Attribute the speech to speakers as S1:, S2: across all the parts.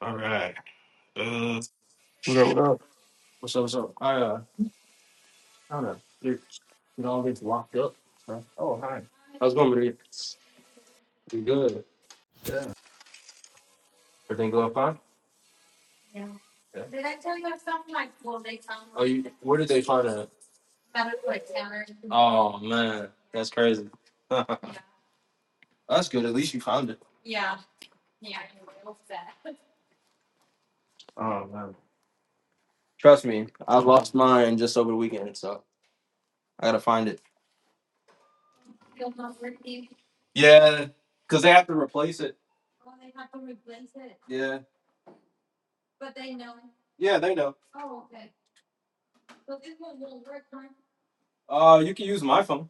S1: All right. Uh,
S2: What up? What up?
S1: what's up? What's up? I uh, I don't know. You you all gets locked up. Huh? Oh hi. How's it going, Maria? You good? Yeah. Everything going fine? Yeah. Did I tell you I found my phone? They found. Oh, you. Where did they find it? it Found it like her? Oh man, that's crazy. that's good. At least you found it. Oh man. Trust me, I lost mine just over the weekend, so I gotta find it. Yeah, cause they have to replace it. Yeah. Yeah, they know. Uh, you can use my phone.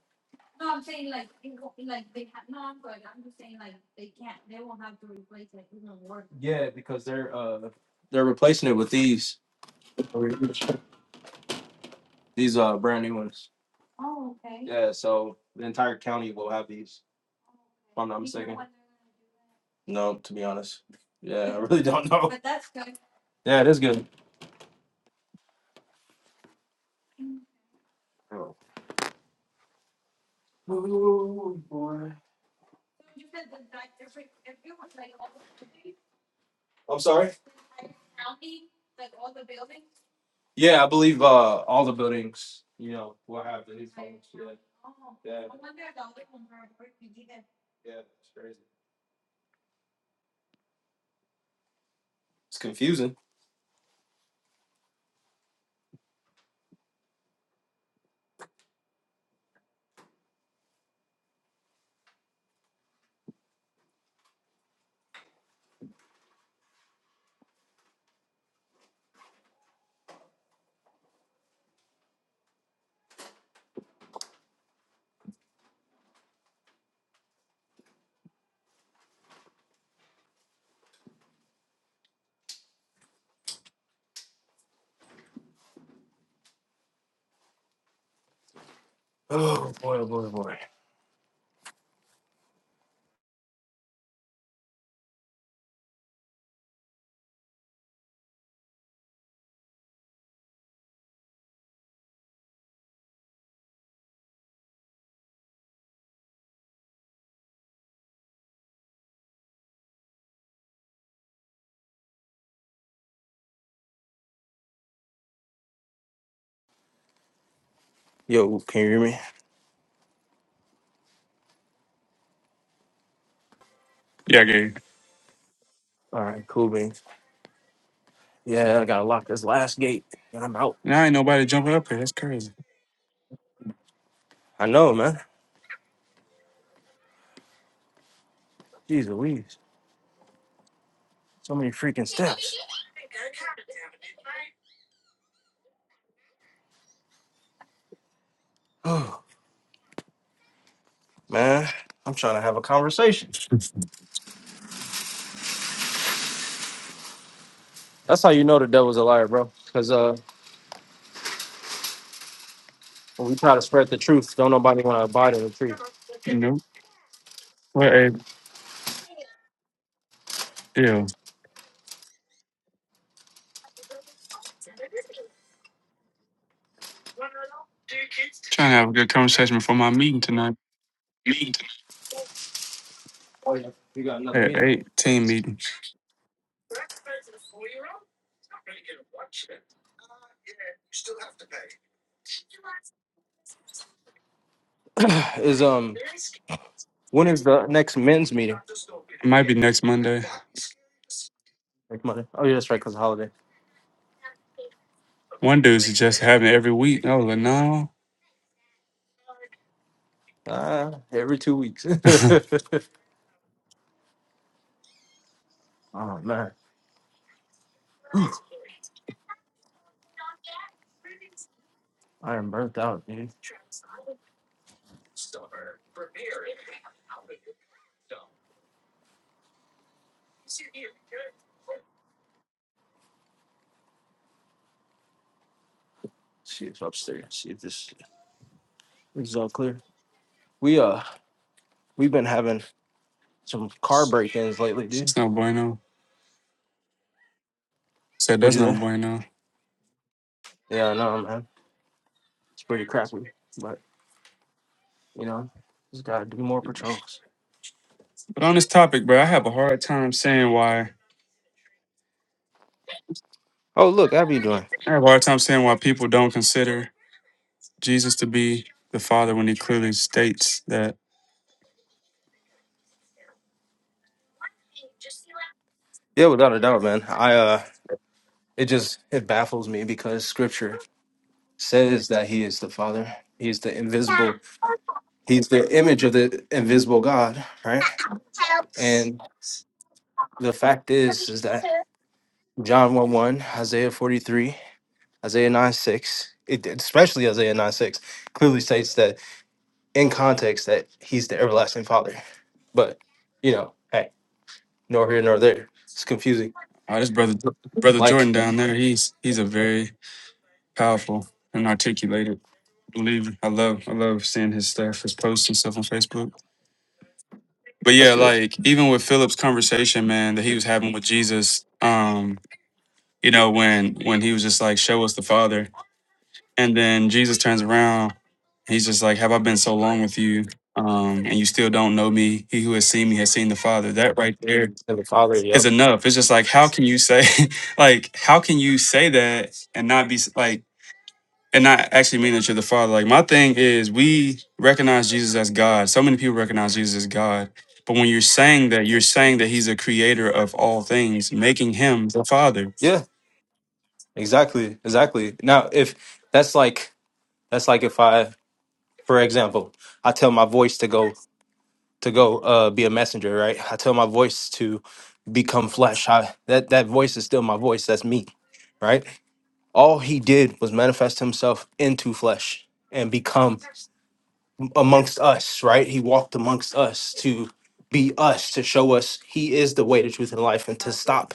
S1: Yeah, because they're uh they're replacing it with these these uh brand new ones. Yeah, so the entire county will have these. If I'm not Do mistaken. No, to be honest. Yeah, I really don't know. Yeah, it is good. Ooh, boy. I'm sorry? Yeah, I believe uh all the buildings, you know, will have these phones. Yeah. Yeah, all yeah, it's crazy. It's confusing. Oh boy, oh boy, oh boy. Yo, can you hear me?
S2: Yeah, gay.
S1: All right. Yeah. okay.
S2: Now ain't nobody jumping up here. That's crazy.
S1: I know, man. Oh man, I'm trying to have a conversation.
S2: nope. What a deal. Trying to have a good conversation before my meeting tonight
S1: Oh yeah, you got another
S2: at
S1: meeting.
S2: eight team meeting.
S1: is um, when is the next men's meeting?
S2: It might be next Monday.
S1: Next Monday. Oh yeah, that's right, cause of holiday.
S2: One dude suggested having it every week. I was like, no,
S1: Ah, every two weeks. oh
S2: it's
S1: man, I am burnt out, dude. See if upstairs. See if this, this is all clear. We uh, we've been having some car break-ins lately, dude.
S2: no bueno. Said that's
S1: What'd you
S2: no
S1: say?
S2: bueno.
S1: Yeah, no, man. It's pretty crappy, but you know, just gotta do more patrols.
S2: But on this topic, bro, I have a hard time saying why.
S1: Oh, look, how you doing?
S2: I have a hard time saying why people don't consider Jesus to be the Father when He clearly states that.
S1: Yeah, without a doubt, man. I uh, it just it baffles me because Scripture says that He is the Father. He's the invisible. He's the image of the invisible God, right? And the fact is, is that John one one, Isaiah forty three, Isaiah nine six, it, especially Isaiah nine six, clearly states that in context that He's the everlasting Father. But you know, hey. nor here nor there. It's confusing.
S2: Oh, this brother brother Jordan
S1: Like
S2: down there, he's he's a very powerful and articulated believer. I love I love seeing his stuff, his posts and stuff on Facebook. But
S1: that's
S2: yeah,
S1: good.
S2: like even with Philip's conversation, man, that he was having with Jesus, um, you know, when when he was just like, Show us the Father. And then Jesus turns around, he's just like, Have I been so long with you? Um, and you still don't know me. He who has seen me has seen the Father. That right there
S1: And the Father,
S2: is
S1: yep.
S2: enough. It's just like how can you say like how can you say that and not be s- like and not actually mean that you're the father. Like my thing is we recognize Jesus as God. So many people recognize Jesus as God. But when you're saying that, you're saying that he's a creator of all things, making him the father. And
S1: Yeah, exactly, exactly. Now, if that's like that's like if I, for example, I tell my voice to go to go uh be a messenger, right? I tell my voice to become flesh. I that that voice is still my voice. That's me, right? All he did was manifest himself into flesh and become amongst us, right? He walked amongst us to be us, to show us he is the way, the truth, and life, and to stop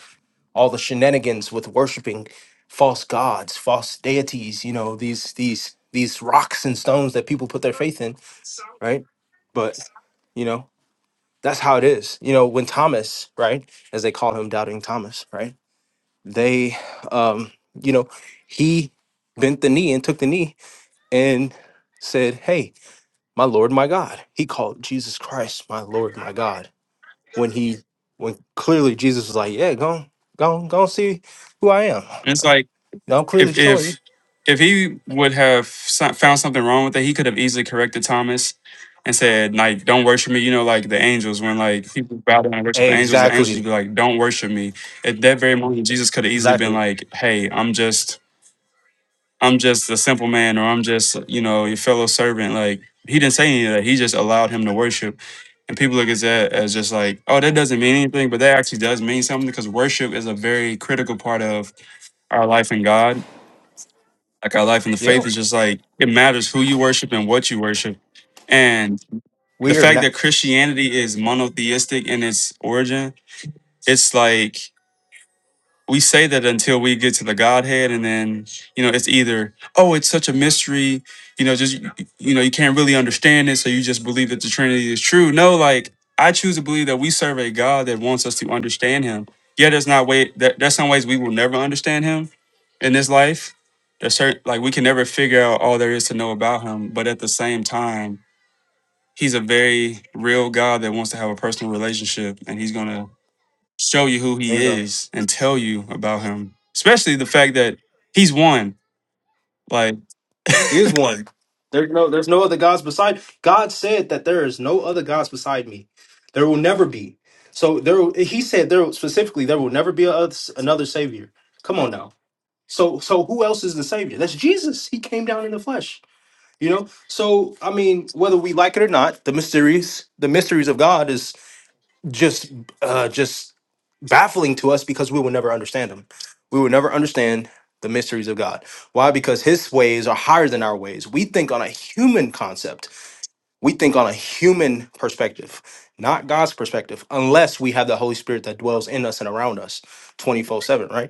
S1: all the shenanigans with worshiping false gods, false deities, you know, these these these rocks and stones that people put their faith in, right? But you know, that's how it is. You know, when Thomas, right, as they call him doubting Thomas, right? They um, you know, he bent the knee and took the knee and said, Hey, my Lord, my God. He called Jesus Christ my Lord, my God. When he, when clearly Jesus was like, yeah, go, on, go, on, go on see who I am.
S2: it's like
S1: Now I'm clearly
S2: if
S1: showing you.
S2: if if he would have so- found something wrong with it, he could have easily corrected Thomas and said, like, don't worship me. You know, like the angels, when like people bow down and worship the angels, the angels would
S1: Exactly,
S2: be like, don't worship me. At that very moment, Jesus could have easily been
S1: exactly.
S2: like, hey, I'm just, I'm just a simple man, or I'm just, you know, your fellow servant. Like he didn't say any of that. He just allowed him to worship. And people look at that as just like, oh, that doesn't mean anything, but that actually does mean something because worship is a very critical part of our life in God like our life in the
S1: Yeah,
S2: faith is just like it matters who you worship and what you worship. And the
S1: we are
S2: fact that
S1: not.
S2: Christianity is monotheistic in its origin, it's like we say that until we get to the Godhead, and then you know it's either oh it's such a mystery, you know just you know you can't really understand it, so you just believe that the Trinity is true. No, like I choose to believe that we serve a God that wants us to understand Him. Yeah, there's not way that there's some ways we will never understand Him in this life. There's certain like we can never figure out all there is to know about Him, but at the same time, He's a very real God that wants to have a personal relationship, and He's gonna show you who he
S1: Bingo.
S2: is and tell you about him. Especially the fact that he's one. Like,
S1: He is one. There's no, there's no other gods beside. God said that there is no other gods beside me. There will never be. So there, he said there specifically there will never be a, oth- another savior. Come on now. So, so who else is the savior? That's Jesus. He came down in the flesh. You know, so I mean, whether we like it or not, the mysteries, the mysteries of God is just, uh, just baffling to us because we will never understand them. We will never understand the mysteries of God. Why? Because His ways are higher than our ways. We think on a human concept. We think on a human perspective, not God's perspective, unless we have the Holy Spirit that dwells in us and around us, twenty four seven, right?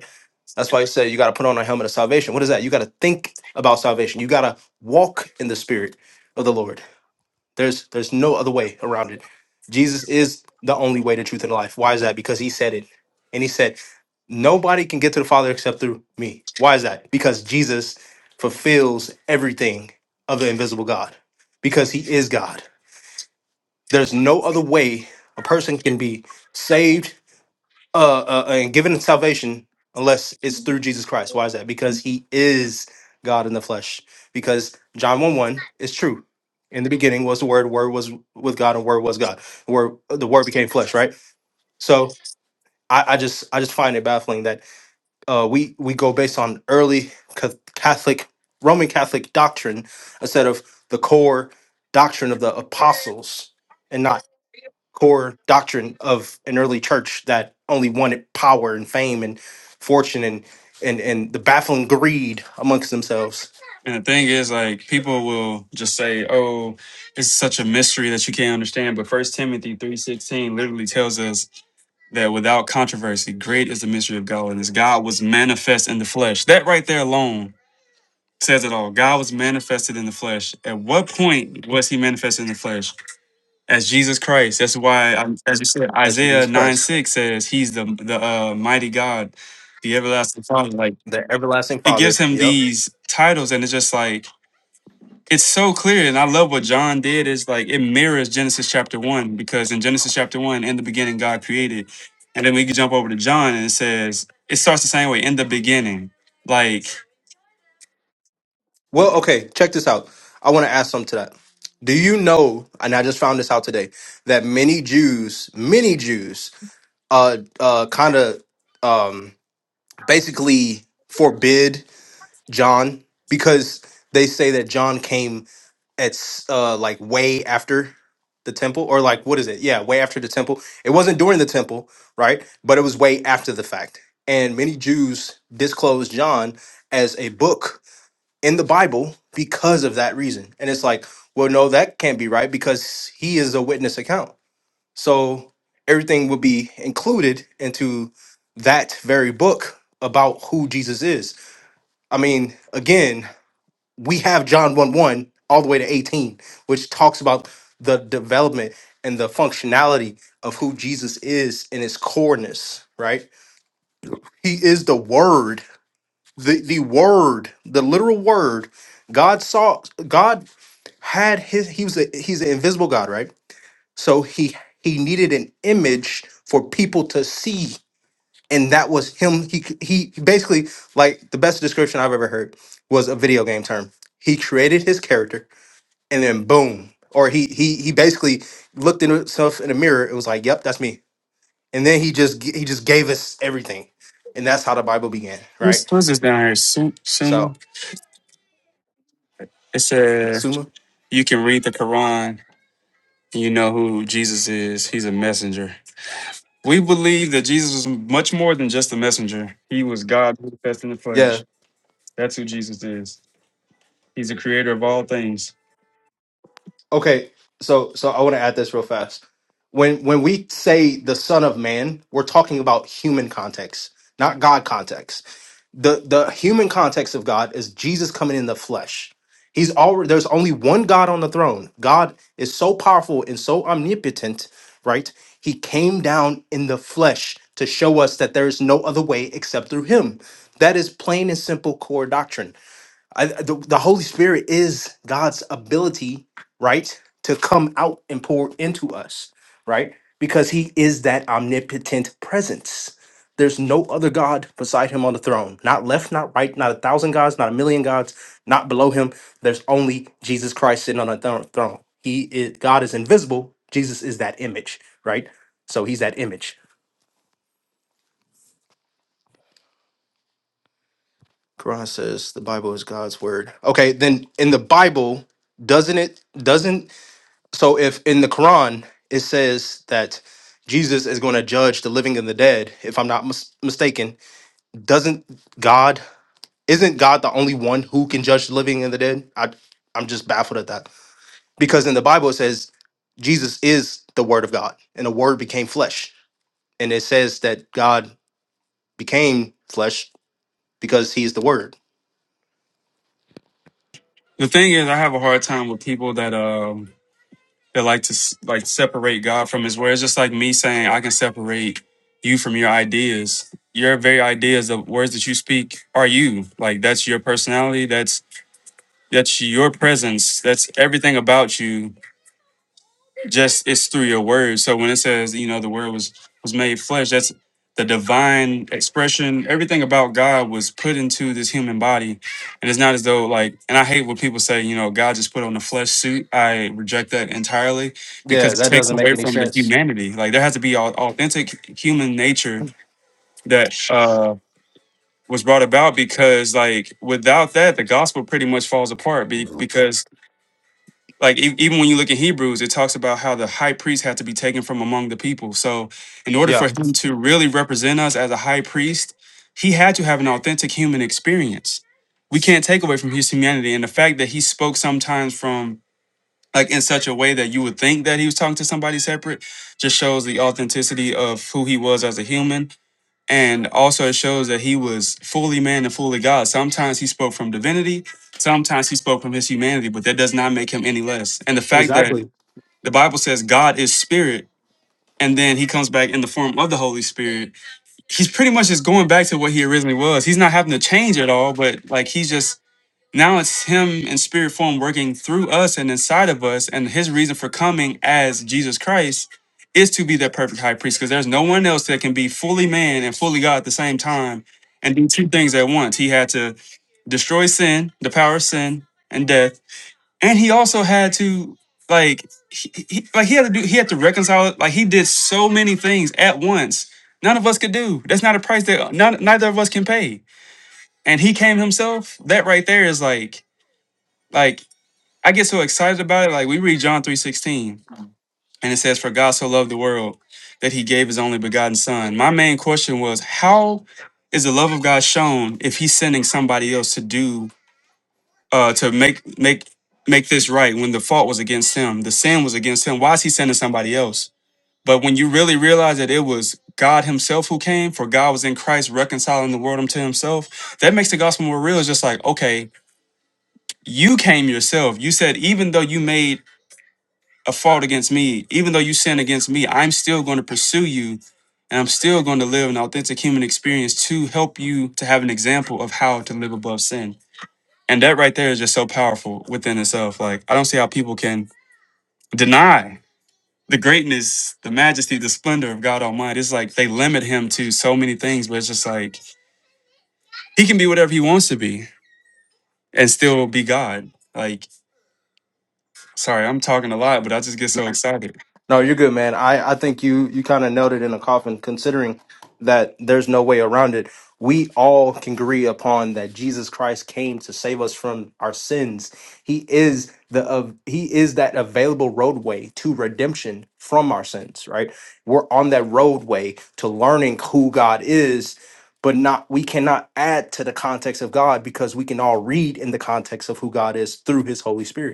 S1: That's why you say you got to put on a helmet of salvation. What is that? You got to think about salvation. You got to walk in the spirit of the Lord. There's there's no other way around it. Jesus is the only way to truth and life. Why is that? Because he said it. And he said, "Nobody can get to the Father except through me." Why is that? Because Jesus fulfills everything of the invisible God. Because he is God. There's no other way a person can be saved uh, uh uh, and given salvation unless it's through Jesus Christ. Why is that? Because he is God in the flesh. Because John 1 1 is true. In the beginning was the word, word was with God, and word was God. The word the word became flesh, right? So I, I just I just find it baffling that uh we we go based on early ca- Catholic Roman Catholic doctrine instead of the core doctrine of the apostles core doctrine of an early church that only wanted power and fame and fortune and and and the baffling greed amongst themselves
S2: and the thing is, like, people will just say, "Oh, it's such a mystery that you can't understand." But First Timothy three sixteen literally tells us that without controversy, great is the mystery of godliness. God was manifest in the flesh. That right there alone says it all. God was manifested in the flesh. At what point was he manifested in the flesh? as Jesus Christ. That's why, I- as you said,
S1: as
S2: Isaiah
S1: Jesus
S2: 9
S1: Christ,
S2: 6 says he's the, the uh, mighty God, the everlasting Father. Like,
S1: the everlasting
S2: it
S1: Father.
S2: gives him
S1: Yep.
S2: these titles, and it's just like, it's so clear. And I love what John did, is like, it mirrors Genesis chapter 1, because in Genesis chapter 1, in the beginning, God created. And then we can jump over to John, and it says, it starts the same way, in the beginning. Like,
S1: Well, okay, check this out. I want to add something to that. Do you know, and I just found this out today, that many Jews, many Jews, uh, uh, kind of, um, basically forbid. John because they say that John came at s- uh like way after the temple or like what is it? Yeah, way after the temple. It wasn't during the temple, right? But it was way after the fact. And many Jews disclosed John as a book in the Bible because of that reason. And it's like, well, no, that can't be right because he is a witness account. So everything would be included into that very book about who Jesus is. I mean, again, we have John 1 1 all the way to 18, which talks about the development and the functionality of who Jesus is in his coreness, right? He is the word, the, the word, the literal word. God saw God had his he was a he's an invisible God, right? So he he needed an image for people to see. And that was him. He c- he basically like the best description I've ever heard was a video game term. He created his character and then boom or he he he basically looked at himself in the mirror it was like yep that's me and then he just g- he just gave us everything and that's how the bible began
S2: who's,
S1: right
S2: who's this down here? Su- Suma?
S1: so
S2: It says,
S1: suma
S2: you can read the Quran, and you know who Jesus is. He's a messenger. We believe that Jesus was much more than just a messenger. He was God manifest in the
S1: Yeah.
S2: flesh. That's who Jesus is. He's the creator of all things.
S1: Okay, so so I want to add this real fast. When when we say the Son of Man, we're talking about human context, not God context. The the human context of God is Jesus coming in the flesh. He's already there's only one God on the throne. God is so powerful and so omnipotent, right? He came down in the flesh to show us that there is no other way except through him. That is plain and simple core doctrine. I, the, the Holy Spirit is God's ability, right, to come out and pour into us, right? Because he is that omnipotent presence. There's no other God beside him on the throne, not left, not right, not a thousand gods, not a million gods, not below him. There's only Jesus Christ sitting on a thro- throne. He is God is invisible. Jesus is that image, right? So he's that image. Quran says the Bible is God's word. Okay, then in the Bible, doesn't it? Doesn't So if in the Quran it says that Jesus is going to judge the living and the dead, if I'm not mis- mistaken, doesn't God isn't God the only one who can judge the living and the dead? I I'm just baffled at that. Because in the Bible it says Jesus is the word of God and the word became flesh. And it says that God became flesh because he is the word.
S2: The thing is, I have a hard time with people that um that like to s- like separate God from His word. It's just like me saying I can separate you from your ideas. Your very ideas, the words that you speak, are you. Like that's your personality. That's that's your presence. That's everything about you just it's through your word. So when it says, you know, the word was was made flesh, that's the divine expression. Everything about God was put into this human body. And it's not as though like and I hate when people say, you know, God just put on a flesh suit. I reject that entirely because
S1: Yeah,
S2: it
S1: that
S2: takes
S1: doesn't make
S2: away
S1: any
S2: from the
S1: sense.
S2: humanity. Like there has to be au- authentic human nature that uh was brought about because like without that the gospel pretty much falls apart be- because like e- even when you look at Hebrews, it talks about how the high priest had to be taken from among the people. So, in order
S1: Yeah.
S2: for him to really represent us as a high priest, he had to have an authentic human experience. We can't take away from his humanity and the fact that he spoke sometimes from like in such a way that you would think that he was talking to somebody separate just shows the authenticity of who he was as a human and also, it shows that he was fully man and fully God. Sometimes he spoke from divinity, sometimes he spoke from his humanity, but that does not make him any less. And the fact that
S1: Exactly.
S2: the Bible says God is spirit, and then he comes back in the form of the Holy Spirit, he's pretty much just going back to what he originally was. He's not having to change at all, but like he's just now it's him in spirit form working through us and inside of us. And his reason for coming as Jesus Christ is to be that perfect high priest because there's no one else that can be fully man and fully God at the same time and do two things at once. He had to destroy sin, the power of sin and death. And he also had to like he, he like he had to do he had to reconcile it. Like he did so many things at once. None of us could do. That's not a price that none, neither of us can pay. And he came himself. That right there is like like I get so excited about it. Like we read John three sixteen, and it says, "For God so loved the world that He gave His only begotten Son." My main question was, how is the love of God shown if He's sending somebody else to do uh, to make make make this right when the fault was against Him, the sin was against Him? Why is He sending somebody else? But when you really realize that it was God Himself who came, for God was in Christ reconciling the world unto Himself, that makes the gospel more real. It's just like, okay, you came yourself. You said, even though you made a fault against me. Even though you sin against me, I'm still going to pursue you and I'm still going to live an authentic human experience to help you to have an example of how to live above sin. And that right there is just so powerful within itself. Like, I don't see how people can deny the greatness, the majesty, the splendor of God Almighty. It's like they limit him to so many things, but it's just like he can be whatever he wants to be and still be God. Like, sorry, I'm talking a lot, but I just get so excited.
S1: No, you're good, man. I, I think you you kind of nailed it in the coffin, considering that there's no way around it. We all can agree upon that Jesus Christ came to save us from our sins. He is the of he is that available roadway to redemption from our sins, right? We're on that roadway to learning who God is, but not we cannot add to the context of God because we can all read in the context of who God is through his Holy Spirit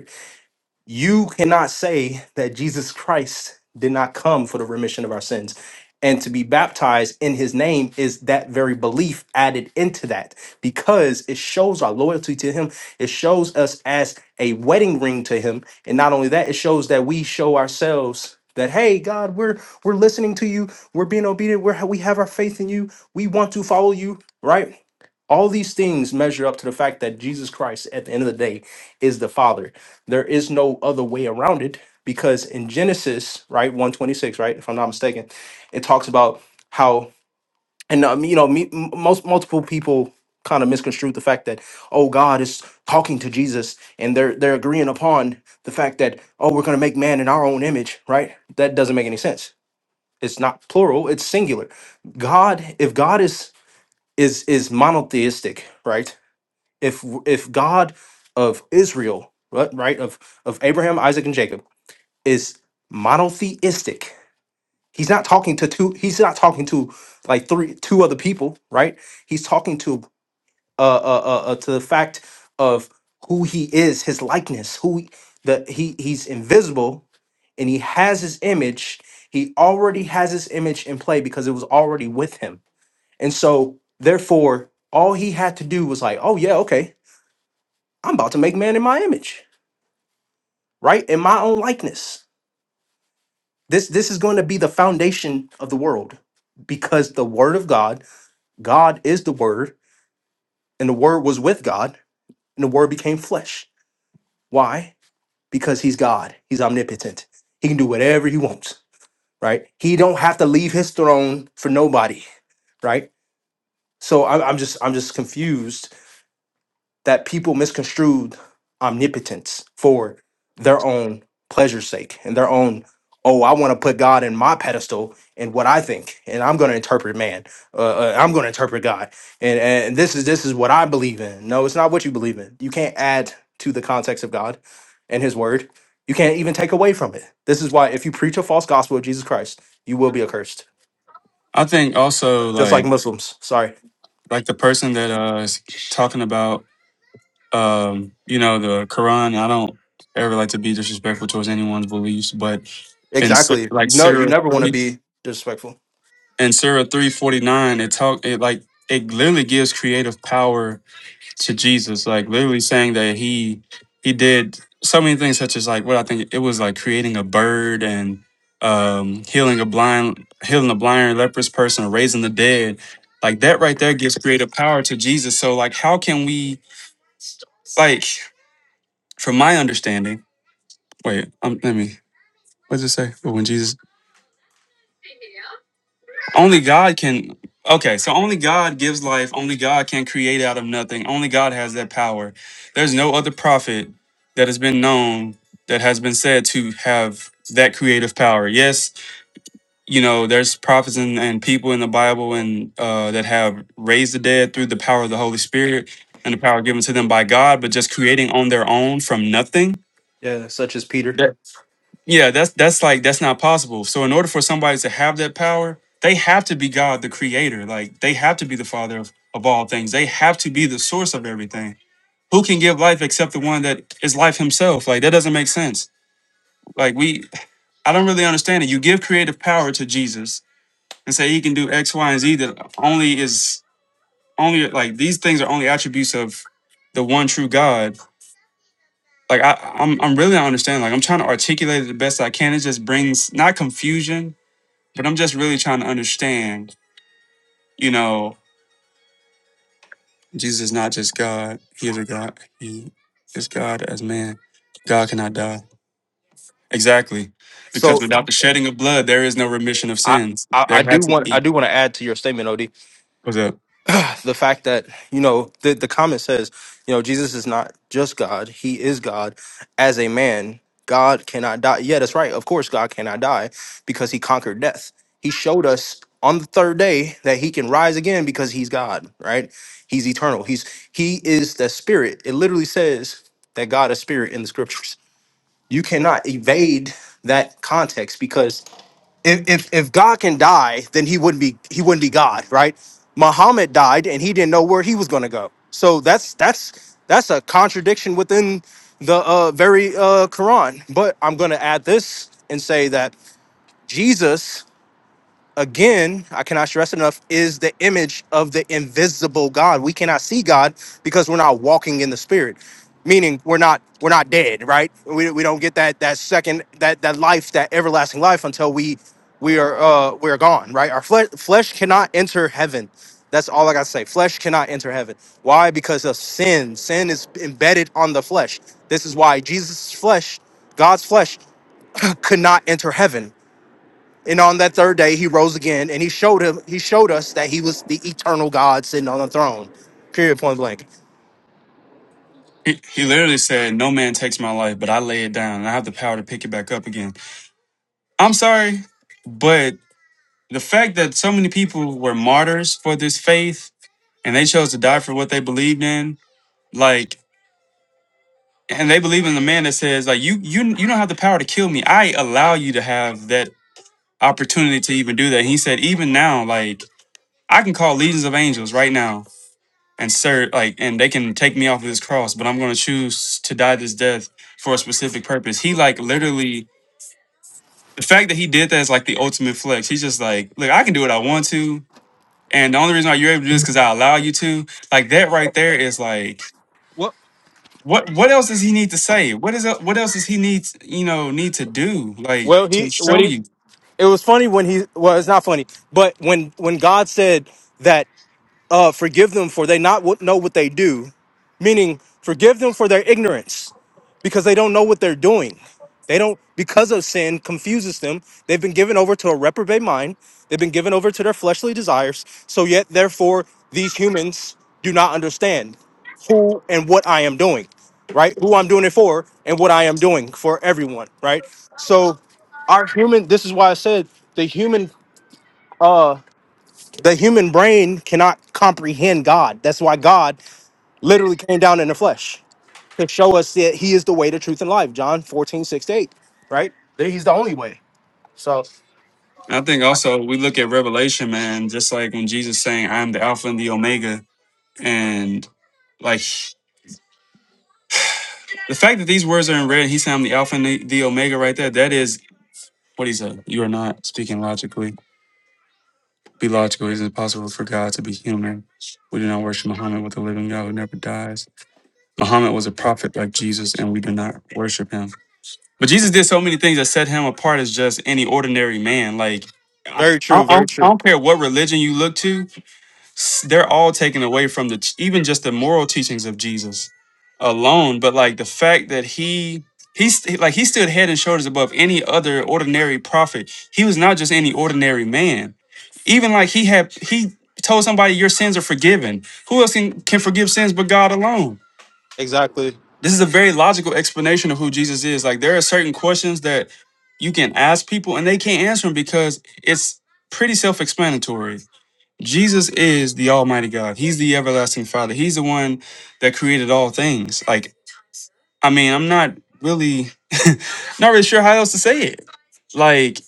S1: you cannot say that Jesus Christ did not come for the remission of our sins. And to be baptized in his name is that very belief added into that because it shows our loyalty to him. It shows us as a wedding ring to him. And not only that, it shows that we show ourselves that, hey, God, we're we're listening to you, we're being obedient, we're we have our faith in you, we want to follow you, right? All these things measure up to the fact that Jesus Christ, at the end of the day, is the Father there is no other way around it because in Genesis, right, 126, right, if I'm not mistaken, it talks about how and um, you know, me, m- most multiple people kind of misconstrued the fact that oh God is talking to Jesus and they're they're agreeing upon the fact that oh we're going to make man in our own image, right? That doesn't make any sense. It's not plural, it's singular. God if God is is is monotheistic, right? If if God of Israel, right, right of of Abraham, Isaac, and Jacob is monotheistic. He's not talking to two. He's not talking to like three, two other people, right? He's talking to uh, uh, uh, uh to the fact of who he is, his likeness, who he- the he he's invisible, and he has his image. He already has his image in play because it was already with him, and so therefore, all he had to do was like, oh yeah, okay, I'm about to make man in my image, right, in my own likeness This this is going to be the foundation of the world because the word of God, God is the word, and the word was with God, and the word became flesh. Why? Because he's God. He's omnipotent. He can do whatever he wants, right? He don't have to leave his throne for nobody, right? So I'm, I'm just I'm just confused that people misconstrued omnipotence for their own pleasure's sake and their own oh i want to put god in my pedestal and what i think and i'm going to interpret man uh, uh, i'm going to interpret god and, and this is this is what i believe in no it's not what you believe in you can't add to the context of god and his word you can't even take away from it this is why if you preach a false gospel of jesus christ you will be accursed
S2: I think also,
S1: just
S2: like,
S1: like muslims sorry
S2: like the person that uh is talking about um you know the quran i don't ever like to be disrespectful towards anyone's beliefs but in Sur-
S1: exactly you
S2: like
S1: know you
S2: sarah
S1: never want to
S2: 3
S1: be disrespectful
S2: in sarah 349 it talk it like it literally gives creative power to Jesus, like literally saying that he he did so many things, such as like what I think it was like creating a bird and um, healing a blind healing a blind and leprous person, raising the dead. Like that right there gives creative power to Jesus. So like, how can we like from my understanding? Wait, um, let me. What does it say? But when Jesus Only God can. Okay, so only God gives life. Only God can create out of nothing. Only God has that power. There's no other prophet that has been known that has been said to have that creative power. Yes, you know, there's prophets and, and people in the Bible and uh, that have raised the dead through the power of the Holy Spirit and the power given to them by God, but just creating on their own from nothing.
S1: yeah such as peter
S2: Yeah, that's that's like that's not possible. So in order for somebody to have that power, they have to be God the creator. Like they have to be the father of, of all things. They have to be the source of everything. Who can give life except the one that is life himself? Like that doesn't make sense. Like we I don't really understand it. You give creative power to Jesus and say he can do X, Y, and Z that only is only like these things are only attributes of the one true God. Like I, I'm I'm really not understanding. Like I'm trying to articulate it the best I can. It just brings not confusion, But I'm just really trying to understand, you know, Jesus is not just God. He is a God. He is God as man. God cannot die. Exactly. Because
S1: So
S2: without the shedding of blood, there is no remission of
S1: I,
S2: sins.
S1: I, I
S2: There had
S1: do
S2: to
S1: want I
S2: be.
S1: do want to add to your statement, Od,
S2: What's up?
S1: the fact that you know the the comment says you know Jesus is not just God; He is God as a man. God cannot die. Yeah, that's right. Of course, God cannot die because He conquered death. He showed us on the third day that He can rise again because He's God. Right? He's eternal. He's He is the Spirit. It literally says that God is Spirit in the Scriptures. You cannot evade that context because if, if if God can die, then he wouldn't be he wouldn't be God, right? Muhammad died and he didn't know where he was going to go. So that's that's that's a contradiction within the uh, very uh, Quran. But I'm going to add this and say that Jesus again, I cannot stress enough, is the image of the invisible God. We cannot see God because we're not walking in the spirit. Meaning we're not we're not dead, right? We, we don't get that that second that that life, that everlasting life until we we are uh we are gone, right? Our flesh flesh cannot enter heaven. That's all I gotta say. Flesh cannot enter heaven. Why? Because of sin. Sin is embedded on the flesh. This is why Jesus' flesh, God's flesh, could not enter heaven and on that third day, he rose again, and he showed him, he showed us that he was the eternal God sitting on the throne. Period. Point blank.
S2: He, he literally said, No man takes my life, but I lay it down and I have the power to pick it back up again. I'm sorry, but the fact that so many people were martyrs for this faith and they chose to die for what they believed in, like. and they believe in the man that says like you you you don't have the power to kill me i allow you to have that opportunity to even do that he said even now like i can call legions of angels right now and serve, like and they can take me off of this cross but i'm going to choose to die this death for a specific purpose he like literally the fact that he did that is like the ultimate flex he's just like look i can do what i want to and the only reason why you're able to do this is because i allow you to like that right there is like
S1: Well,
S2: what what else does he need to say? What is el- what else does he need you know need to do like
S1: well,
S2: to
S1: he what
S2: show
S1: he
S2: you?
S1: it was funny when he well, it's not funny, but when when God said that. uh, forgive them for they not what- know what they do, meaning forgive them for their ignorance because they don't know what they're doing. They don't, because of sin, confuses them. They've been given over to a reprobate mind. They've been given over to their fleshly desires. So yet, therefore, these humans do not understand who and what I am doing, right? Who I'm doing it for and what I am doing for everyone, right? So, our human. This is why I said the human. uh, the human brain cannot comprehend God. That's why God literally came down in the flesh to show us that He is the way, the truth, and life. John fourteen six to 8, right? That He's the only way. So,
S2: And I think also we look at Revelation, man, just like when Jesus saying, "I'm the Alpha and the Omega," and like the fact that these words are in red, he's saying, "I'm the Alpha and the, the Omega," right there. That is what he said. You are not speaking logically. Be logical. It is impossible for God to be human. We do not worship Muhammad with the living God who never dies. Muhammad was a prophet like Jesus, and we do not worship him. But Jesus did so many things that set him apart as just any ordinary man. Like, I,
S1: very
S2: I,
S1: true,
S2: I
S1: very
S2: don't I
S1: true.
S2: don't care what religion you look to, s- they're all taken away from the t- even just the moral teachings of Jesus alone. But like the fact that he he's like he stood head and shoulders above any other ordinary prophet. He was not just any ordinary man. Even like he had he told somebody your sins are forgiven. Who else can, can forgive sins but God alone?
S1: Exactly.
S2: This is a very logical explanation of who Jesus is. Like there are certain questions that you can ask people and they can't answer them because it's pretty self-explanatory. Jesus is the Almighty God. He's the everlasting Father. He's the one that created all things. Like, I mean, I'm not really not really sure how else to say it. Like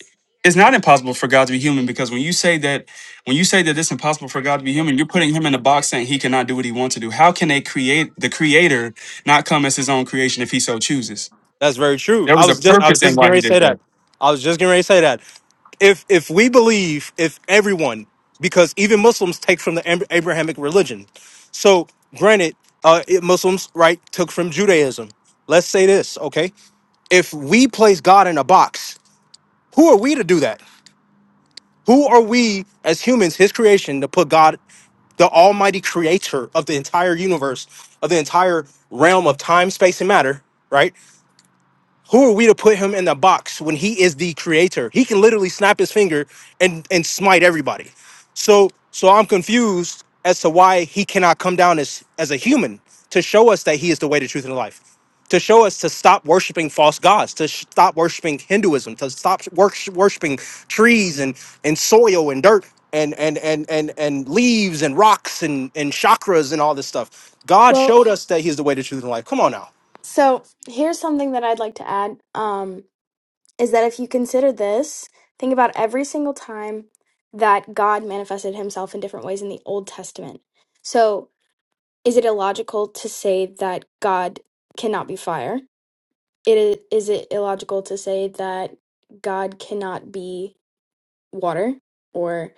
S2: it's not impossible for God to be human because when you say that when you say that it's impossible for God to be human, you're putting him in a box saying he cannot do what he wants to do. How can a create the creator not come as his own creation if he so chooses?
S1: That's very true.
S2: There
S1: I
S2: was a
S1: was just, I was
S2: purpose in
S1: just getting
S2: why he
S1: ready to
S2: did
S1: say that.
S2: that.
S1: I was just getting ready to say that. if if we believe if everyone because even muslims take from the Ab- abrahamic religion so granted uh it- muslims right took from judaism let's say this okay if we place God in a box, who are we to do that? Who are we as humans, his creation, to put God, the almighty creator of the entire universe, of the entire realm of time, space, and matter, right? Who are we to put him in the box when he is the creator? He can literally snap his finger and and smite everybody. So so I'm confused as to why he cannot come down as as a human to show us that he is the way, the truth, and the life. To show us to stop worshiping false gods, to sh- stop worshiping Hinduism, to stop wors- worshiping trees and and soil and dirt and and and and and leaves and rocks and and chakras and all this stuff. God
S3: Well,
S1: showed us that He is the way, the truth, and the life. Come on now.
S3: so here's something that I'd like to add um, is that if you consider this, think about every single time that God manifested himself in different ways in the Old Testament. So is it illogical to say that God cannot be fire? It is, is it illogical to say that God cannot be water or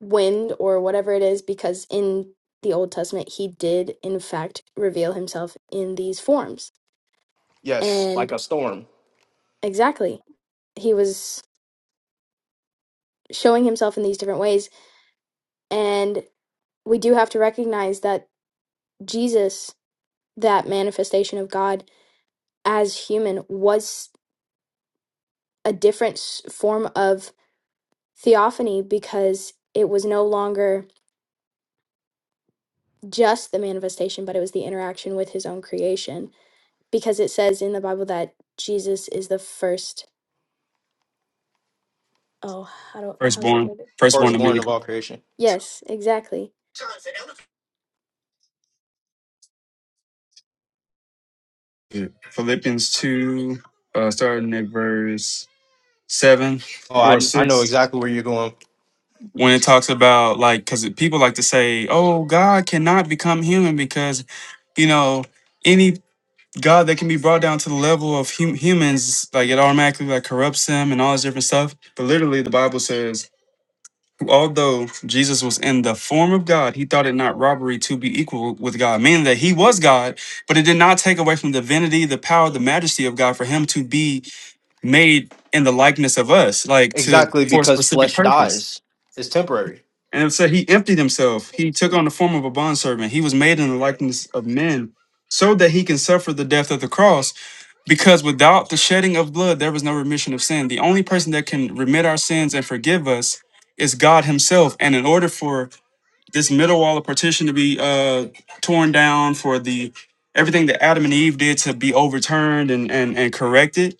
S3: wind or whatever it is? Because in the Old Testament, he did, in fact, reveal himself in these forms.
S1: Yes, like
S3: and. Exactly. He was showing himself in these different ways. And we do have to recognize that Jesus, that manifestation of God as human, was a different s- form of theophany because it was no longer just the manifestation, but it was the interaction with his own creation. Because it says in the Bible that Jesus is the first. Oh, how do, how's it
S2: Firstborn,
S3: worded?
S2: firstborn of
S3: Thank you.
S2: many.
S1: firstborn of all creation.
S3: Yes, exactly.
S2: Philippians 2, uh, starting at verse seven
S1: Oh,
S2: or six
S1: where you're going.
S2: when it talks about like because people like to say oh god cannot become human because you know any god that can be brought down to the level of hum- humans like it automatically like corrupts them and all this different stuff but literally the bible says although jesus was in the form of god he thought it not robbery to be equal with god meaning that he was god but it did not take away from the divinity the power the majesty of god for him to be made in the likeness of us like to
S1: Exactly
S2: for a
S1: because
S2: specific
S1: flesh
S2: purpose
S1: dies. It's temporary.
S2: And it said he emptied himself. He took on the form of a bondservant. He was made in the likeness of men so that he can suffer the death of the cross. Because without the shedding of blood, there was no remission of sin. The only person that can remit our sins and forgive us is God himself. And in order for this middle wall of partition to be uh, torn down, for the everything that Adam and Eve did to be overturned and, and, and corrected,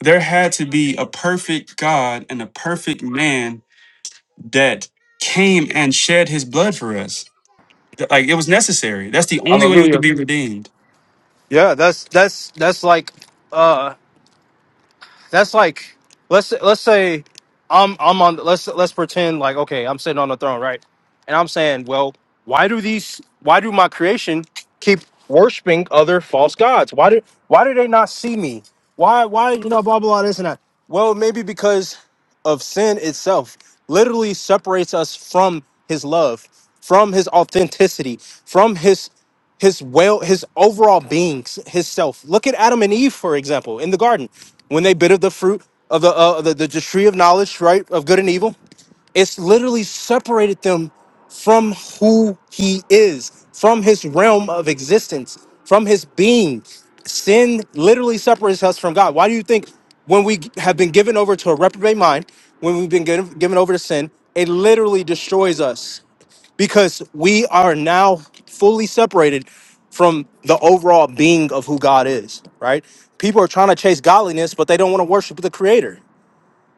S2: there had to be a perfect God and a perfect man that came and shed his blood for us. Th- Like it was necessary. That's the only way we could
S1: Hallelujah.
S2: be redeemed.
S1: Yeah, that's that's that's like uh that's like let's let's say I'm I'm on let's let's pretend like okay I'm sitting on the throne right, and I'm saying well why do these why do my creation keep worshiping other false gods why do why do they not see me why why you know blah blah this and that well maybe because of sin itself literally separates us from His love from His authenticity from His his well his overall being s- his self look at adam and eve for example in the garden when they bit of the fruit of the uh, the, the, the tree of knowledge right of good and evil it's literally separated them from who he is from his realm of existence from his being sin literally separates us from god why do you think when we have been given over to a reprobate mind when we've been given, given over to sin it literally destroys us because we are now fully separated from the overall being of who God is, right? People are trying to chase godliness, but they don't want to worship the creator.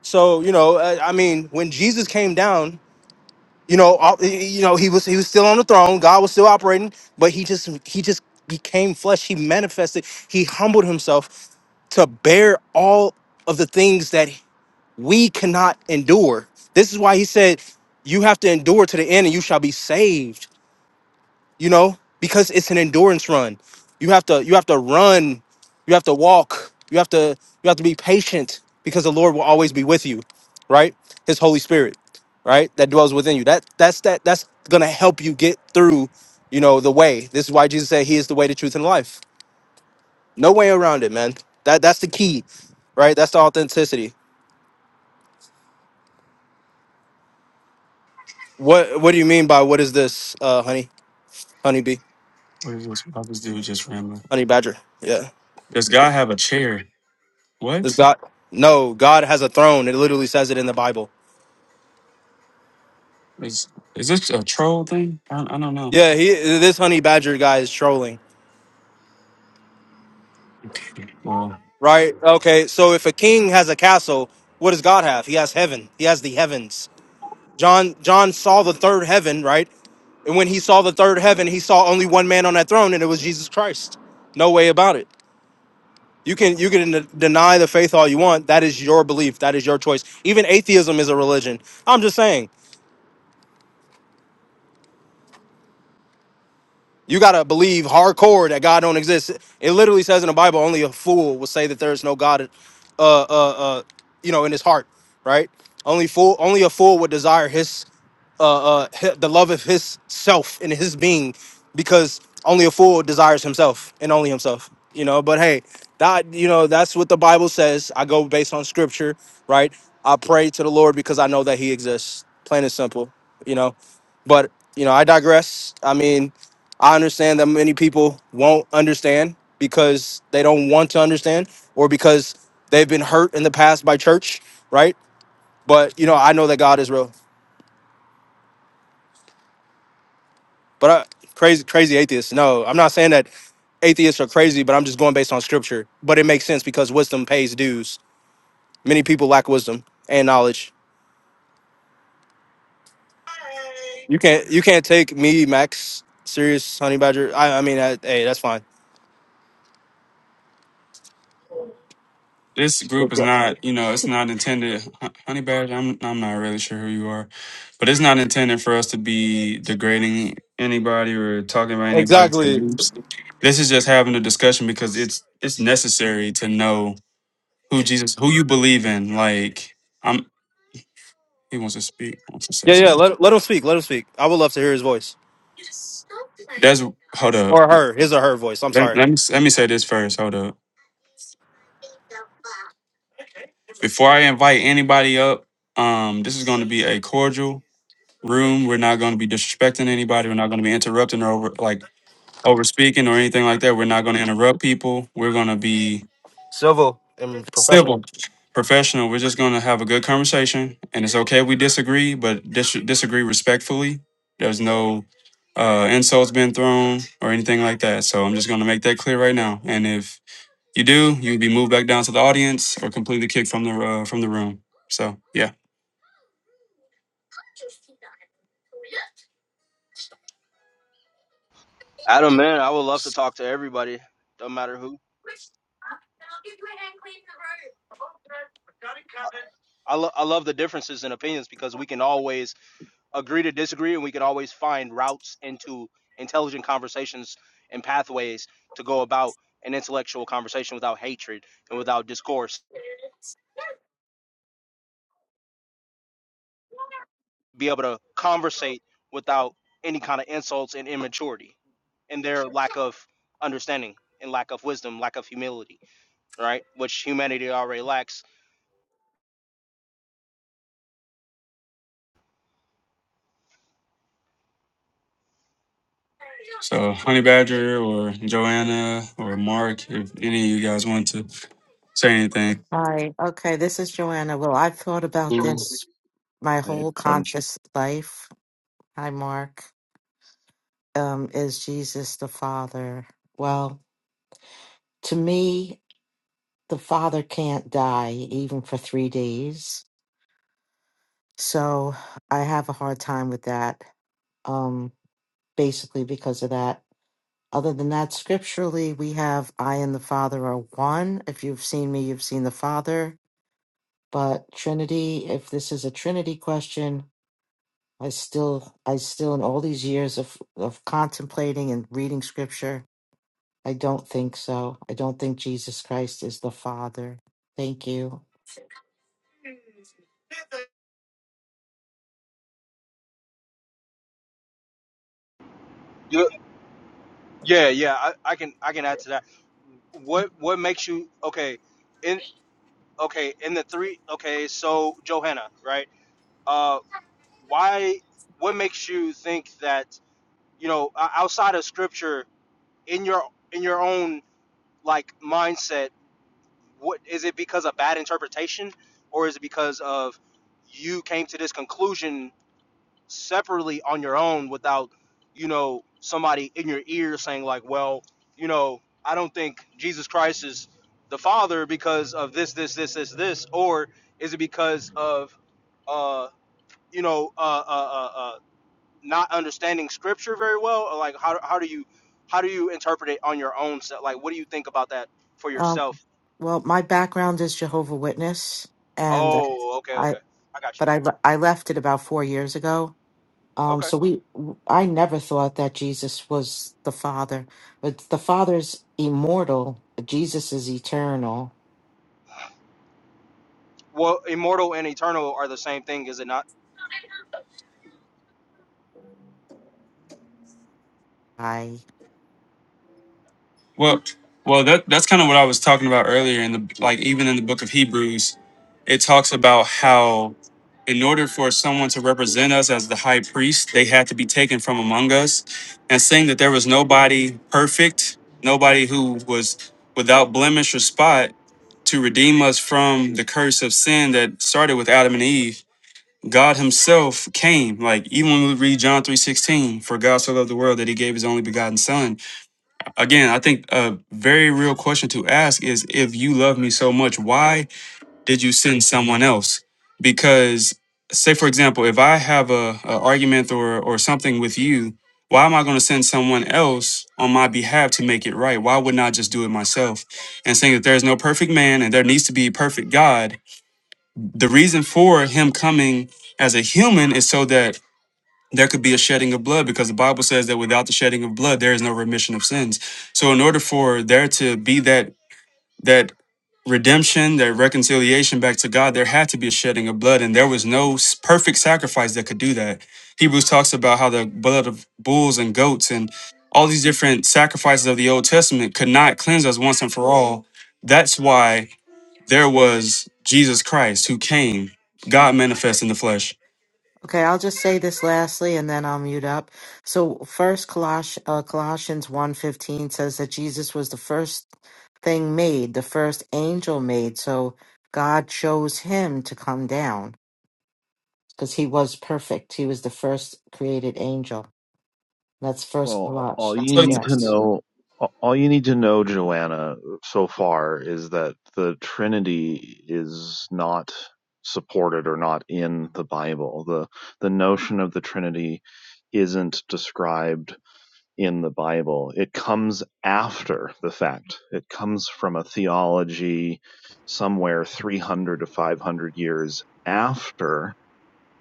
S1: So, you know, uh, I mean, when Jesus came down, you know, all- you know, he was he was still on the throne, God was still operating, but he just he just became flesh, he manifested, he humbled himself to bear all of the things that we cannot endure. This is why he said, you have to endure to the end and you shall be saved you know because it's an endurance run you have to you have to run you have to walk you have to you have to be patient because the lord will always be with you right his holy spirit right that dwells within you that that's that that's gonna help you get through you know the way this is why jesus said he is the way the truth and the life no way around it man that that's the key right that's the authenticity what what do you mean by what is this uh honey honeybee
S2: What is this? Why this dude just rambling?
S1: honey badger yeah
S2: Does God have a chair?
S1: this
S2: What?
S1: god no god has a throne it literally says it in the bible
S2: Is is this a troll thing? I, I don't know.
S1: Yeah, he this honey badger guy is trolling,
S2: Okay. Well,
S1: right? Okay, so if a king has a castle, what does God have? He has heaven. He has the heavens. John John saw the third heaven, right? And when he saw the third heaven, he saw only one man on that throne, and it was Jesus Christ. No way about it. You can you can de- deny the faith all you want. That is your belief. That is your choice. Even atheism is a religion. I'm just saying. You gotta believe hardcore that God don't exist. It literally says in the Bible, only a fool will say that there is no God, uh, uh, uh, you know, in his heart, right? Only fool, only a fool would desire his, uh, uh, hi- the love of his self and his being, because only a fool desires himself and only himself, you know. But hey, that you know, that's what the Bible says. I go based on Scripture, right? I pray to the Lord because I know that He exists, plain and simple, you know. But you know, I digress. I mean, I understand that many people won't understand because they don't want to understand or because they've been hurt in the past by church, right? But you know, I know that God is real. But I, crazy, crazy atheists. No, I'm not saying that atheists are crazy, but I'm just going based on scripture. But it makes sense because wisdom pays dues. Many people lack wisdom and knowledge. You can't, you can't take me, Max, serious, honey badger. I, I mean, I, hey, that's fine.
S2: this group is not, you know, it's not intended. Hon- Honey Badger, I'm I'm not really sure who you are, but it's not intended for us to be degrading anybody or talking about anybody's
S1: Exactly.
S2: beliefs. This is just having a discussion because it's it's necessary to know Who Jesus? Who you believe in? Like I'm. He wants to speak. Wants to say
S1: Yeah, yeah.
S2: something.
S1: Let, let him speak. Let him speak. I would love to hear his voice.
S2: That's hold up.
S1: Or her, his or her voice. I'm
S2: Let,
S1: sorry.
S2: let me let me say this first. Hold up. Before I invite anybody up, um, this is going to be a cordial room. We're not going to be disrespecting anybody. We're not going to be interrupting or over like over speaking or anything like that. We're not going to interrupt people. We're going to be
S1: Civil and
S2: civil,
S1: professional.
S2: professional. We're just going to have a good conversation, and it's okay if we disagree, but dis- disagree respectfully. There's no uh, insults being thrown or anything like that. So I'm just going to make that clear right now. And if you do, you'll be moved back down to the audience or completely kicked from the uh, from the room. So yeah.
S1: Adam, man, I would love to talk to everybody, no matter who. I, lo- I love the differences in opinions because we can always agree to disagree and we can always find routes into intelligent conversations and pathways to go about an intellectual conversation without hatred and without discourse. be able to conversate without any kind of insults and immaturity and their lack of understanding and lack of wisdom, lack of humility, right? Which humanity already lacks.
S2: So Honey Badger or Joanna or Mark, if any of you guys want to say anything,
S4: Hi. Okay, this is Joanna. Well, I've thought about this
S5: Right,
S4: my whole
S5: fun.
S4: conscious life. Hi, Mark. Um, is Jesus the Father? Well, to me, the Father can't die even for three days. So I have a hard time with that, um, basically because of that. Other than that, scripturally, we have I and the Father are one. If you've seen me, you've seen the Father. But Trinity, if this is a Trinity question, I still, I still, in all these years of, of contemplating and reading scripture, I don't think so. I don't think Jesus Christ is the Father. Thank you.
S1: You- Yeah, yeah, I, I can I can add to that. What what makes you okay? In okay, in the three okay, so Johanna, right? Uh, why? What makes you think that you know o- outside of scripture in your in your own like mindset? what is it because of bad interpretation or is it because of you came to this conclusion separately on your own without you know somebody in your ear saying like well you know i don't think jesus christ is the father because of this this this this this or is it because of uh you know uh uh uh, uh not understanding scripture very well or like how, how do you how do you interpret it on your own self like what do you think about that for
S4: Um,
S1: yourself
S4: well, my background is Jehovah Witness, and
S1: Oh, okay,
S4: I,
S1: okay. I got you.
S4: but I, le- I left it about four years ago. Um,
S1: Okay.
S4: so we, I never thought that Jesus was the Father, but the Father's immortal. Jesus is eternal.
S1: Well, immortal and eternal are the same thing, is it not?
S2: Well, well, that that's kind of what I was talking about earlier. In the like, even in the book of Hebrews, it talks about how, in order for someone to represent us as the high priest, they had to be taken from among us, and saying that there was nobody perfect, nobody who was without blemish or spot to redeem us from the curse of sin that started with Adam and Eve. God Himself came, like even when we read John three sixteen, for God so loved the world that He gave His only begotten Son again, I think a very real question to ask is if you love me so much, why did you send someone else? Because say for example, if I have a, a argument or or something with you, why am I going to send someone else on my behalf to make it right? Why wouldn't I just do it myself? And saying that there is no perfect man and there needs to be perfect God. The reason for him coming as a human is so that there could be a shedding of blood because the Bible says that without the shedding of blood, there is no remission of sins. So, in order for there to be that that redemption, that reconciliation back to God, there had to be a shedding of blood, and there was no s- perfect sacrifice that could do that. Hebrews talks about how the blood of bulls and goats and all these different sacrifices of the Old Testament could not cleanse us once and for all. That's why there was Jesus Christ who came, God manifest in the flesh.
S4: Okay, I'll just say this lastly and then I'll mute up. So first Coloss- uh, Colossians one fifteen says that Jesus was the first thing made, the first angel made. So God chose him to come down because he was perfect. He was the first created angel. That's first
S5: Well, all
S4: Colossians.
S5: you need to
S4: Yes.
S5: know, all you need to know, Joanna, so far is that the Trinity is not supported or not in the Bible. The the notion of the Trinity isn't described in the Bible. It comes after the fact. It comes from a theology somewhere 300 to 500 years after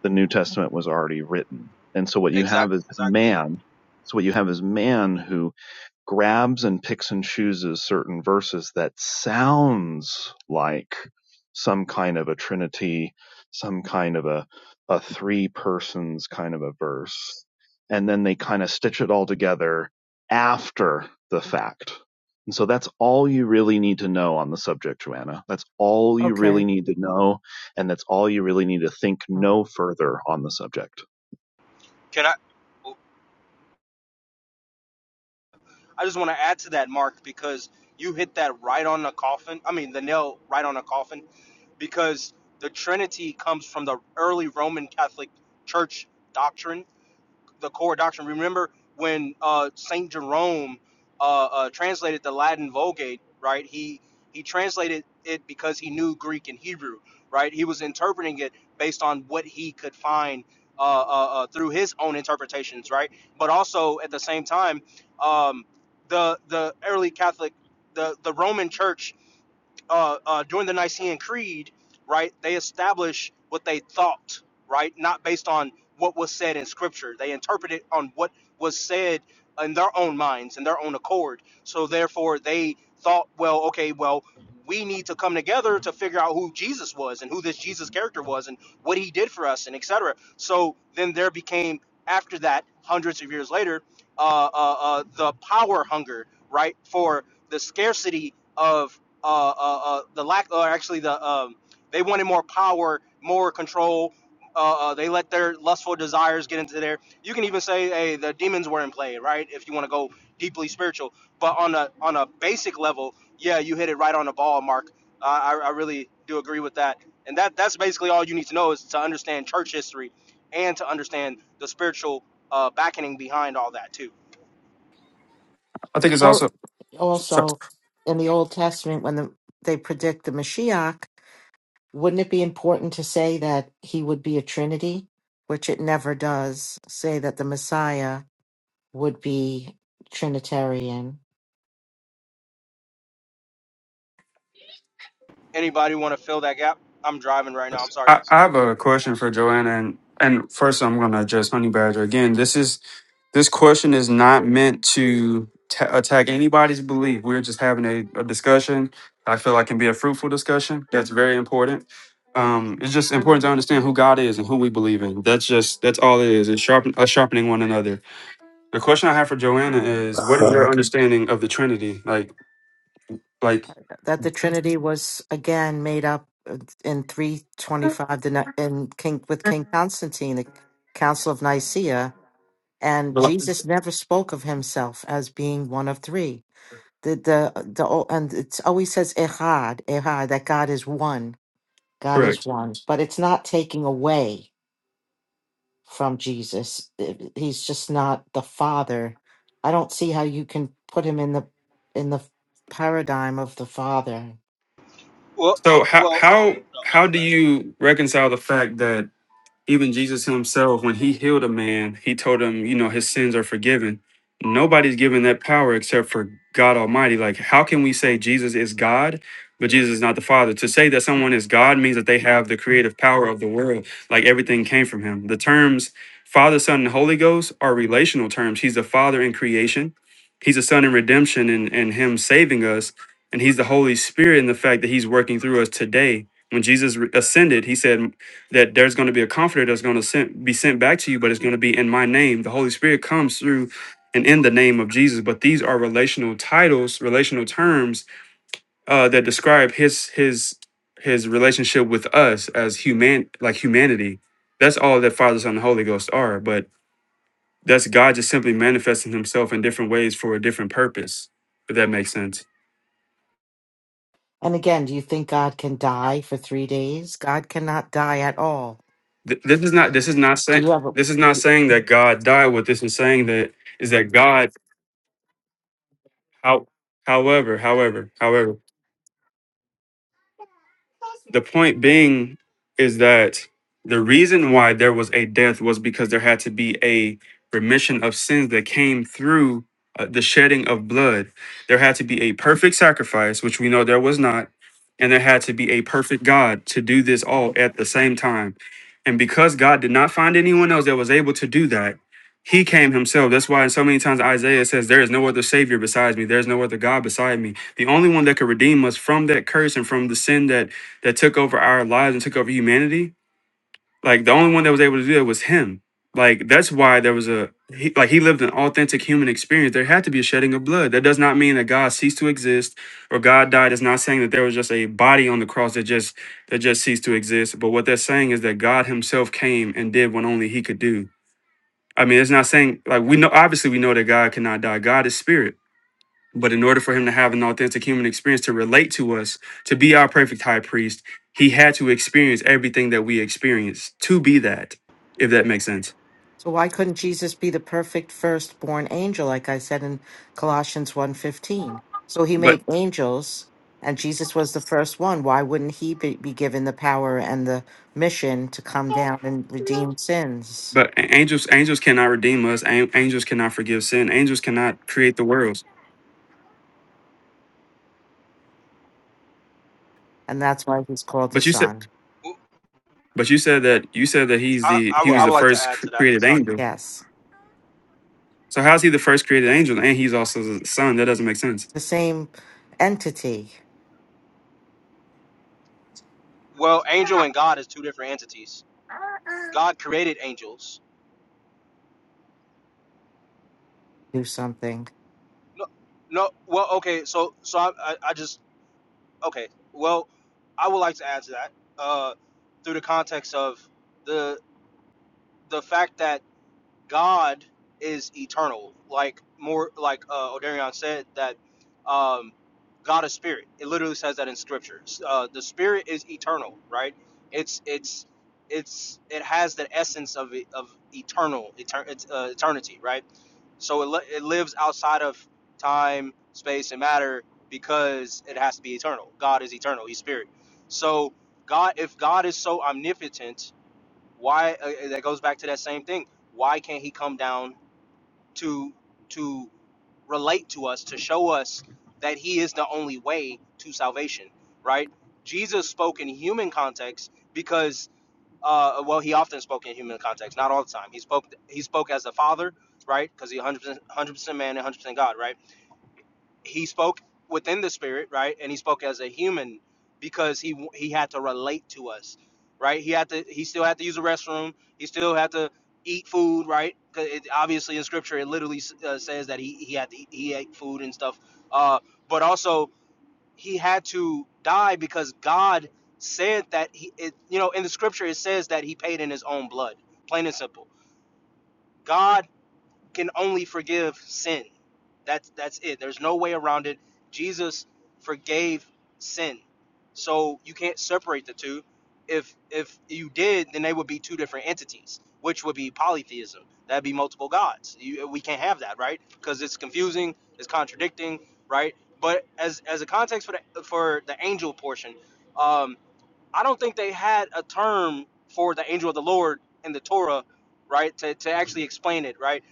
S5: the New Testament was already written. And so what you
S1: Exactly.
S5: have is
S1: Exactly.
S5: man. So what you have is man who grabs and picks and chooses certain verses that sounds like some kind of a trinity, some kind of a a three persons kind of a verse, and then they kind of stitch it all together after the fact. And so that's all you really need to know on the subject, Joanna. That's all you
S4: Okay.
S5: really need to know, and that's all you really need to think no further on the subject.
S1: Can I? I just want to add to that, Mark, because you right on a coffin. Because the Trinity comes from the early Roman Catholic Church doctrine the core doctrine. Remember when uh, Saint Jerome uh, uh, translated the Latin Vulgate, right? He he translated it because he knew Greek and Hebrew, right? He was interpreting it based on what he could find uh, uh, uh, through his own interpretations, right? But also at the same time, um, the the early Catholic, the the Roman Church uh, uh, during the Nicene Creed, right, they established what they thought, right, not based on what was said in Scripture. They interpreted on what was said in their own minds, in their own accord. So therefore, they thought, well, okay, well, we need to come together to figure out who Jesus was and who this Jesus character was and what he did for us and etc. So then there became after that, hundreds of years later, uh, uh, uh, the power hunger, right, for the scarcity of uh, uh, uh, the lack, or actually the um, they wanted more power, more control. Uh, uh, they let their lustful desires get into there. You can even say, hey, the demons were in play, right? If you want to go deeply spiritual, but on a on a basic level, yeah, you hit it right on the ball, Mark. I I I really do agree with that, and that that's basically all you need to know is to understand church history and to understand the spiritual uh, backing behind all that too.
S2: I think it's
S4: Al-
S2: also.
S4: Also in the Old Testament when the, they predict the Mashiach Wouldn't it be important to say that he would be a trinity, which it never does, say that the Messiah would be Trinitarian?
S1: Anybody want to fill that gap? I'm driving right now. I'm sorry.
S2: I, I have a question for Joanna, and, and first I'm going to address Honey Badger again. This is this question is not meant to ta attack anybody's belief. We're just having a, a discussion. I feel like can be a fruitful discussion. That's very important. Um, it's just important to understand who God is and who we believe in. That's just that's all it is. It's sharpen us sharpening one another. The question I have for Joanna is, what is your
S6: Okay.
S2: understanding of the Trinity? Like, like
S4: that the Trinity was again made up in 325 the ni- in King with King Constantine, the Council of Nicaea, and Jesus never spoke of himself as being one of three. the the the o- and it always says echad echad that God is one God is
S2: correct.
S4: one but it's not taking away from Jesus It- he's just not the father I don't see how you can put him in the in the paradigm of the father
S1: Well,
S2: So how
S1: well,
S2: how how do you reconcile the fact that Even Jesus himself, when he healed a man, he told him, you know, his sins are forgiven. Nobody's given that power except for God Almighty. Like, how can we say Jesus is God, but Jesus is not the Father? To say that someone is God means that they have the creative power of the world. Like, everything came from him. The terms Father, Son, and Holy Ghost are relational terms. He's the Father in creation, He's the Son in redemption and, and Him saving us. And He's the Holy Spirit in the fact that He's working through us today when Jesus re- ascended, he said, that there's going to be a comforter that's going to sent, be sent back to you, but it's going to be in my name. The Holy Spirit comes through and in the name of Jesus. But these are relational titles, relational terms uh, that describe his his his relationship with us as human, like humanity. That's all that Father, Son, and Holy Ghost are. But that's God just simply manifesting Himself in different ways for a different purpose. If that makes sense.
S4: and again do you think God can die for 3 days God cannot die at all
S2: Th- this is not. This is not
S4: do
S2: saying.
S4: you have a?
S2: This is not saying that God died. What this is saying that is that God How, however, however, however, the point being is that the reason why there was a death was because there had to be a remission of sins that came through uh, the shedding of blood. There had to be a perfect sacrifice, which we know there was not, and there had to be a perfect God to do this all at the same time. And because God did not find anyone else that was able to do that, he came himself. That's why in so many times Isaiah says, There is no other Savior besides me. There is no other God beside me. The only one that could redeem us from that curse and from the sin that that took over our lives and took over humanity, like the only one that was able to do that was him. Like that's why there was a he, like he lived an authentic human experience. There had to be a shedding of blood. That does not mean that God ceased to exist or God died. It's not saying that there was just a body on the cross that just that just ceased to exist. But what they're saying is that God Himself came and did what only He could do. I mean, it's not saying like we know obviously we know that God cannot die. God is spirit. But in order for him to have an authentic human experience to relate to us, to be our perfect high priest, he had to experience everything that we experience to be that, if that makes sense.
S4: So why couldn't Jesus be the perfect firstborn angel like I said in Colossians one fifteen? So he
S2: But
S4: made angels and Jesus was the first one. Why wouldn't he be, be given the power and the mission to come down and redeem sins?
S2: but angels angels cannot redeem us. An- Angels cannot forgive sin. Angels cannot create the worlds.
S4: And that's why he's called the
S2: But you said
S4: son.
S2: but you said that you said that he's the he was the
S4: Yes,
S2: first cr- created angel.
S4: yes.
S2: So how's he the first created angel and he's also the son? That doesn't make sense.
S4: The same entity
S1: Well, angel and God is two T's. God created angels.
S4: do something.
S1: No, no. Well, okay. So, so I, I, I just okay. Well, I would like to add to that uh, through the context of the the fact that God is eternal. Like more like uh Odarion said that um God is spirit. It literally says that in Scripture. Uh the spirit is eternal, right? It's it's it's it has the essence of it- of eternal etern- it's, uh, eternity, right? So it, li- it lives outside of time, space and matter because it has to be eternal. God is eternal. He's spirit. So God if God is so omnipotent why uh, uh, that goes back to that same thing. Why can't he come down to to relate to us to show us that he is the only way to salvation right jesus spoke in human context because uh, well he often spoke in human context not all the time he spoke he spoke as the father right because he 100%, 100% man and 100% god right he spoke within the spirit right and he spoke as a human because he he had to relate to us right he had to he still had to use a restroom he still had to eat food right 'Cause it, obviously in scripture it literally uh, says that he he had to eat, he ate food and stuff uh but also he had to die because god said that he it, you know in the scripture it says that he paid in his own blood plain and simple God can only forgive sin. That's that's it. There's no way around it. Jesus forgave sin. So you can't separate the two. If if you did, then they would be two different entities, which would be polytheism. That'd be multiple gods. You, we can't have that, right? Because it's confusing, it's contradicting, right? But as as a context for the for the angel portion, um, I don't think they had a term for the angel of the Lord in the Torah, right? To, to actually explain it, right?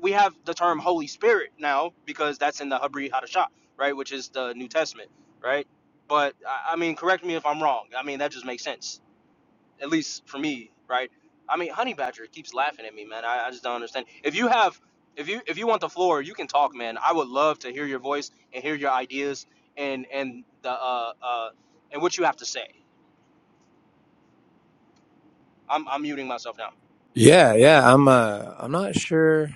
S1: We have the term Holy Spirit now because that's in the Habri Hadashah, right? Which is the New Testament, right? But I I mean, correct me if I'm wrong. I mean, that just makes sense, at least for me, right? I mean, Honey Badger keeps laughing at me, man. I, I just don't understand. If you have, if you if you want the floor, you can talk, man. I would love to hear your voice and hear your ideas and and the uh, uh, and what you have to say. I'm I'm muting myself now.
S6: Yeah, yeah. I'm uh I'm not sure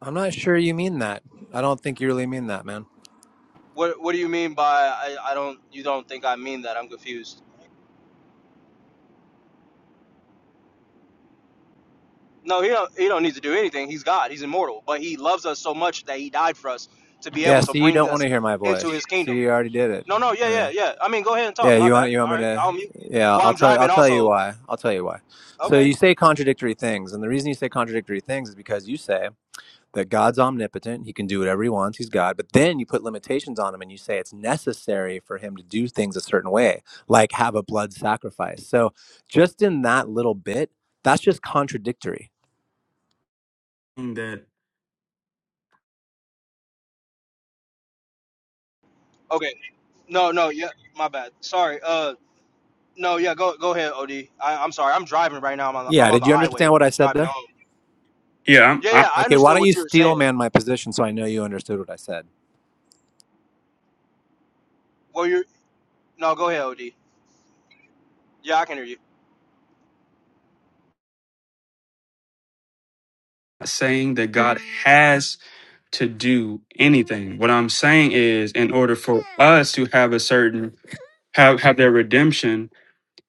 S6: I'm not sure you mean that. I don't think you really mean that, man.
S1: What What do you mean by I, I don't you don't think I mean that? I'm confused. No, he don't he don't need to do anything. He's God. He's immortal. But he loves us so much that he died for us to be
S6: Yeah,
S1: able to
S6: see you
S1: bring
S6: don't want to
S1: us
S6: hear my
S1: into
S6: voice.
S1: his
S6: See
S1: kingdom.
S6: you already did it.
S1: No, no, yeah,
S6: Yeah.
S1: yeah, yeah. I mean, go ahead and talk.
S6: Yeah,
S1: My
S6: you want
S1: bad.
S6: you want
S1: All
S6: me
S1: right,
S6: to
S1: I'll mute.
S6: Yeah,
S1: Well,
S6: I'll
S1: I'm
S6: tell I'll
S1: driving
S6: tell you
S1: also.
S6: why. I'll tell you why. So
S1: Okay,
S6: you say contradictory things, and the reason you say contradictory things is because you say that God's omnipotent, he can do whatever he wants, he's God, but then you put limitations on him and you say it's necessary for him to do things a certain way, like have a blood sacrifice. So just in that little bit, that's just contradictory.
S2: That
S1: okay. No, no, yeah. My bad. Sorry. Uh, no, yeah. Go go ahead, Od. I, am sorry. I'm driving right now. I'm on the,
S6: Yeah,
S1: I'm on the
S6: did you understand
S1: highway
S6: what I said
S1: driving
S6: there?
S1: home.
S2: yeah, I'm,
S1: Yeah,
S2: I'm
S1: yeah. I
S6: Okay, why
S1: understood
S6: don't you
S1: what you were
S6: steel
S1: saying.
S6: man my position so I know you understood what I said?
S1: Well, you are no. Go ahead, Od. Yeah, I can hear you.
S2: not saying that God has. to do anything. What I'm saying is, in order for us to have a certain have have their redemption,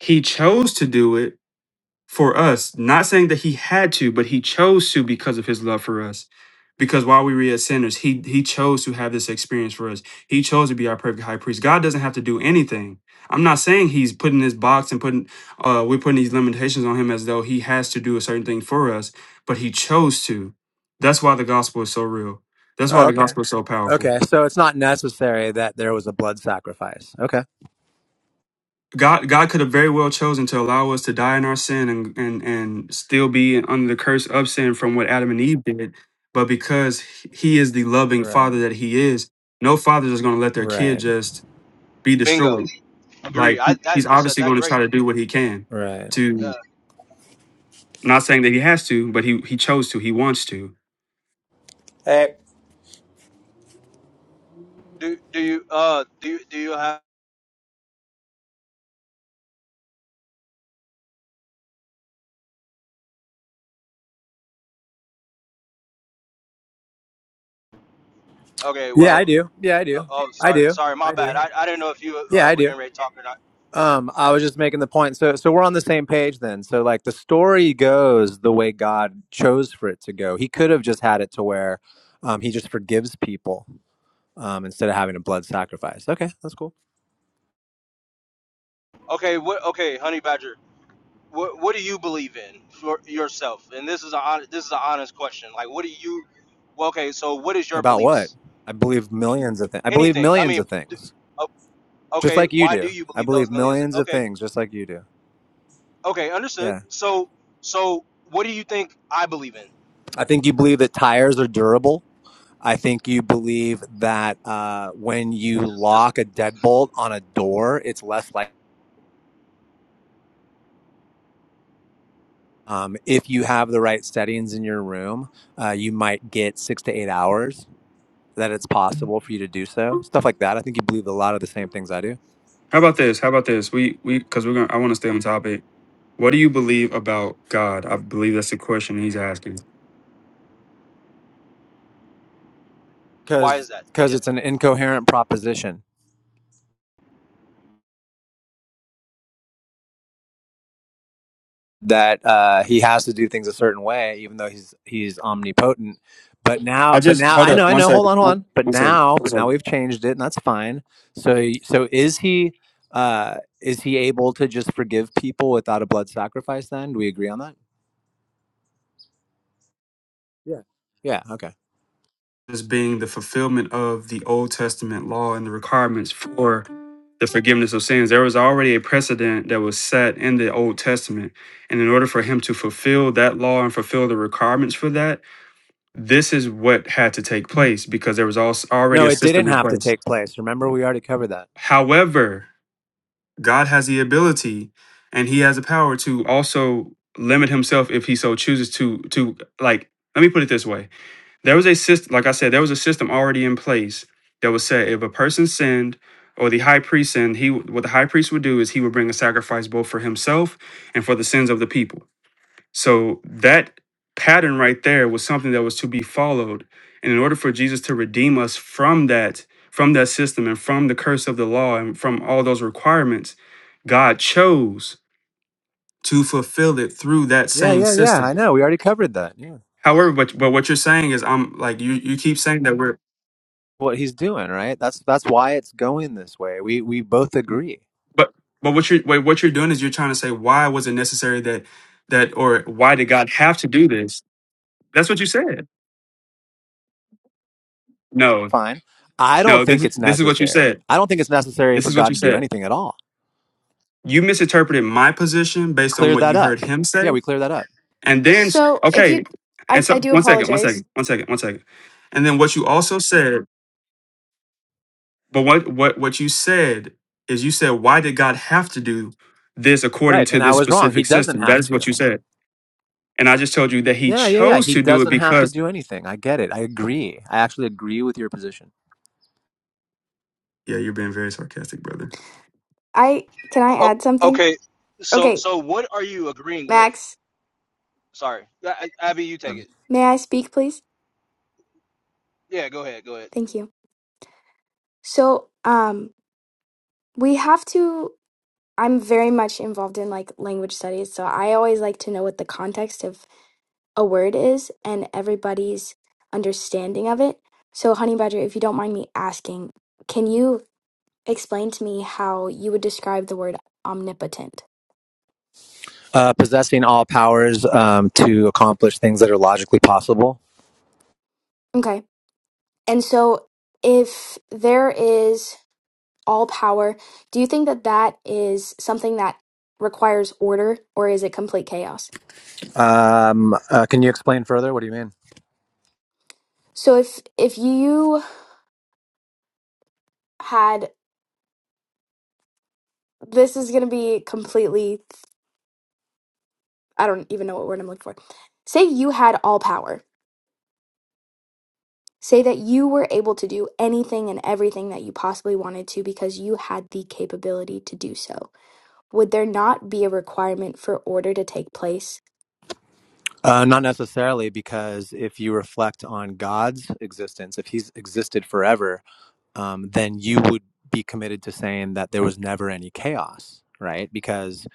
S2: he chose to do it for us, not saying that he had to, but he chose to because of his love for us. Because while we were yet sinners, he he chose to have this experience for us. He chose to be our perfect high priest. God doesn't have to do anything. I'm not saying he's putting this box and putting uh we're putting these limitations on him as though he has to do a certain thing for us, but he chose to. That's why the gospel is so real. That's why
S6: Oh,
S2: the
S6: okay.
S2: gospel is so powerful.
S6: Okay, so it's not necessary that there was a blood sacrifice. Okay.
S2: God God could have very well chosen to allow us to die in our sin and and and still be under the curse of sin from what Adam and Eve did, but because He is the loving
S6: Right.
S2: Father that He is, no father is going to let their kid
S6: Right.
S2: just be
S1: Bingo.
S2: destroyed. Like
S1: Agree. I
S2: he- He's
S1: that you said
S2: obviously
S1: that
S2: going to try
S1: great.
S2: to do what He can
S6: Right.
S2: to. Not saying that He has to, but He He chose to. He wants to.
S6: Hey.
S1: Uh, okay.
S6: Yeah, I
S1: Well.
S6: do. Yeah, I
S1: no-
S6: do.
S1: Oh,
S6: I
S1: sorry.
S6: do.
S1: Sorry. My
S6: I
S1: bad.
S6: do.
S1: I, I didn't know if you
S6: Yeah,
S1: uh,
S6: I
S1: were
S6: do.
S1: getting ready to talk or not.
S6: Um, I was just making the point. So, so we're on the same page then. So, like the story goes the way God chose for it to go. He could have just had it to where um, he just forgives people um, instead of having a blood sacrifice. Okay, that's cool.
S1: Okay. What? Okay, Honey Badger. What What do you believe in for yourself? And this is a hon- this is an honest question. Like, what do you? Well, okay. So, what is your
S6: About what?
S1: beliefs?
S6: I believe millions of things. I believe
S1: Anything. I
S6: millions
S1: mean,
S6: of
S1: d-
S6: things,
S1: o-
S6: just
S1: okay.
S6: like you
S1: Why do
S6: do.
S1: you
S6: I
S1: believe those
S6: believe
S1: millions?
S6: millions of
S1: Okay.
S6: things, just like you do.
S1: Okay. Understood.
S6: Yeah.
S1: So so what do you think I believe in?
S6: I think you believe that tires are durable. I think you believe that uh, when you
S1: Just
S6: lock a deadbolt on a door, it's less likely. Um, if you have the right settings in your room, uh, you might get six to eight hours that it's possible for you to do so. Stuff like that. I think you believe a lot of the same things I do.
S2: How about this? How about this? We we because we're gonna. I want to stay on topic. What do you believe about God? I believe that's the question he's asking.
S6: because because it's an incoherent proposition that uh, he has to do things a certain way, even though he's he's omnipotent. But now,
S2: I
S6: but
S2: just
S6: now,
S2: hold
S6: I
S2: up
S6: know, I
S2: one
S6: know. Hold
S2: second.
S6: on, hold
S2: One,
S6: on. But
S2: one second.
S6: now,
S2: One
S6: but now
S2: second.
S6: we've changed it, and that's fine. So, so is he uh, is he able to just forgive people without a blood sacrifice? Then do we agree on that? Yeah. Yeah. Okay.
S2: This being the fulfillment of the Old Testament law and the requirements for the forgiveness of sins. There was already a precedent that was set in the Old Testament. And in order for him to fulfill that law and fulfill the requirements for that, this is what had to take place because there was also already
S6: No,
S2: a
S6: it didn't
S2: system in
S6: have to
S2: place.
S6: take place. Remember, we already covered that.
S2: However, God has the ability and he has the power to also limit himself if he so chooses to to like let me put it this way There was a system, like I said, there was a system already in place that would say if a person sinned or the high priest sinned, he what the high priest would do is he would bring a sacrifice both for himself and for the sins of the people. So that pattern right there was something that was to be followed. And in order for Jesus to redeem us from that, from that system and from the curse of the law and from all those requirements, God chose to fulfill it through that
S6: Yeah,
S2: same
S6: yeah, yeah.
S2: system.
S6: I know. We already covered that. Yeah.
S2: However, but but what you're saying is I'm like you you keep saying that we're
S6: What he's doing, right? That's that's why it's going this way. We we both agree.
S2: But but what you're wait, what you're doing is you're trying to say why was it necessary that that or why did God have to do this? That's what you said. No,
S6: fine. I don't
S2: no,
S6: think
S2: this
S6: it's
S2: this is what you
S6: necessary.
S2: said.
S6: I don't think it's necessary
S2: This
S6: for
S2: is what
S6: God
S2: you
S6: to do
S2: said.
S6: anything at all.
S2: You misinterpreted my position based on
S6: Cleared
S2: what
S6: that
S2: you
S6: up.
S2: heard him
S6: Yeah,
S2: say,
S6: we cleared that up.
S2: and then
S3: So if you,
S2: okay,
S3: I,
S2: and so
S3: I do
S2: one second, one
S3: apologize.
S2: second, one second, one second, and then what you also said. But what what what you said is you said why did God have to do this according
S6: Right.
S2: to
S6: And I
S2: this
S6: was wrong. He
S2: specific
S6: doesn't
S2: system? That
S6: have
S2: is what you
S6: to.
S2: said, and I just told you that He
S6: Yeah, yeah, yeah.
S2: chose
S6: He
S2: to do it
S6: doesn't have to
S2: because
S6: do anything. I get it. I agree. I actually agree with your position.
S2: Yeah, you're being very sarcastic, brother.
S3: I can I
S1: oh.
S3: add something?
S1: Okay. So
S3: Okay,
S1: so what are you agreeing with?
S3: Max,
S1: Sorry, A- Abby. You take
S6: Um,
S1: it.
S3: may I speak, please?
S1: Yeah, go ahead, go ahead.
S3: Thank you. So, um, we have to. I'm very much involved in like language studies, so I always like to know what the context of a word is and everybody's understanding of it. So, Honey Badger, if you don't mind me asking, can you explain to me how you would describe the word omnipotent?
S6: Uh, possessing all powers um, to accomplish things that are logically possible.
S3: Okay. And so, if there is all power. Do you think that that is something that requires order or is it complete chaos?
S6: Um, uh, can you explain further? What do you mean?
S3: So if if you had this is going to be completely I don't even know what word I'm looking for. Say you had all power. Say that you were able to do anything and everything that you possibly wanted to because you had the capability to do so. Would there not be a requirement for order to take place?
S6: Uh, not necessarily, because if you reflect on God's existence, if He's existed forever, um, then you would be committed to saying that there was never any chaos, right? Because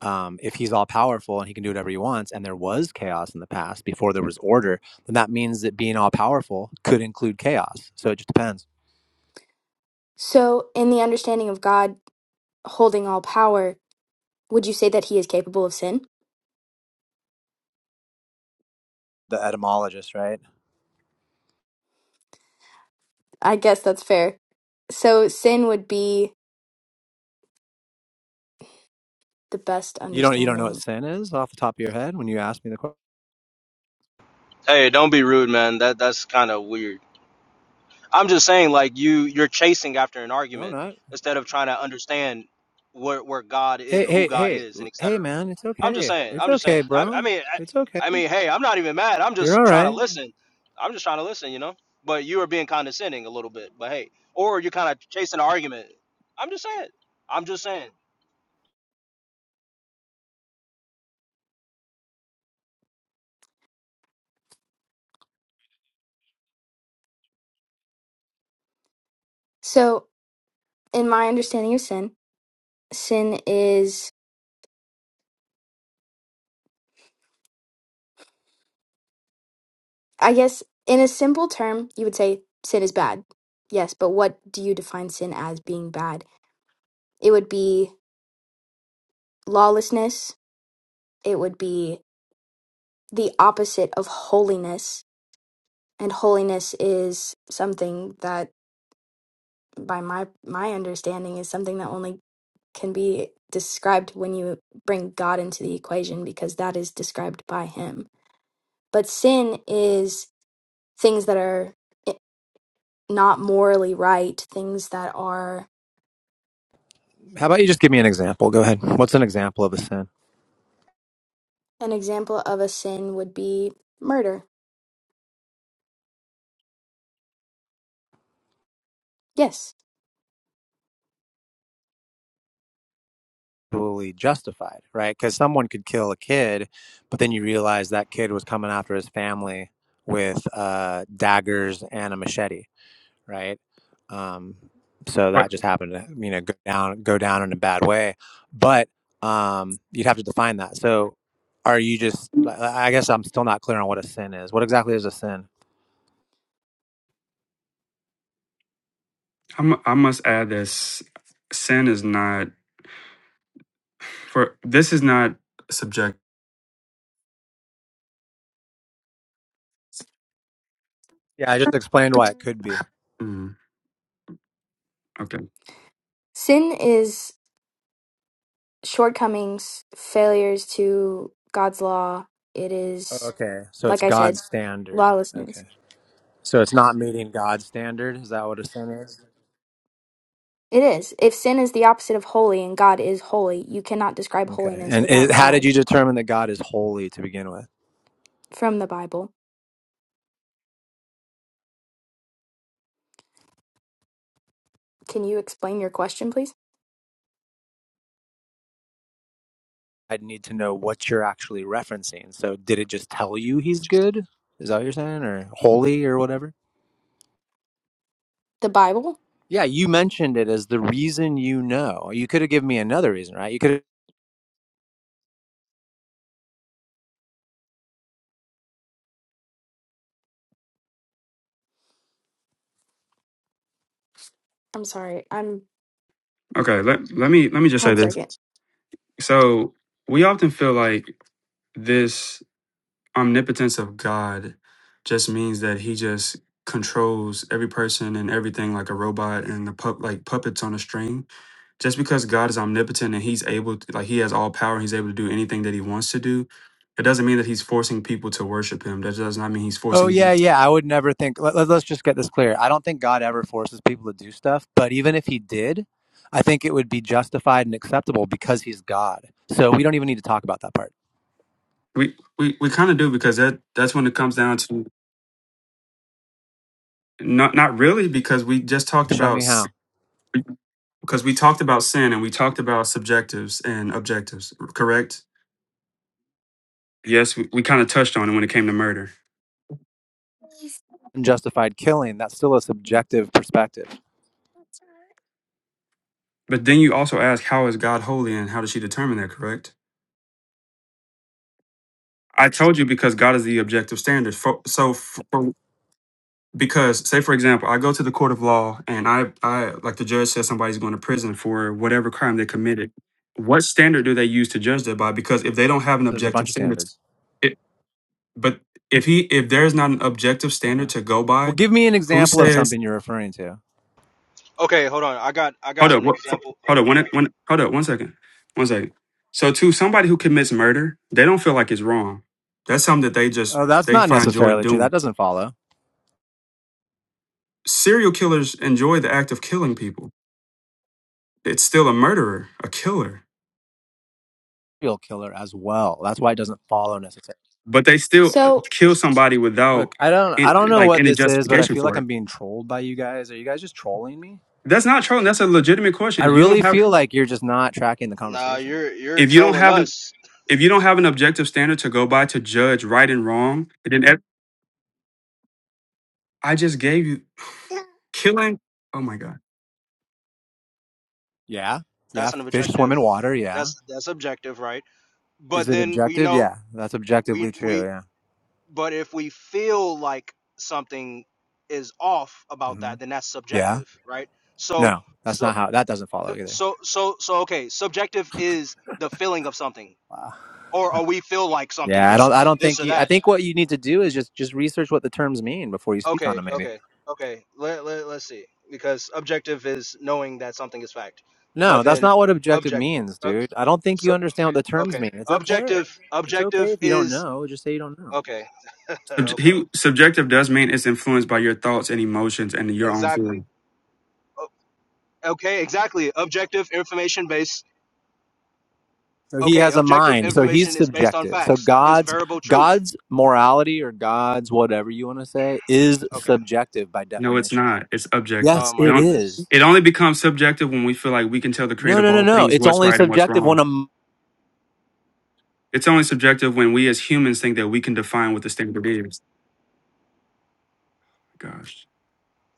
S6: um, if he's all powerful and he can do whatever he wants, and there was chaos in the past before there was order, then that means that being all powerful could include chaos. So it just depends.
S3: So, in the understanding of God holding all power, would you say that he is capable of sin?
S6: The etymologist, right?
S3: I guess that's fair. So, sin would be the best
S6: You don't you don't know
S3: understanding
S6: what sin is off the top of your head when you ask me the question.
S1: Hey, don't be rude, man. That that's kind of weird. I'm just saying, like you you're chasing after an
S6: No, I'm
S1: argument
S6: not.
S1: instead of trying to understand where where God is,
S6: Hey,
S1: who
S6: hey,
S1: God
S6: hey,
S1: is, and et
S6: hey,
S1: cetera.
S6: man! It's
S1: I'm just
S6: okay.
S1: saying.
S6: It's
S1: I'm just saying.
S6: okay,
S1: I, I
S6: bro.
S1: mean,
S6: It's okay.
S1: I, I mean, hey, I'm not even mad. I'm
S6: You're
S1: just
S6: all
S1: trying to
S6: right.
S1: listen. I'm just trying to listen, you know. But you are being condescending a little bit. But hey, or you're kind of chasing an argument. I'm just saying. I'm just saying.
S3: So, in my understanding of sin, sin is, I guess, in a simple term, you would say sin is bad. Yes, but what do you define sin as being bad? It would be lawlessness, it would be the opposite of holiness. And holiness is something that, by my, my understanding, is something that only can be described when you bring God into the equation because that is described by Him. But sin is things that are i- not morally right, things that are
S6: How about you just give me an example? Go ahead. What's an example of a sin?
S3: an example of a sin would be murder. Yes.
S6: actually justified, right? Because someone could kill a kid, but then you realize that kid was coming after his family with uh, daggers and a machete, right? Um, so
S2: But
S6: that just happened to you know go down go down in a bad way, but um, you'd have to define that. So are you just? I I guess I'm still not clear on what a sin is. What exactly is a sin?
S2: I'm, I must add this: sin is not for this is not subject.
S6: Yeah, I just explained why it could be.
S2: Mm, okay,
S3: Sin is shortcomings, failures to God's law. It is,
S6: Okay, so it's
S3: like I said,
S6: God's standard.
S3: lawlessness.
S6: Okay, so it's not meeting God's standard. Is that what a sin is?
S3: It is. If sin is the opposite of holy and God is holy, you cannot describe
S6: Okay.
S3: holiness
S6: And is,
S3: without
S6: how did
S3: God
S6: you determine that God is holy to begin with?
S3: from the Bible. Can you explain your question, please?
S6: I'd need to know what you're actually referencing. So, did it just tell you he's good? Is that what you're saying? Or holy or whatever?
S3: The Bible?
S6: Yeah, you mentioned it as the reason you know. You could have given me another reason, right? You could have,
S3: I'm sorry. I'm
S2: okay. Let let me let me just say
S3: one
S2: this.
S3: second.
S2: So we often feel like this. omnipotence of God just means that he just controls every person and everything like a robot and the pup like puppets on a string. Just because God is omnipotent and he's able to, like he has all power and he's able to do anything that he wants to do, it doesn't mean that he's forcing people to worship him. That does not mean he's
S6: oh,
S2: forcing
S6: yeah, yeah, I would never think. Let, let- let's just get this clear. I don't think God ever forces people to do stuff, but even if he did, I think it would be justified and acceptable because he's God. So, we don't even need to talk about that part.
S2: we we, we kind of do because that that's when it comes down to not not really because we just talked
S6: Show
S2: about
S6: me
S2: s-
S6: how.
S2: because we talked about sin and we talked about subjectives and objectives, correct? Yes, we, we kind of touched on it when it came to murder.
S6: Unjustified killing, that's still a subjective perspective.
S2: But then you also ask, how is God holy and how does she determine that, correct? I told you because God is the objective standard. For, so, for, because, say, for example, I go to the court of law and I, I, like the judge says somebody's going to prison for whatever crime they committed. What standard do they use to judge that by? Because if they don't have an
S6: There's a
S2: objective
S6: bunch of
S2: standard,
S6: standards.
S2: it, but if he, if there is not an objective standard
S6: Uh-huh.
S2: to go
S6: Well,
S2: by,
S6: give me an
S2: who
S6: example of
S2: says
S6: something you're referring to.
S1: Okay, hold on. I got I
S2: hold
S1: got
S2: up,
S1: an
S2: what, f-
S1: example. Oh,
S2: hold up,
S1: my bad.
S2: one, one, hold up, one second, one second. So, to somebody who commits murder, they don't feel like it's wrong. That's something that they just
S6: Oh, that's
S2: they
S6: not
S2: find joy in
S6: necessarily true. That
S2: doing.
S6: doesn't follow.
S2: Serial killers enjoy the act of killing people. It's still a murderer, a killer,
S6: Serial killer as well. That's why it doesn't follow necessarily.
S2: but they still uh,
S3: So,
S2: kill somebody
S6: Look,
S2: without
S6: I don't I
S2: an-
S6: don't know
S2: like
S6: what
S2: any
S6: this is, but I
S2: justification
S6: feel like
S2: for
S6: I'm
S2: it.
S6: being trolled by you guys. Are you guys just trolling me?
S2: That's not trolling. That's a legitimate question.
S6: I
S2: If you
S6: really
S2: don't have,
S6: feel like you're just not tracking the
S1: Nah,
S6: conversation.
S1: you're you're
S2: if you don't
S1: trolling
S2: have an,
S1: us.
S2: if you don't have an objective standard to go by to judge right and wrong, then ev- I just gave you killing. Oh my god.
S6: Yeah. Yeah,
S1: That's an
S6: fish
S1: objective.
S6: swim in water, yeah.
S1: that's that's objective right
S6: Is
S1: but
S6: it
S1: then we
S6: objective?
S1: know
S6: Yeah. That's
S1: we
S6: objectively true,
S1: we
S6: yeah.
S1: but if we feel like something is off about
S6: hmm
S1: that then that's
S6: Yeah.
S1: subjective right so
S6: No. That's
S1: so
S6: not how that doesn't follow either.
S1: so so so okay subjective is the feeling of something
S6: Wow.
S1: or or we feel like something
S6: Yeah, I
S1: is
S6: don't I don't
S1: this
S6: think
S1: or
S6: you I
S1: that
S6: think what you need to do is just just research what the terms mean before you speak on
S1: okay
S6: them maybe.
S1: okay okay let, let, let's see because objective is knowing that something is fact but
S6: No, that's
S1: then
S6: not what objective
S1: objective
S6: means,
S1: uh,
S6: dude. I don't think you
S1: so
S6: understand what the terms
S1: okay
S6: mean. It's okay.
S1: objective
S6: It's okay
S1: objective
S6: if you don't
S1: is
S6: know, just say you don't know.
S1: okay
S2: Subj-
S1: Okay.
S2: He subjective does mean it's influenced by your thoughts and emotions and your own
S1: Exactly.
S2: feeling.
S1: Okay, exactly. Objective information based.
S6: So he
S1: Okay,
S6: has a
S1: objective
S6: mind. So he's
S1: information is based on
S6: subjective. So
S1: facts. Is
S6: God's
S1: variable truth.
S6: God's morality or God's whatever you want to say is
S1: Okay.
S6: subjective by
S2: No, it's
S6: definition.
S2: not. It's
S6: Yes,
S1: Oh
S2: objective. It
S1: my
S6: it
S2: don't.
S1: goodness.
S6: is.
S2: It only becomes subjective when we feel like we can tell the
S6: No,
S2: creator of
S6: no, no,
S2: all
S6: no.
S2: things
S6: It's
S2: what's
S6: only
S2: right and what's
S6: subjective when a
S2: wrong.
S6: m-
S2: It's only subjective when we as humans think that we can define what the standard is. Gosh,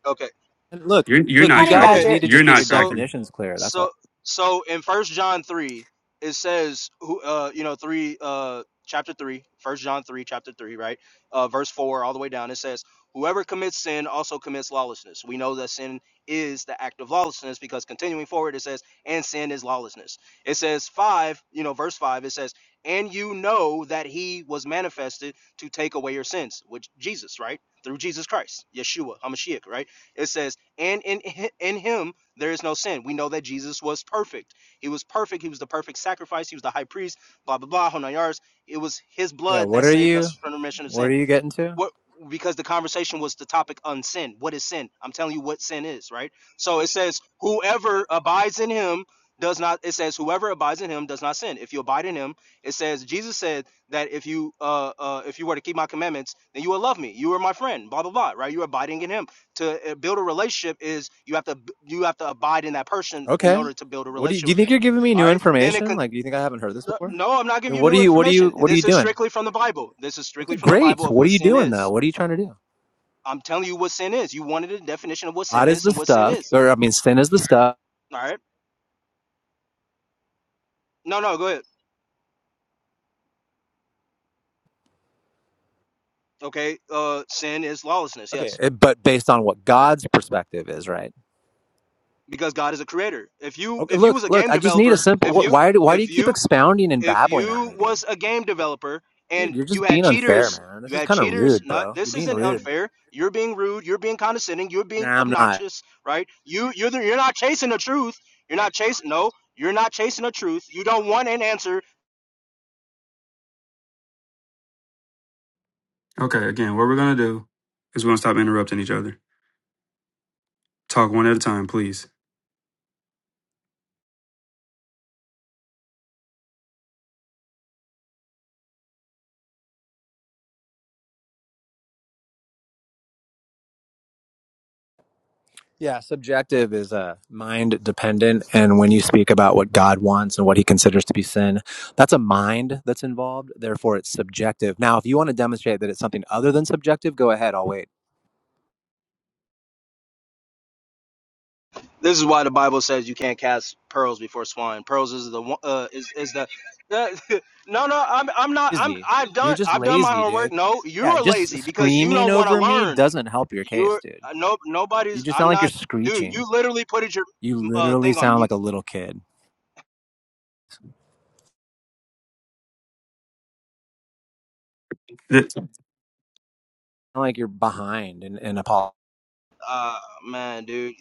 S1: Okay.
S6: look,
S2: you're you're
S6: look.
S2: not
S6: You
S3: Honey
S6: guys
S1: Okay.
S2: tracking.
S6: need
S3: Badger,
S6: to
S2: You're
S6: just get your
S2: not
S1: So.
S2: tracking.
S6: definitions clear. That's all.
S1: so so in first john 3 it says who uh you know 3 uh chapter 3, First john 3 chapter 3 right uh verse 4 all the way down it says whoever commits sin also commits lawlessness we know that sin is the act of lawlessness because continuing forward it says and sin is lawlessness it says 5 you know verse 5 it says and you know that he was manifested to take away your sins which jesus right through jesus christ yeshua hamashiach right it says and in in him there is no sin. We know that Jesus was perfect. He was perfect. He was the perfect sacrifice. He was the high priest, blah, blah, blah, whole nine yards. It was his
S6: Yeah.
S1: blood
S6: What
S1: that
S6: are
S1: saved
S6: you?
S1: us from remission of
S6: What are
S1: sin
S6: you getting to?
S1: what because the conversation was the topic on sin. What is sin? I'm telling you what sin is, right? So it says, whoever abides in him does not. It says, whoever abides in him does not sin. If you abide in him, it says Jesus said that if you uh, uh if you were to keep my commandments, then you will love me. You are my friend. Blah blah blah. Right? You're abiding in him. To uh, build a relationship is you have to you have to abide in that person in
S6: Okay.
S1: order to build a
S6: What do you?
S1: relationship
S6: Do you
S1: with
S6: think
S1: them.
S6: you're giving me
S1: All
S6: new
S1: right. Then it
S6: information?
S1: can.
S6: Like, do you think I haven't heard this
S1: No,
S6: before?
S1: no, I'm not giving
S6: Then
S1: you
S6: what are
S1: new
S6: you? What are you?
S1: information.
S6: What are you
S1: This is
S6: doing?
S1: strictly from the Bible. This is
S6: Okay,
S1: strictly from the
S6: great.
S1: Bible of
S6: What are
S1: what
S6: you
S1: sin
S6: doing though?
S1: is.
S6: What are you trying to do?
S1: I'm telling you what sin is. You wanted a definition of what sin
S6: God is
S1: is
S6: the
S1: and what sin
S6: stuff,
S1: is.
S6: or I mean, sin is the stuff.
S1: All right. No, no, go ahead. Okay. Uh, sin is lawlessness.
S6: Okay,
S1: Yes,
S6: uh, but based on what God's perspective is, right?
S1: because God is a creator. If you
S6: Okay,
S1: if you
S6: look,
S1: was a
S6: look.
S1: game
S6: I just need a
S1: developer,
S6: simple.
S1: if
S6: What,
S1: you
S6: why do Why do you
S1: if
S6: keep
S1: you
S6: expounding and
S1: if
S6: babbling at
S1: you
S6: me, dude?
S1: was a game developer
S6: Dude,
S1: and
S6: you're
S1: you
S6: just
S1: had
S6: being unfair,
S1: cheaters,
S6: man. This
S1: you
S6: is
S1: had
S6: kind of
S1: cheaters.
S6: rude,
S1: Not
S6: bro. You're
S1: this
S6: being
S1: isn't
S6: rude.
S1: unfair. You're being rude. You're being condescending. You're being
S6: Nah, I'm not.
S1: obnoxious. Right. You you're the, you're not chasing the truth. You're not chasing. No. You're not chasing the truth. You don't want an answer.
S2: Okay, again, what we're gonna do is we're gonna stop interrupting each other. Talk one at a time, please.
S6: Yeah, subjective is uh, mind dependent, and when you speak about what God wants and what He considers to be sin, that's a mind that's involved. Therefore, it's subjective. Now, if you want to demonstrate that it's something other than subjective, go ahead. I'll wait.
S1: This is why the Bible says you can't cast pearls before swine. Pearls is the one- uh, is is the the- no no I'm I'm not I'm
S6: lazy.
S1: I've
S6: You're
S1: done
S6: just
S1: I've done my
S6: lazy,
S1: homework.
S6: dude.
S1: No, you
S6: Yeah,
S1: are
S6: just
S1: lazy because you
S6: screaming
S1: don't want to
S6: over me
S1: learn.
S6: doesn't help your case,
S1: You're
S6: dude.
S1: uh, no
S6: You
S1: nobody's.
S6: just sound
S1: I'm
S6: like you're
S1: not, dude.
S6: screeching.
S1: You literally put it your
S6: You
S1: uh,
S6: literally
S1: thing on
S6: sound
S1: mute,
S6: like a little kid. You
S2: Th-
S6: Sound Like you're behind and, and a
S1: Oh, man, dude.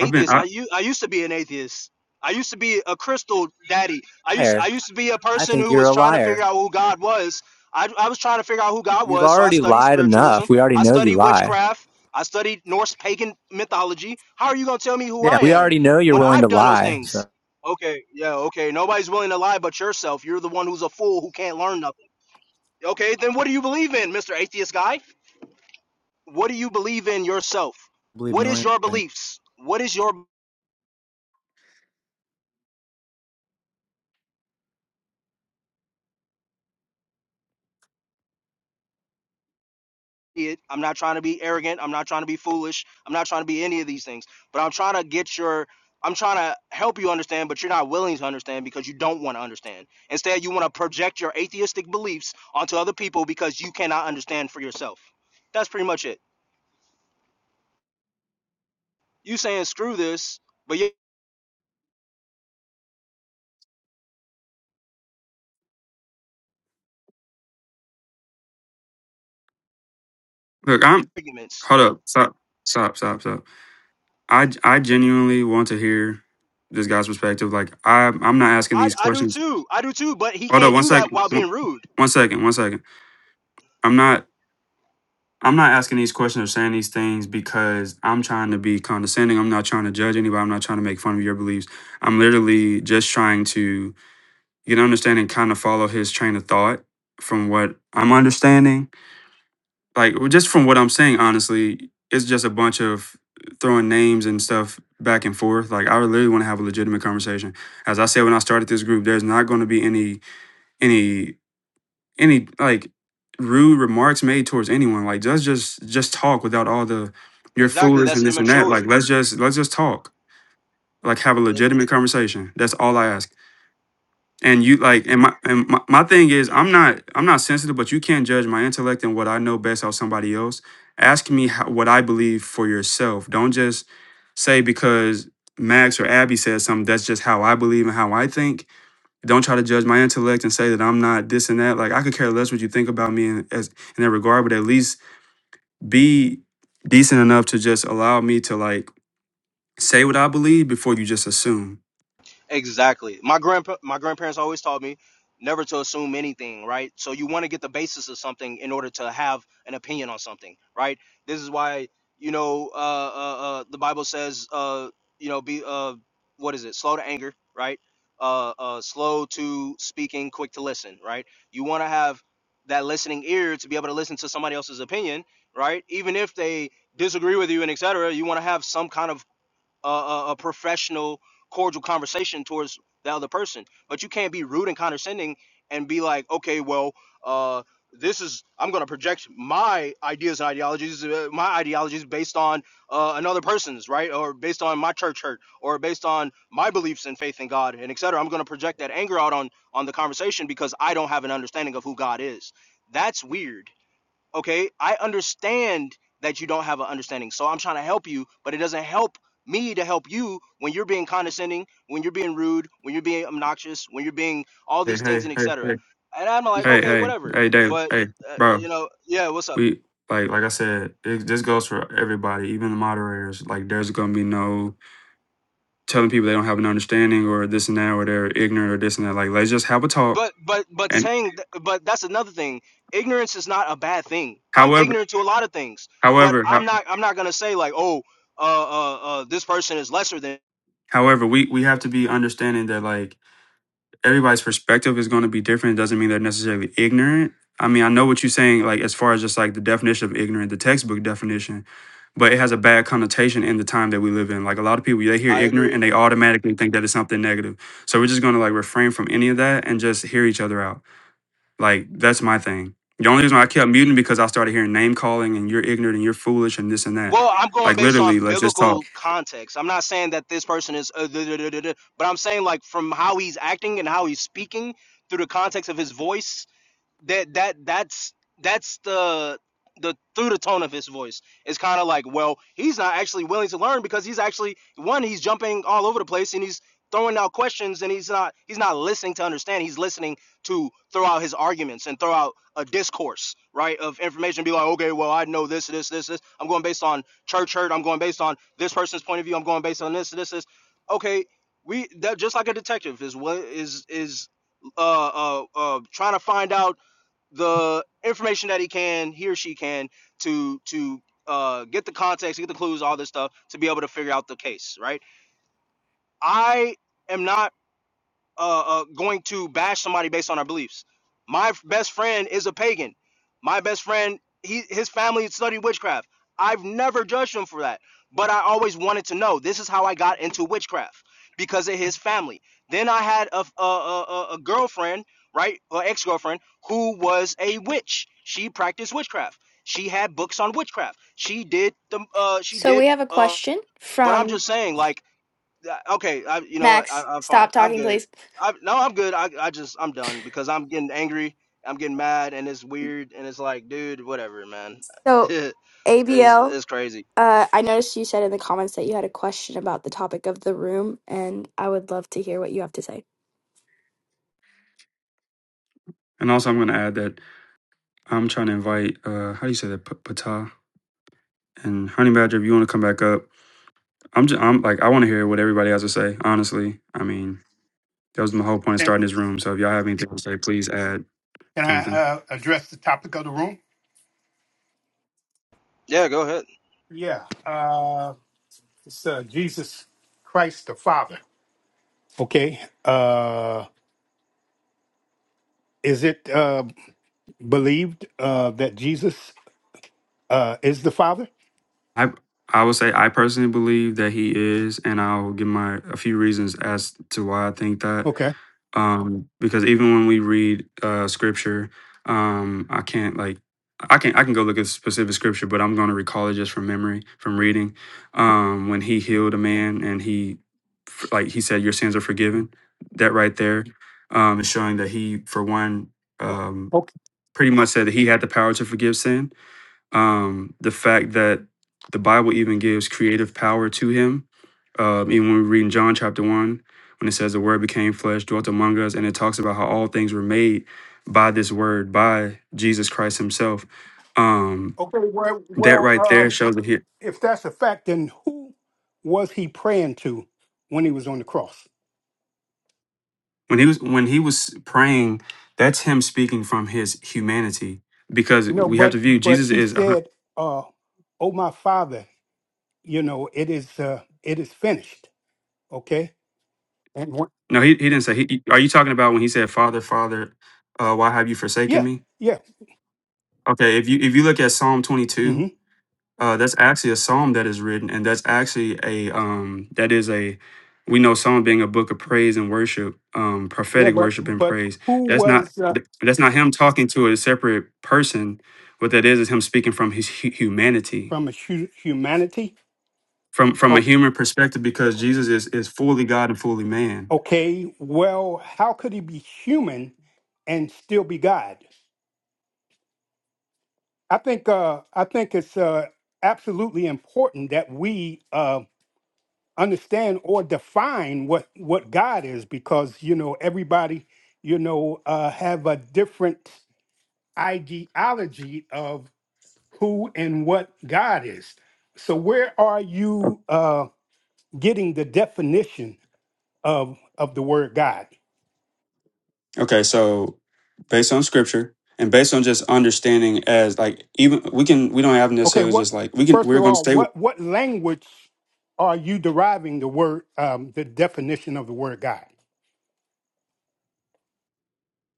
S2: I've been. I,
S1: I u- I used to be an atheist. I used to be a crystal daddy. I used I
S6: liar.
S1: used to be a
S6: I
S1: person
S6: think
S1: who
S6: you're
S1: was
S6: a
S1: trying to figure
S6: liar.
S1: out who God was. I, I was trying to figure out who God
S6: You've
S1: was, so I
S6: already
S1: studied
S6: lied
S1: spiritualism.
S6: enough. We already
S1: I
S6: know you
S1: studied
S6: lie.
S1: witchcraft. I studied Norse pagan mythology. How are you gonna tell me who
S6: Yeah,
S1: I
S6: we
S1: am
S6: already know you're
S1: when
S6: willing
S1: I've
S6: to
S1: done those
S6: lie. So
S1: things? Okay, yeah, okay. Nobody's willing to lie but yourself. You're the one who's a fool who can't learn nothing. Okay, then what do you believe in, Mr. Atheist Guy? What do you believe in yourself?
S6: I believe
S1: What is
S6: millions.
S1: your
S6: of things.
S1: beliefs? What is your it. I'm not trying to be arrogant. I'm not trying to be foolish. I'm not trying to be any of these things. But I'm trying to get your I'm trying to help you understand, but you're not willing to understand because you don't want to understand. Instead, you want to project your atheistic beliefs onto other people because you cannot understand for yourself. That's pretty much it. You saying screw this, but your
S2: look, I'm.
S1: arguments.
S2: Hold up. Stop. Stop. Stop. Stop. I I genuinely want to hear this guy's perspective. Like I I'm not asking
S1: I,
S2: these
S1: I do
S2: questions.
S1: too. I do too, but he
S2: Hold on,
S1: can't
S2: one
S1: do that
S2: second.
S1: while
S2: One,
S1: being rude.
S2: one second. One second. I'm not I'm not asking these questions or saying these things because I'm trying to be condescending. I'm not trying to judge anybody. I'm not trying to make fun of your beliefs. I'm literally just trying to get an understanding, kind of follow his train of thought from what I'm understanding like just from what I'm saying, honestly, it's just a bunch of throwing names and stuff back and forth. Like I literally want to have a legitimate conversation. As I said when I started this group, there's not going to be any any any like rude remarks made towards anyone. Like just just just talk without all the you're
S1: Exactly.
S2: foolish
S1: That's
S2: and this and that.
S1: immature.
S2: Like let's just let's just talk. Like have a legitimate conversation. That's all I ask and you like and my and my, my thing is i'm not i'm not sensitive but you can't judge my intellect and what i know best out somebody else ask me how, what i believe for yourself don't just say because max or abby said something that's just how i believe and how i think don't try to judge my intellect and say that i'm not this and that like i could care less what you think about me in, as, in that regard but at least be decent enough to just allow me to like say what i believe before you just assume
S1: Exactly. My grandpa my grandparents always taught me never to assume anything, right? So you want to get the basis of something in order to have an opinion on something, right? This is why, you know, uh uh, uh the Bible says uh you know be uh what is it? Slow to anger, right? Uh uh slow to speaking, quick to listen, right? You want to have that listening ear to be able to listen to somebody else's opinion, right? Even if they disagree with you and etc., you want to have some kind of a, a, a professional, cordial conversation towards the other person. But you can't be rude and condescending and be like, okay, well, uh, this is I'm gonna project my ideas and ideologies, uh, my ideologies based on uh, another person's, right, or based on my church hurt, or based on my beliefs and faith in God, and et cetera. I'm gonna project that anger out on on the conversation because I don't have an understanding of who God is. That's weird okay i understand that you don't have an understanding so i'm trying to help you but it doesn't help me to help you when you're being condescending when you're being rude when you're being obnoxious when you're being all
S2: hey
S1: these things
S2: hey
S1: and
S2: hey
S1: etc
S2: hey
S1: and i'm like
S2: hey
S1: okay
S2: hey
S1: whatever
S2: hey Dale,
S1: but
S2: hey
S1: uh,
S2: bro
S1: you know yeah what's up
S2: we like like I said, it, this goes for everybody, even the moderators. Like, there's gonna be no telling people they don't have an understanding or this and that, or they're ignorant or this and that. Like, let's just have a talk.
S1: but but but
S2: And
S1: saying th- but that's another thing ignorance is not a bad thing i'm
S2: however,
S1: ignorant to a lot of things but
S2: however, how,
S1: i'm not i'm not gonna say like oh uh uh, uh this person is lesser than
S2: however, we we have to be understanding that like everybody's perspective is going to be different. It doesn't mean they're necessarily ignorant. I mean, I know what you're saying, like as far as just like the definition of ignorant, the textbook definition, but it has a bad connotation in the time that we live in. Like a lot of people, they hear
S1: i agree
S2: ignorant and they automatically think that it's something negative. So we're just going to like refrain from any of that and just hear each other out. Like that's my thing. The only reason why I kept muting because I started hearing name calling and you're ignorant and you're foolish and this and that.
S1: Well, I'm going
S2: Like
S1: based
S2: literally,
S1: on
S2: let's just talk.
S1: biblical context. I'm not saying that this person is, uh, duh, duh, duh, duh, duh, but I'm saying like from how he's acting and how he's speaking through the context of his voice that that that's that's the the through the tone of his voice it's kind of like well he's not actually willing to learn because he's actually one he's jumping all over the place and he's throwing out questions and he's not he's not listening to understand he's listening to throw out his arguments and throw out a discourse right of information be like okay well i know this this this this i'm going based on church hurt i'm going based on this person's point of view i'm going based on this this this okay we that just like a detective is what is is uh uh uh trying to find out the information that he can, he or she can, to to uh, get the context, get the clues, all this stuff, to be able to figure out the case. Right? I am not uh, uh, going to bash somebody based on our beliefs. My best friend is a pagan. My best friend, he his family studied witchcraft. I've never judged him for that, but I always wanted to know. This is how I got into witchcraft because of his family. Then I had a a a, a girlfriend, right, or ex girlfriend, who was a witch. She practiced witchcraft. She had books on witchcraft. She did the uh, she
S3: so
S1: did
S3: we have a
S1: uh.
S3: question
S1: But I'm
S3: from
S1: just saying, like yeah, okay, I, you know what? I,
S3: Max.
S1: I'm fine.
S3: Stop
S1: I'm
S3: talking,
S1: good.
S3: please.
S1: I, no, I'm good. I, I just I'm done because I'm getting angry. I'm getting mad, and it's weird, and it's like, dude, whatever, man.
S3: So,
S1: it's
S3: ABL,
S1: it's crazy.
S3: uh, I noticed you said in the comments that you had a question about the topic of the room, and I would love to hear what you have to say.
S2: And also, I'm going to add that I'm trying to invite. uh How do you say that? P- Pata. And Honey Badger, if you want to come back up, I'm just I'm like I want to hear what everybody has to say. Honestly, I mean that was my whole point of
S7: Can,
S2: starting this room. So if y'all have anything to say, please add
S7: can I
S2: something.
S7: uh, address the topic of the room? Yeah, uh, it's uh, Jesus Christ the Father. Okay, uh, is it uh, believed uh, that Jesus uh, is the Father?
S2: I I would say I personally believe that he is, and I'll give my a few reasons as to why I think that.
S7: Okay.
S2: um because even when we read uh scripture um i can't like i can i can go look at specific scripture but i'm going to recall it just from memory from reading um when he healed a man and he f- like he said your sins are forgiven that right there um is showing that he for one
S7: Oh,
S2: um
S7: okay.
S2: pretty much said that he had the power to forgive sin um, the fact that the Bible even gives creative power to him. Um, even when we read in John chapter 1, when it says the word became flesh, dwelt among us, and it talks about how all things were made by this word, by Jesus Christ himself. Um,
S7: Okay. Well,
S2: that
S7: well,
S2: right there
S7: um,
S2: shows that he,
S7: if that's a fact, then who was he praying to when he was on the cross?
S2: when he was when he was praying, that's him speaking from his humanity. Because
S7: No,
S2: we have to
S7: but
S2: view
S7: but
S2: Jesus
S7: he
S2: is a hun-
S7: said, uh, "Oh, my Father, you know it is uh, it is finished." Okay. And wh-
S2: no, he, he didn't say. He, he- are you talking about when he said, "Father, Father, uh, why have you forsaken
S7: Yeah,
S2: me"?
S7: yeah,
S2: Okay, if you if you look at Psalm 22,
S7: hmm
S2: uh, that's actually a psalm that is written, and that's actually a um, that is a we know psalm being a book of praise and worship, um,
S7: yeah.
S2: prophetic
S7: But
S2: worship and
S7: but
S2: praise.
S7: who
S2: That's not
S7: was uh,
S2: th- that's not him talking to a separate person. What that is is him speaking from his hu- humanity,
S7: from a hu- humanity?
S2: from from a
S7: Oh,
S2: human perspective, because Jesus is is fully God and fully man.
S7: okay. Well, how could he be human and still be God? I think uh, I think it's uh, absolutely important that we uh, understand or define what what God is, because you know everybody you know uh, have a different ideology of who and what God is. So where are
S2: O-
S7: you? Uh, getting the definition of of the word God.
S2: Okay, so based on scripture and based on just understanding as like even we can we don't have
S7: Okay,
S2: necessarily
S7: what
S2: just like we can
S7: first
S2: we're
S7: of
S2: going to
S7: all,
S2: stay with.
S7: what what language are you deriving the word um, the definition of the word God?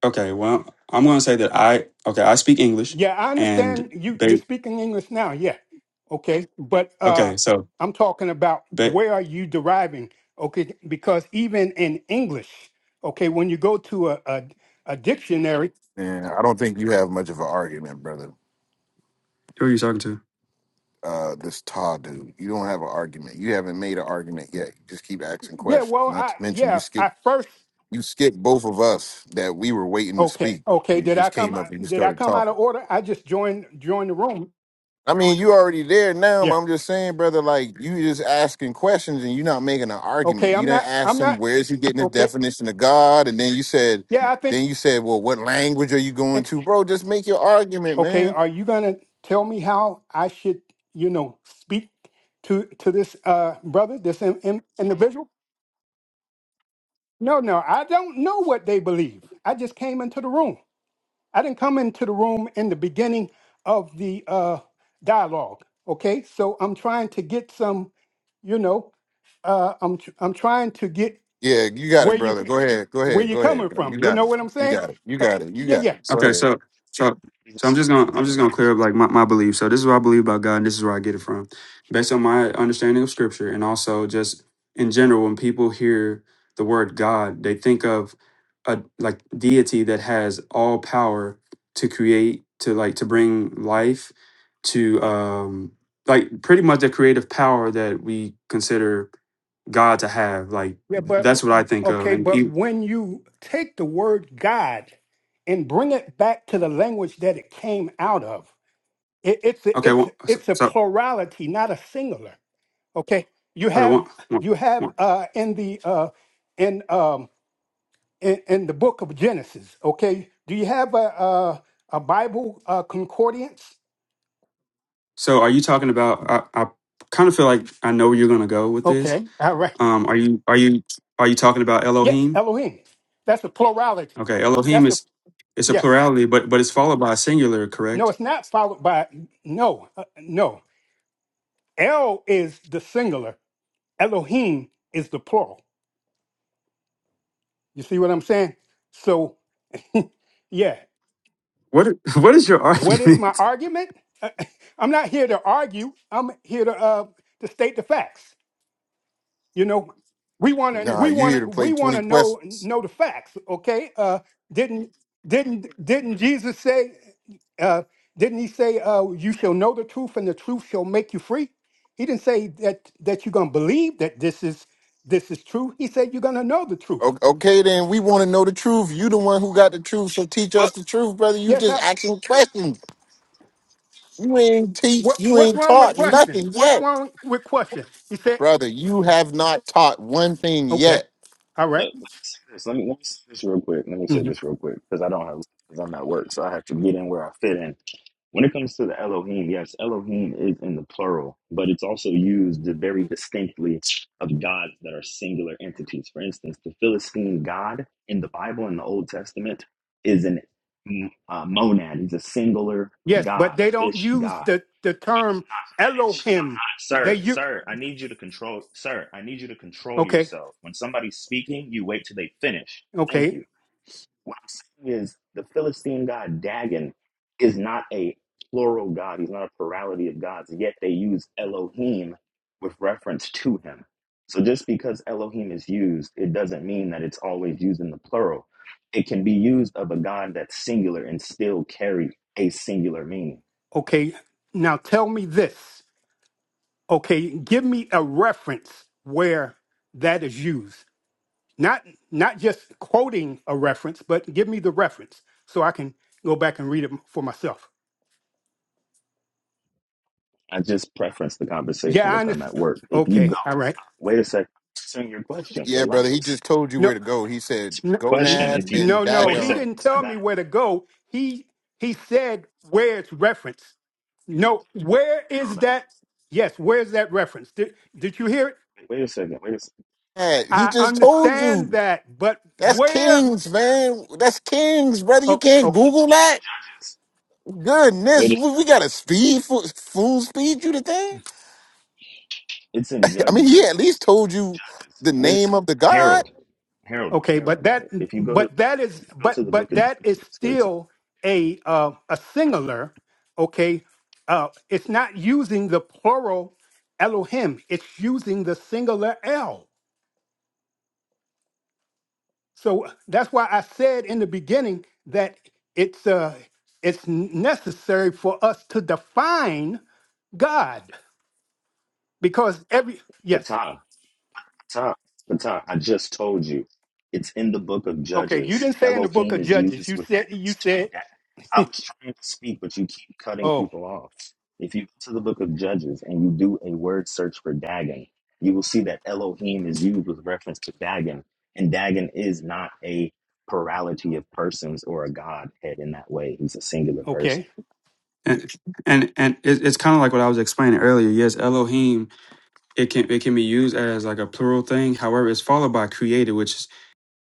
S2: Okay, well, I'm going to say that I okay, I speak English
S7: Yeah, I
S2: and
S7: understand you you're
S2: ba-
S7: speaking English now. Yeah, okay, but uh,
S2: okay, so
S7: I'm talking about
S2: ba-
S7: where are you deriving? Okay, because even in English, okay, when you go to a a, a dictionary,
S8: And I don't think you have much of an argument, brother.
S2: who are you talking to?
S8: Uh, this Todd dude, you don't have an argument. You haven't made an argument yet. You just keep asking
S7: yeah,
S8: questions.
S7: well,
S8: Not
S7: I
S8: to mention, you
S7: yeah,
S8: skip
S7: I first
S8: you skipped both of us that we were waiting to
S7: Okay,
S8: speak.
S7: okay.
S8: And you
S7: Did I
S8: just
S7: come?
S8: came up and you
S7: Did I
S8: started
S7: come out
S8: talking.
S7: of order? I just joined joined the room.
S8: I mean, you already there now, but
S7: Yeah.
S8: I'm just saying, brother, like you just asking questions and you're not making an argument.
S7: Okay.
S8: You
S7: I'm
S8: didn't
S7: not. I'm
S8: ask him
S7: not.
S8: where is he getting his
S7: Okay.
S8: definition of God, and then you said,
S7: Yeah. I think.
S8: then you said, well, what language are you going
S7: ex-
S8: to, bro? Just make your argument,
S7: Okay.
S8: man.
S7: Are you gonna tell me how I should, you know, speak to to this uh brother, this in, in, individual? No, no. I don't know what they believe. I just came into the room. I didn't come into the room in the beginning of the uh dialogue. Okay. So I'm trying to get some you know uh, i'm tr- i'm trying to get
S8: Yeah, you got
S7: where
S8: it,
S7: you
S8: brother. Go ahead. Go
S7: where
S8: ahead.
S7: you
S8: Go ahead.
S7: coming
S8: bro. You
S7: from. You
S8: got
S7: know
S8: it.
S7: what I'm
S8: You
S7: saying?
S8: got it. You
S7: 'Cause-
S8: got it. You
S7: Yeah,
S8: got
S7: yeah,
S8: it. Go
S2: Okay,
S8: ahead.
S2: so so
S9: He's
S2: so I'm just
S9: a
S2: gonna
S9: servant
S2: I'm
S9: of
S2: just gonna clear up like my, my belief. So this is what I believe about God and this is where I get it from. Based on my understanding of scripture and also just in general, when people hear the word God, they think of a like deity that has all power to create, to like to bring life, to um like pretty much the creative power that we consider God to have. Like
S7: yeah. But
S2: that's what I think of.
S7: okay,
S2: And
S7: but
S2: e-
S7: when you take the word God and bring it back to the language that it came out of, it, it's a,
S2: okay,
S7: it's
S2: one,
S7: a-
S2: so,
S7: it's a
S2: so
S7: plurality, not a singular. Okay, you
S2: hold on one,
S7: have
S2: one, one
S7: you
S2: second.
S7: have uh, in the uh, in um in, in the book of Genesis. Okay, do you have a a, a Bible uh, concordance?
S2: So are you talking about? I, I kind of feel like I know where you're going to go with this.
S7: Okay, all right.
S2: Um, are you are you are you talking about
S7: Yes,
S2: Elohim?
S7: Elohim. That's the plurality.
S2: Okay, Elohim
S7: That's the
S2: is it's a
S7: yes.
S2: plurality, but but it's followed by a singular,
S7: No,
S2: correct?
S7: it's not followed by no, uh, no. El is the singular. Elohim is the plural. You see what I'm saying? So yeah,
S2: What what is your
S7: what is my
S2: argument?
S7: argument? I'm not here to argue. I'm here to uh, to state the facts. You know, we want to
S8: Nah,
S7: we
S8: you here
S7: want
S8: to
S7: to
S8: play
S7: we want
S8: 20
S7: to know
S8: questions.
S7: know the facts. Okay, uh, didn't didn't didn't Jesus say? Uh, didn't he say, uh, "You shall know the truth, and the truth shall make you free"? He didn't say that that you're gonna believe that this is this is true. He said you're gonna know the truth.
S8: O- Okay, then we want to know the truth. You the one who got the truth, so teach
S1: But
S8: us the truth, brother. You
S7: Yes,
S8: just
S7: I.
S8: asking questions. You ain't teach.
S7: What
S8: You
S7: what's
S8: ain't
S7: wrong with
S8: taught nothing
S7: questions? What's
S8: yet,
S7: wrong with questions? He said,
S8: brother. You have not taught one thing
S7: "Okay,
S8: yet.
S7: all
S9: Let,
S7: right."
S9: let me say this. Let me, let me say this real quick. Let me say
S7: hmm
S9: this real quick because I don't have because I'm at work, so I have to get in where I fit in. When it comes to the Elohim, yes, Elohim is in the plural, but it's also used very distinctly of gods that are singular entities. For instance, the Philistine god in the Bible in the Old Testament is an mm, uh, monad. He's a singular
S7: Yes, but
S9: god, a
S7: they don't
S9: fish
S7: use
S9: god.
S7: the the term
S9: not finished. I'm not,
S7: Elohim. They
S9: sir,
S7: you
S9: sir. I need you to control, sir. I need you to control
S7: okay?
S9: yourself. When somebody's speaking, you wait till they finish. Thank
S7: Okay,
S9: you. What I'm saying is, the Philistine god Dagon is not a plural god. He's not a plurality of gods. Yet they use Elohim with reference to him. So just because Elohim is used, it doesn't mean that it's always used in the plural. It can be used of a god that's singular and still carry a singular meaning.
S7: okay. Now tell me this. Okay, give me a reference where that is used. Not not just quoting a reference, but give me the reference so I can go back and read it for myself.
S9: I just preference the conversation
S7: Yeah, I
S9: with them at
S7: understand.
S9: work. If you go,
S7: Okay, all right.
S9: wait a second, answering your question,
S8: Yeah, brother. He
S9: relax.
S8: just told you where
S7: No,
S8: to go. He said
S9: Answer
S7: no,
S9: your question.
S8: gonad
S9: If you
S8: and
S7: no, no.
S9: wait a
S7: He
S8: dagon.
S9: second,
S7: didn't
S9: I
S7: tell
S9: got
S7: me
S9: it.
S7: where to go. He he said where it's referenced. No, where is
S9: Harold, I got
S7: that? Yes, where's that reference? Did did you hear it?
S9: it. Wait a second, wait a second.
S8: Yeah, He
S7: I
S8: just told
S7: understand
S8: you.
S7: that, but
S8: That's
S7: where?
S8: kings, man. That's kings, brother. You
S7: Okay,
S8: can't
S7: okay,
S8: Google
S9: It's
S8: that.
S9: in judges.
S8: Goodness,
S9: Wait a
S8: we,
S9: second.
S8: we got a speed fool, fool speed you to thing.
S9: It's in
S8: I mean,
S9: judges.
S8: he
S9: If
S8: at
S9: you
S8: least
S9: go
S8: told
S9: to
S8: you
S9: Judges.
S8: the
S9: Wait a
S8: name
S9: second.
S8: of the god.
S9: Harold. Harold.
S7: okay,
S9: Harold,
S7: but
S9: I got
S7: that,
S9: it. If you go to
S7: but that
S9: if
S7: is,
S9: you go
S7: but
S9: to the
S7: but
S9: book of Judges,
S7: that is
S9: that's where it's at.
S7: still a uh, a singular. Okay, uh, it's not using the plural Elohim. It's using the singular L. So that's why I said in the beginning that it's uh, it's necessary for us to define God because every yes
S9: Patah. Tom, but Tom, I just told you. It's in the book of
S7: Okay, you
S9: Judges.
S7: didn't say in the book
S9: Elohim
S7: of
S9: is
S7: Judges. You
S9: used with
S7: said you
S9: reference to
S7: said.
S9: that. I was trying to speak, but you keep cutting
S7: Oh,
S9: people off. If you go to the book of Judges and you do a word search for Dagon, you will see that Elohim is used with reference to Dagon. And Dagon is not a plurality of persons or a godhead in that way. He's a singular person.
S7: okay.
S2: And and, and it, it's kind of like what I was explaining earlier. Yes, Elohim it can it can be used as like a plural thing. However, it's followed by created, which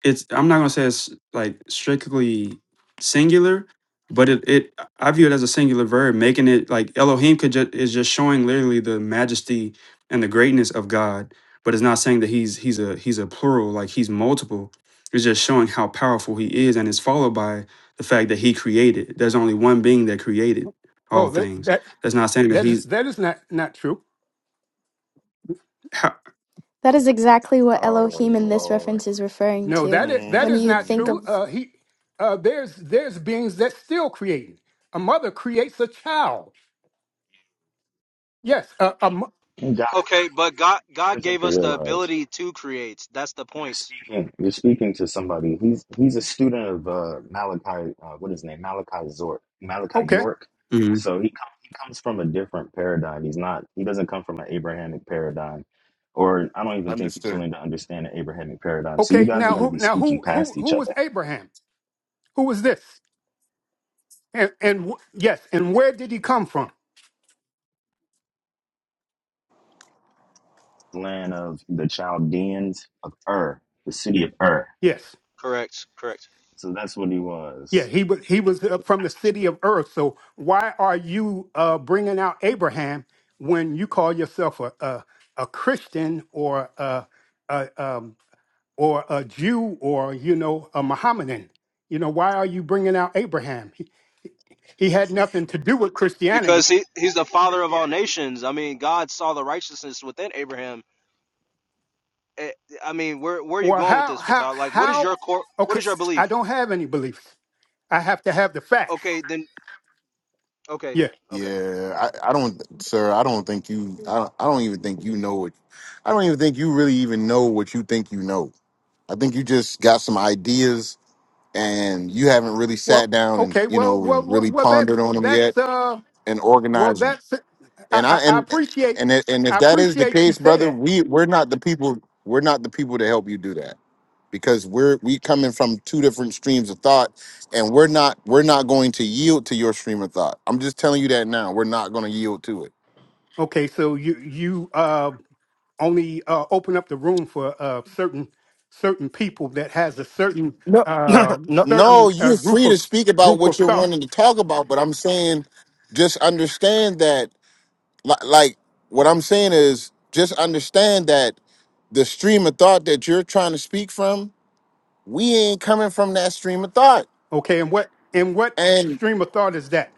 S2: It's I'm not gonna say it's like strictly singular, but it, it I view it as a singular verb, making it like Elohim could just is just showing literally the majesty and the greatness of God, but it's not saying that he's he's a he's a plural, like he's multiple. It's just showing how powerful he is, and it's followed by the fact that he created. There's only one being that created all
S7: Oh, that
S2: things.
S7: that
S2: That's not saying that
S7: that is
S2: he's
S7: that is not not true.
S2: how,
S3: That is exactly what
S8: Oh
S3: Elohim in this
S8: Lord,
S3: reference is referring
S7: No,
S3: to.
S7: that is that
S3: When
S7: is
S3: you
S7: not
S8: Mm-mm.
S3: think
S7: true.
S3: of
S7: Uh, he uh, there's there's beings that still creating. A mother creates a child. Yes. Uh, a mo-
S9: And God,
S1: okay, but God
S9: you
S1: God
S9: guys have
S1: gave
S9: to
S1: us the
S9: realize
S1: ability to create. That's the
S9: You're
S1: point.
S9: speaking. You're speaking to somebody. He's he's a student of uh, Malachi. Uh, what is his name? Malachi Zork. Malachi
S7: okay.
S9: York.
S2: Mhm.
S9: So he com- he comes from a different paradigm. He's not. He doesn't come from an Abrahamic paradigm, or I don't even think he's
S8: understood.
S9: willing to understand an Abrahamic paradigm. So you
S7: Okay.
S9: guys are
S7: Now
S9: going to
S7: who
S9: be
S7: now
S9: speaking
S7: who who
S9: past
S7: who
S9: each
S7: was
S9: other.
S7: Abraham? Who was this? And and wh- yes. And where did he come from?
S9: Land of the Chaldeans of Ur, the city of Ur.
S7: Yes.
S1: Correct. Correct.
S9: So that's what he
S7: Yeah,
S9: was.
S7: he was he was uh, from the
S9: That's what
S7: city of Earth. So why are you uh, bringing out Abraham when you call yourself a a, a Christian or a, a um, or a Jew or you know a Mohammedan? You know why are you bringing out Abraham? He, he had nothing to do with
S1: Because
S7: Christianity.
S1: he he's the father of all nations. I mean, God saw the righteousness within Abraham. Eh, I mean, where where are you
S7: Well,
S1: going with
S7: how
S1: this,
S7: how
S1: Fatah? Like, what is
S7: how?
S1: your core? What
S7: Okay,
S1: is your belief?
S7: I don't have any beliefs. I have to have the facts.
S1: Okay, then. Okay.
S7: Yeah.
S1: Okay.
S8: Yeah, I, I don't, sir. I don't think you. I don't, I don't even think you know it. I don't even think you really even know what you think you know. I think you just got some ideas and you haven't really sat
S7: Well,
S8: down and
S7: okay.
S8: you
S7: Well,
S8: know
S7: well,
S8: and
S7: well,
S8: really
S7: well
S8: pondered
S7: that's
S8: on them yet
S7: that's uh
S8: and
S7: Well,
S8: organized
S7: that's I,
S8: And I
S7: I, I
S8: and
S7: appreciate
S8: and it- and if
S7: I
S8: that is the
S7: appreciate you
S8: case,
S7: say
S8: brother,
S7: that.
S8: we we're not the people. We're not the people to help you do that because we're we coming from two different streams of thought, and we're not we're not going to yield to your stream of thought. I'm just telling you that now. We're not going to yield to it.
S7: Okay, so you you uh, only uh, open up the room for uh, certain certain people that has a certain
S1: No,
S7: uh,
S1: no,
S8: No,
S7: certain uh,
S8: you're
S7: group
S8: free to
S7: of
S8: speak about
S7: group
S8: what
S7: of
S8: you're
S7: thought.
S8: wanting to talk about, but I'm saying just understand that li- like what I'm saying is just understand that the stream of thought that you're trying to speak from, we ain't coming from that stream of thought
S7: Okay, and what and what
S8: And
S7: stream of thought is that?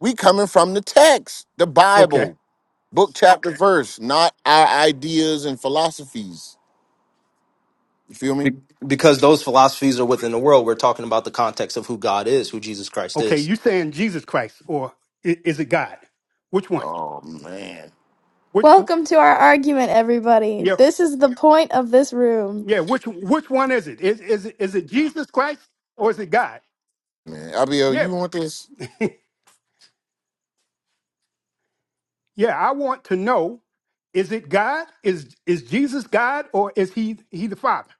S8: we coming from the text, the
S7: Okay,
S8: Bible, book, chapter, Okay. verse, not our ideas and philosophies. You feel me?
S1: Be- because those philosophies are within the world. We're talking about the context of who God is, who Jesus Christ
S7: okay,
S1: is.
S7: you saying Jesus Christ or i- is it God? Which one?
S8: Oh man,
S7: Which
S3: Welcome to our argument, everybody.
S7: yeah
S3: This is the point of this room.
S7: yeah which which one is it? Is is it, is it Jesus Christ or is it God?
S8: man, Abiel,
S7: Yeah.
S8: you want this?
S7: Yeah, I want to know: Is it God? Is is Jesus God, or is he he the Father?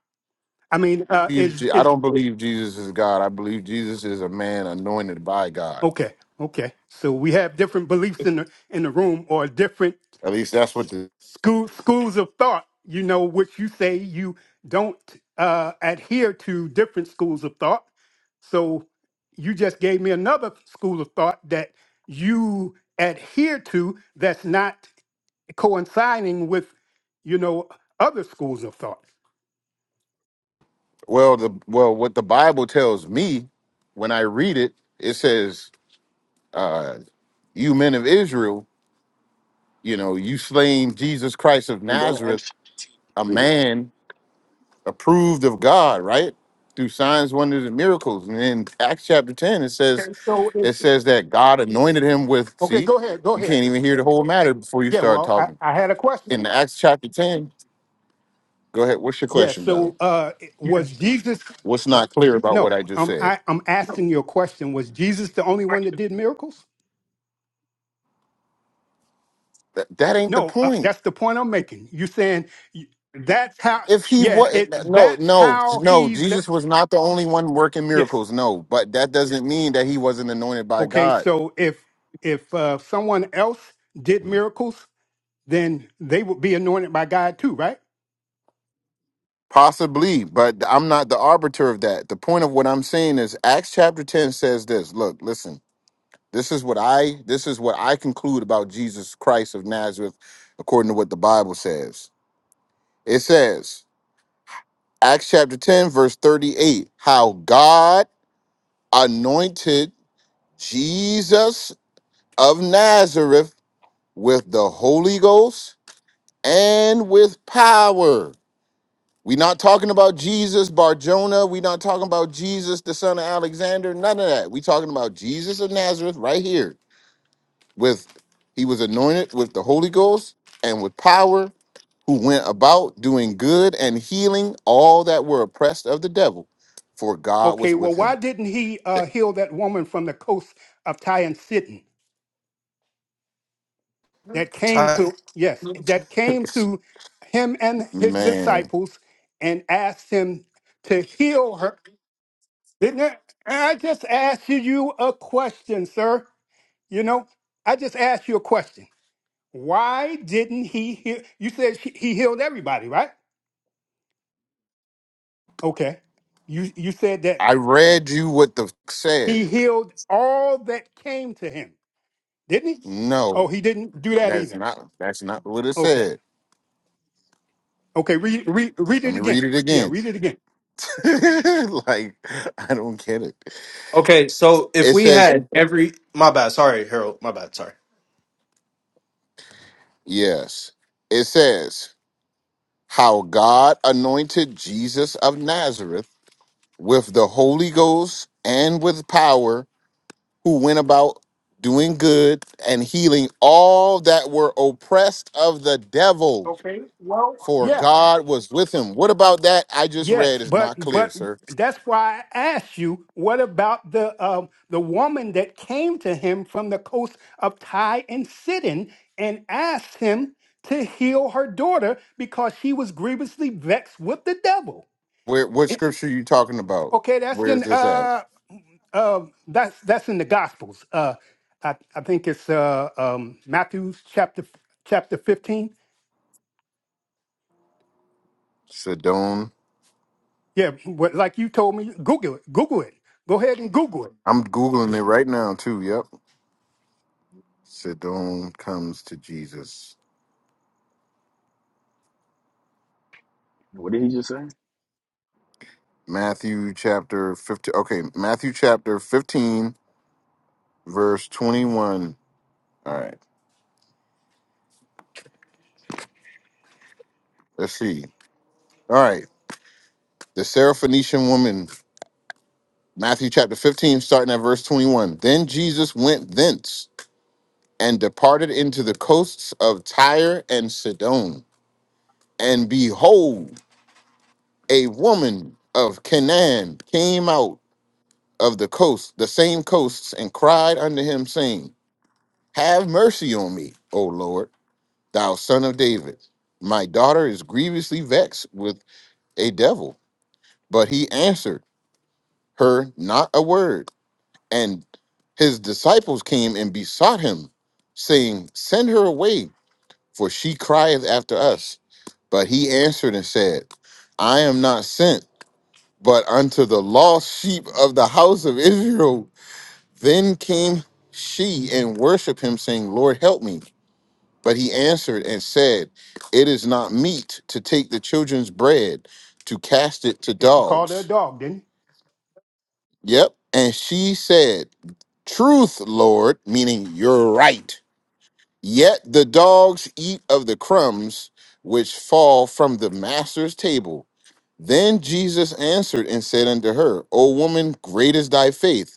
S7: I mean, uh,
S8: Believe
S7: is
S8: Je- I
S7: is
S8: don't believe Jesus is God. I believe Jesus is a man anointed by God.
S7: okay? Okay, so we have different beliefs in the in the room, or different
S8: At least that's what the
S7: school schools of thought. You know, which you say you don't uh, adhere to different schools of thought. So you just gave me another school of thought that you adhere to that's not coinciding with, you know, other schools of thought.
S8: well the well what the Bible tells me when I read it. It says, uh, "You men of Israel, you know, you slain Jesus Christ of
S9: you. Just go to Acts
S8: Nazareth,
S9: chapter two.
S8: a
S9: Read it.
S8: man." approved of God, right? Through signs, wonders, and miracles. And in Acts chapter 10, it says,
S7: Okay, so
S8: it
S7: it's
S8: says that God anointed him with,
S7: okay.
S8: see,
S7: Go ahead. Go
S8: you can't
S7: ahead.
S8: even hear the whole matter before you
S7: Yeah.
S8: start
S7: Well, I,
S8: talking.
S7: I had a
S8: In
S7: question.
S8: Acts chapter 10, go ahead. What's your
S7: Yeah.
S8: question, brother?
S7: So uh, was Jesus?
S8: What's not clear about what
S7: No,
S8: I just
S7: I'm
S8: said?
S7: I, I'm asking you a question. Was Jesus the only one that did miracles?
S8: That, that ain't the
S7: No, uh,
S8: point.
S7: that's the point I'm making. You saying you- that's how?
S8: If he
S7: Yeah.
S8: was
S7: It
S8: no,
S7: that's
S8: no,
S7: how
S8: no,
S7: he's the
S8: Jesus was not the only one working
S7: yes.
S8: miracles. No, but that doesn't mean that he wasn't anointed by
S7: Okay.
S8: God.
S7: So if if uh, someone else did miracles, then they would be anointed by God too, right?
S8: Possibly, but I'm not the arbiter of that. The point of what I'm saying is Acts chapter 10 says this. Look, listen. This is what I this is what I conclude about Jesus Christ of Nazareth according to what the Bible says. It says, Acts chapter 10 verse 38, how God anointed Jesus of Nazareth with the Holy Ghost and with power We're not talking about Jesus Bar Jonah. We're not talking about Jesus, the son of Alexander. None of that. We're talking about Jesus of Nazareth right here. With he was anointed with the Holy Ghost and with power, who went about doing good and healing all that were oppressed of the devil, for God
S7: Okay,
S8: was with
S7: well, why
S8: him.
S7: didn't he uh, heal that woman from the coast of Tyre and Sidon that came
S1: Ti-
S7: to, yes, that came to him and his
S8: Man,
S7: disciples and asked him to heal her? Didn't it? I just asked you a question, sir. You know, I just asked you a question. Why didn't he heal? You said he he healed everybody, right? Okay. You you said that
S8: I read you what the f- said.
S7: he healed all that came to him, didn't he? Oh,
S8: No,
S7: he didn't do that
S8: that's
S7: either.
S8: not that's not what it
S7: Okay.
S8: said.
S7: Okay. Read read read
S8: Let
S7: it
S8: me read
S7: again.
S8: it
S7: Yeah.
S8: again.
S7: Read it again.
S8: like I don't get it.
S1: Okay, so if
S8: It
S1: we
S8: says
S1: had every my bad, sorry, Harold, my bad, sorry.
S8: Yes. It says how God anointed Jesus of Nazareth with the Holy Ghost and with power, who went about doing good and healing all that were oppressed of the devil,
S7: Okay. Well.
S8: for
S7: Yeah.
S8: God was with him. What about that I just read
S7: Yes.
S8: is
S7: But
S8: not clear,
S7: but
S8: sir.
S7: that's why I asked you. What about the um the woman that came to him from the coast of Ty and Sidon and asked him to heal her daughter because she was grievously vexed with the devil?
S8: Where what
S7: It's-
S8: scripture are you talking about?
S7: okay. That's
S8: Where is
S7: in
S8: this at?
S7: uh uh that's that's in the Gospels. Uh, I I think it's uh um Matthew's chapter chapter fifteen.
S8: Sidon.
S7: Yeah, what, like you told me, Google it. Google it. Go ahead and Google it.
S8: I'm Googling it right now too. Yep. Sidon comes to Jesus.
S9: What did he just say?
S8: Matthew chapter 15. Okay, Matthew chapter 15, verse 21. All right, let's see. All right, the Syrophoenician woman, Matthew chapter 15, starting at verse 21. Then Jesus went thence and departed into the coasts of Tyre and Sidon. And behold, a woman of Canaan came out of the coast, the same coasts, and cried unto him, saying, Have mercy on me, O Lord thou son of David, my daughter is grievously vexed with a devil. But he answered her not a word. And his disciples came and besought him, saying, Send her away, for she crieth after us. But he answered and said, I am not sent, but unto the lost sheep of the house of Israel. Then came she and worshiped him, saying, Lord, help me. But he answered and said, It is not meet to take the children's bread to cast it to
S7: Yes, he called her a
S8: dogs.
S7: dog, didn't
S8: Yep. And she said, Truth, Lord, meaning you're right. Yet the dogs eat of the crumbs which fall from the master's table. Then Jesus answered and said unto her, O woman, great is thy faith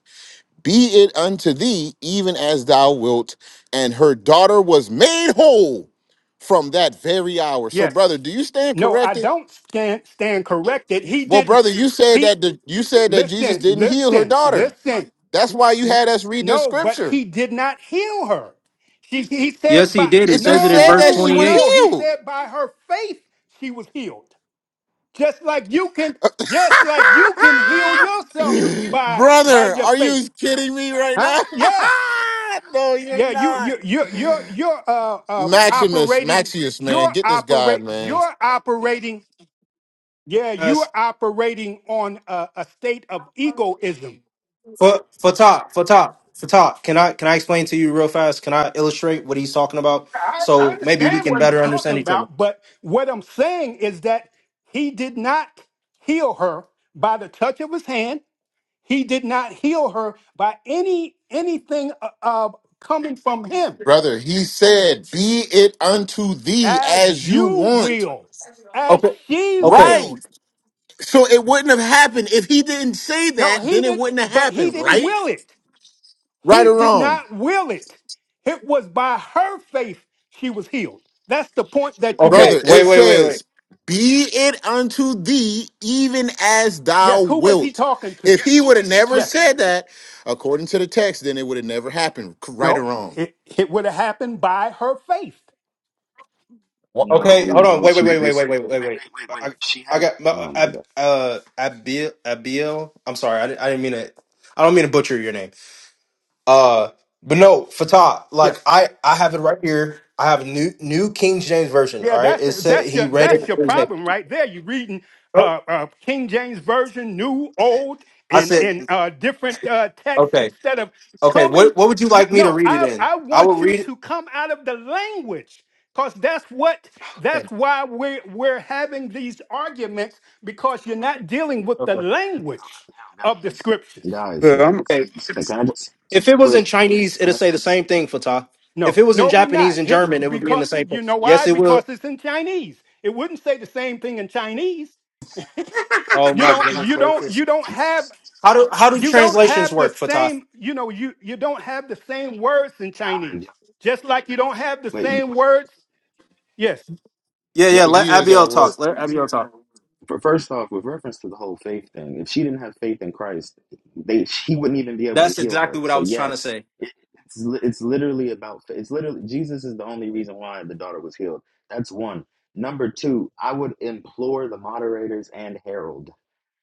S8: be it unto thee even as thou wilt. And her daughter was made whole from that very hour.
S7: he?
S8: So,
S7: Yes.
S8: brother, do you stand
S7: No, I
S8: corrected?
S7: don't stand, stand corrected. He
S8: Well,
S7: didn't.
S8: brother, you said
S7: He
S8: that the, you said that Jesus
S7: listen,
S8: didn't heal her
S7: listen,
S8: daughter.
S7: listen.
S8: That's why you had us read this
S7: No, but
S8: scripture.
S7: he did not heal her. She, he
S1: Yes,
S7: said
S1: he
S7: by
S1: did. It
S8: It
S1: says
S8: just
S1: it in
S8: said
S1: verse
S8: that she
S7: no,
S8: was
S7: no.
S1: 28.
S7: He
S8: healed.
S7: said by her faith she was healed. Just like you can, just like you can heal yourself by by
S8: brother,
S7: your
S8: are
S7: faith,
S8: you kidding me right
S7: huh?
S8: now?
S7: Yeah.
S8: no, you're
S7: Yeah, you
S8: not.
S7: you you you're you're uh um
S8: Maximus,
S7: operating
S8: Maxius, man,
S7: you're
S8: get this guy,
S7: operate
S8: man.
S7: you're operating yeah, you're operating on a, a state of egoism.
S1: For for top for top for top. Can I can I explain to you real fast? Can I illustrate what he's talking about
S7: I, I
S1: so maybe we
S7: understand
S1: can
S7: what he's
S1: better understand
S7: talking
S1: each other?
S7: about, but what I'm saying is that he did not heal her by the touch of his hand. He did not heal her by any anything uh, uh, coming from him,
S8: Brother, he said, Be it unto thee as
S7: as
S8: you
S7: you
S8: want.
S7: will, as
S1: Okay.
S7: she
S1: Okay.
S8: Right.
S7: will.
S8: So it wouldn't have happened. If he didn't say
S7: No,
S8: that,
S7: he
S8: then it
S7: didn't,
S8: wouldn't have
S7: but he
S8: happened,
S7: didn't
S8: right?
S7: will it.
S8: Right
S7: He
S8: or
S7: did
S8: wrong.
S7: not will it. It was by her faith she was healed. That's the point that you're
S1: Okay.
S8: Brother,
S7: missing.
S1: Wait.
S8: it
S1: Wait. Wait. Wait.
S8: says, Be it unto thee even as
S7: Yes,
S8: thou
S7: who was he
S8: wilt.
S7: talking to?
S8: If he would have never
S7: Yes,
S8: said that, according to the text, then it would have never happened. C- Right or
S7: no,
S8: wrong.
S7: it, it would have happened by her faith.
S8: What-
S9: No,
S1: Okay, hold on.
S9: no.
S1: Wait, wait,
S9: She
S1: wait, wait, wait,
S9: listen.
S1: wait, wait,
S9: Wait,
S1: wait.
S9: wait, wait,
S1: I,
S9: wait. She
S1: I
S9: had.
S1: got my uh,
S9: Oh my
S1: Ab,
S9: god.
S1: uh Abil Abil. I'm sorry, I, di- I didn't mean to. I don't mean to butcher your name. Uh, but no, Fatah.
S7: Yes.
S1: Like I, I have it right here. I have new New King James version. All
S7: Yeah,
S1: right,
S7: that's
S1: it said
S7: that's
S1: he
S7: your
S1: read
S7: that's
S1: it
S7: your
S1: Thursday.
S7: problem right there. You're reading
S1: Oh,
S7: uh, uh, King James version, new, old,
S1: I
S7: in
S1: said
S7: in uh, different uh, texts
S1: okay,
S7: instead of
S1: okay.
S7: coming.
S1: What what would you
S7: No,
S1: like me to
S7: no,
S1: read it
S7: I
S1: in?
S7: I
S1: I will
S7: want you
S1: read it.
S7: to come out of the language because that's what
S1: Okay,
S7: that's why we're we're having these arguments because you're not dealing with the
S1: okay,
S7: language
S9: Yo,
S7: of the scriptures.
S9: yo, guys, guys,
S2: Yeah, I'm
S9: guys.
S1: okay.
S9: Can, can I just say this
S1: If it
S9: real
S1: was in
S9: quick?
S1: Chinese,
S9: Can
S1: it'll
S9: I
S1: say
S9: say
S1: the same thing, Fatah. If
S7: No,
S1: it was in
S7: no, we're not.
S1: Japanese and
S7: Here-
S1: German, it would be in
S7: because
S1: the same thing.
S7: you know why?
S1: Yes, it will.
S7: Because it's in Chinese. It wouldn't say the same thing in Chinese.
S1: Oh
S7: you
S1: my
S7: don't
S1: goodness
S7: you don't
S9: this?
S1: gracious!
S7: you don't have
S9: Max,
S1: How do how do
S7: you
S9: Max,
S7: don't
S1: translations
S7: have the
S1: work, Fatah?
S7: same you know you you don't have the same words in
S9: guys,
S7: chinese
S9: y'all
S7: just like you
S9: can't-
S7: don't have the
S9: Wait, y-
S7: same words yes
S1: Yeah, yeah.
S9: yeah.
S1: Let
S8: He is
S1: Abiel
S8: at work.
S1: talk. Let Abiel talk.
S9: For, first off, with reference to the whole faith thing, if she didn't have faith in Christ, they she wouldn't even be able to
S1: That's
S9: heal
S1: exactly
S9: her.
S1: what I
S9: So
S1: was trying to
S9: yes,
S1: say.
S9: it, it's li- it's literally about fa- it's literally Jesus is the only reason why the daughter was healed. That's one. Number two, I would implore the moderators and Harold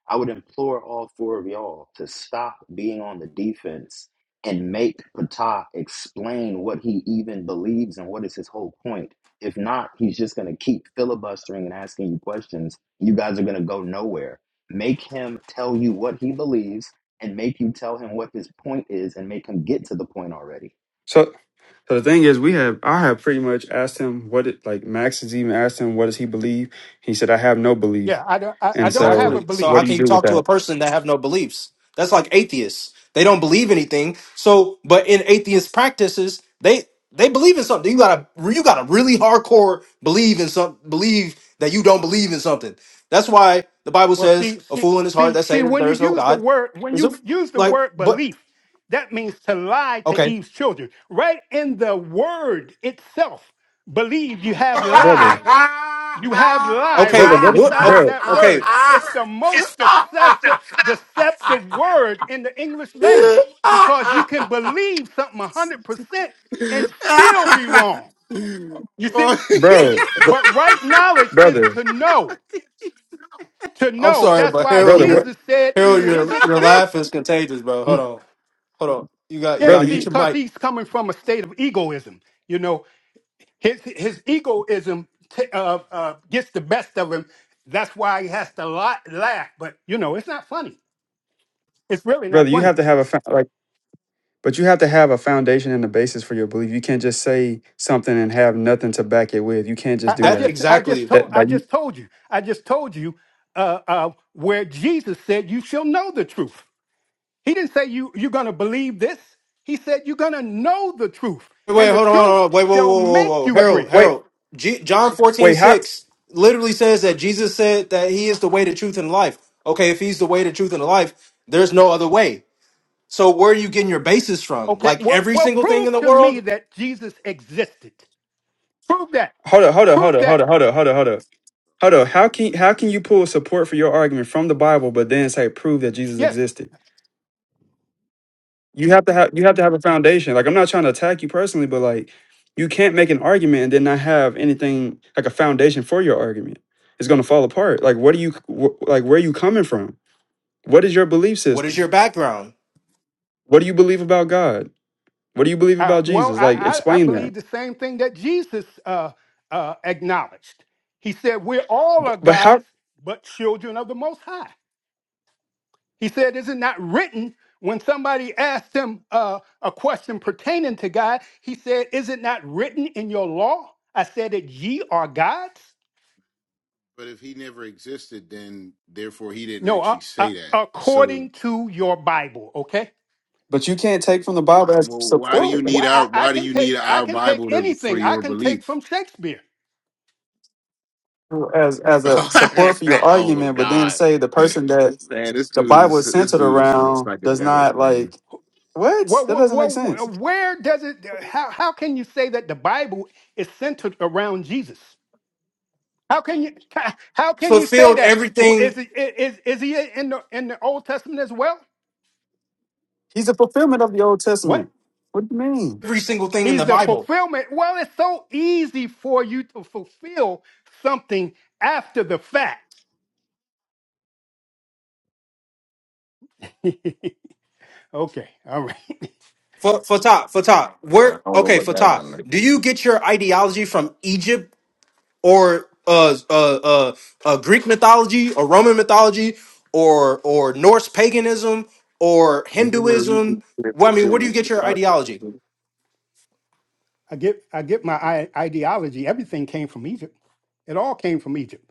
S9: I would implore all four of y'all to stop being on the defense and make Patah explain what he even believes and what is his whole point. If not, he's just going to keep filibustering and asking you questions. You guys are going to go nowhere. Make him tell you what he believes and make you tell him what his point is and make him get to the point already.
S2: so So the thing is, we have I have pretty much asked him what it like. Max has even asked him what does he believe. He said I have no belief.
S7: yeah i don't i, I
S2: And
S7: don't
S2: so,
S7: have a
S1: Exactly. So
S7: belief
S1: how can you talk to a person that have no beliefs? That's like atheists. They don't believe anything. So, but in atheist practices, they they believe in something. You gotta you gotta really hardcore believe in some believe that you don't believe in something. That's why the Bible
S7: well
S1: says
S7: see
S1: a
S7: see
S1: fool in his heart
S7: see
S1: that say
S7: see
S1: that
S7: when
S1: there
S7: you
S1: is no
S7: use the
S1: God
S7: word when
S1: is a
S7: you use the
S1: like.
S7: word
S1: But
S7: belief that means to lie to
S1: okay,
S7: eve's children right in the word itself believe you
S8: It's
S7: have
S8: all
S2: brother,
S7: lie. You have lie
S1: okay,
S7: right
S2: what, it-
S1: what?
S7: inside of
S2: bro,
S7: that
S1: Okay,
S7: word. It's the most deceptive,
S8: the best.
S7: deceptive word in the English language because you can believe something 100% and still be wrong. You see,
S2: bro, br-
S7: but right knowledge is
S2: brother,
S7: to know, to
S1: I'm
S7: know.
S1: sorry,
S7: That's
S1: but
S7: why
S1: Harold,
S2: brother, what,
S1: your
S7: Jesus said,
S1: Harold,
S7: Is
S1: your
S7: it
S1: your
S7: not?
S1: laugh is contagious, bro. Hold
S7: Mm.
S1: on, hold on. You got you
S7: Yeah,
S1: got
S2: brother,
S1: to
S7: see,
S1: mute
S2: you,
S1: your
S7: because
S1: mic.
S7: he's coming from a state of egoism. You know, his, his egoism t- uh, uh, gets the best of him. That's why he has to la- laugh. But, you know, it's not funny. It's really
S2: brother,
S7: not
S2: you
S7: funny.
S2: have to have a fo- like, but you have to have a foundation and a basis for your belief. You can't just say something and have nothing to back it with. You can't just
S7: I,
S2: do
S7: I
S1: That
S2: that.
S7: just I just
S1: exactly.
S7: told
S2: That
S7: I
S2: like, you-
S7: just told you. I just told you uh, uh, where Jesus said you shall know the truth. He didn't say you you're gonna believe this. He said you're gonna know the truth,
S1: Wait, wait,
S7: and the
S1: hold on,
S7: truth
S1: hold on. Wait, whoa,
S7: shall
S1: whoa, whoa,
S7: make
S1: whoa.
S7: you
S2: what?
S7: free.
S1: Harold,
S2: Wait,
S1: Harold. G- John 14
S2: wait, how?
S1: 6 literally says that Jesus said that He is the way, the truth, and life. Okay, if He's the way, the truth, and the life, there's no other way. So where are you getting your basis from?
S7: Okay,
S1: Like
S7: well
S1: every
S7: well
S1: single thing in
S7: prove
S1: the
S7: to me
S1: world.
S7: that Jesus existed. Prove that.
S2: Hold up, hold up, hold
S7: Prove
S2: up, hold
S7: that.
S2: up, hold up, hold up, hold up. Hold up.
S8: Oh
S2: How can how can you
S8: man.
S2: pull support for your argument from the Bible, but then say prove that Jesus
S7: Yes.
S2: existed? you have to have you have to have a foundation. Like I'm not trying to attack you personally, but like you can't make an argument and then not have anything like a foundation for your argument. It's going to fall apart. Like what do you wh- like where are you coming from? What is your belief
S1: What is
S2: system?
S1: your background?
S2: What do you believe about God? What do you believe
S7: Uh,
S2: about
S7: well,
S2: Jesus? Like
S7: I, I I
S2: explain that.
S7: believe the same thing that Jesus uh, uh, acknowledged. He said, We're all
S2: But,
S7: are
S2: but how
S7: gods, but children of the Most High. He said, Is it not written when somebody asked him uh, a question pertaining to God? He said, Is it not written in your law? I said that ye are gods?
S8: But if he never existed, then therefore he didn't
S7: No,
S8: actually
S7: uh, uh,
S8: say that. So
S7: according to your Bible, okay?
S2: but you can't take from the Bible as
S8: well, why do you
S2: support
S7: Wh-
S8: need our
S7: I, I
S8: why do
S7: can
S8: you need
S7: take I
S8: our
S7: can
S8: Bible
S7: take
S8: to, for
S7: anything. I
S8: your
S7: can take
S8: belief?
S7: from Shakespeare.
S2: as as a support for your
S8: oh
S2: argument, but then
S8: god.
S2: say the person that
S8: Man, this
S2: the
S8: dude
S2: Bible
S8: is
S2: is
S8: this
S2: centered
S8: dude is
S2: around does
S8: psychedelic,
S2: not
S8: man.
S2: like what?
S7: Well,
S2: That doesn't make sense.
S7: where does it? How, how can you say that the Bible is centered around Jesus? How can you how can you say
S1: Fulfilled
S7: that? Is
S1: everything,
S7: it is is he in the in the Old Testament as well?
S2: He's the fulfillment of the Old
S7: What?
S2: Testament. What do you mean?
S1: every single thing in the
S7: He's the
S1: Bible.
S7: fulfillment. Well, it's so easy for you to fulfill something after the fact. okay, all right.
S1: Fa- Fatah, Fatah,
S8: I
S1: where?
S8: don't know
S1: Okay,
S8: about that
S1: Fatah,
S8: one. Like,
S1: do you get your ideology from Egypt or uh, uh, uh, uh, Greek mythology or Roman mythology or or Norse paganism or
S8: anywhere you can
S1: Hinduism?
S8: get
S1: Well,
S8: some
S1: I mean, where do you
S8: feel
S1: get your ideology?
S7: I get I get my I- ideology. Everything came from Egypt. It all came from Egypt.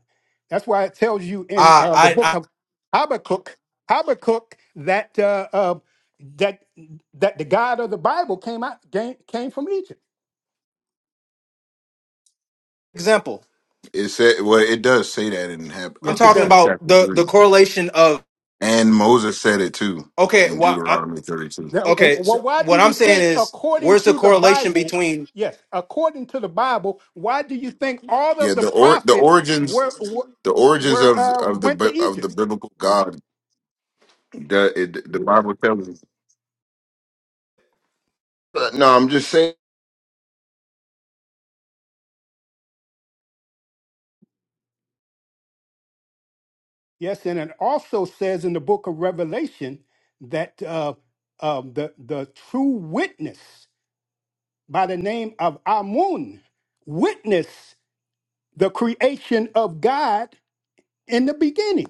S7: That's why it tells you in
S1: Uh,
S7: uh, the
S1: I,
S7: book
S1: I
S7: of Habakkuk, Habakkuk that uh, uh, that that the God of the Bible came out came, came from Egypt.
S1: example,
S8: It said, well, it does say that in Hab- uh,
S1: I'm
S7: Yes, it
S1: talking
S8: Habakkuk
S7: does.
S1: about
S8: chapter
S1: the
S8: three.
S1: the correlation of
S8: and Moses said it too
S1: okay,
S8: in
S1: well, i
S8: Deuteronomy 32.
S7: Now, w-
S1: okay,
S7: Well,
S1: so
S7: why do
S1: what I'm
S7: you
S1: saying
S7: think,
S1: is,
S7: according
S1: where's the
S7: to the
S1: correlation
S7: Bible,
S1: between
S7: yes, according to the Bible, why do you think all
S8: Yeah,
S7: of the
S8: the or the
S7: prophets
S8: origins
S7: were were,
S8: the origins
S7: were
S8: of
S7: uh,
S8: of the
S7: went to
S8: bi- of the
S7: Egypt?
S8: biblical God. The it, the Bible tells us. But no, I'm just saying.
S7: Yes, and it also says in the book of Revelation that uh, um, the the true witness by the name of Amun witnessed the creation of God in the beginning.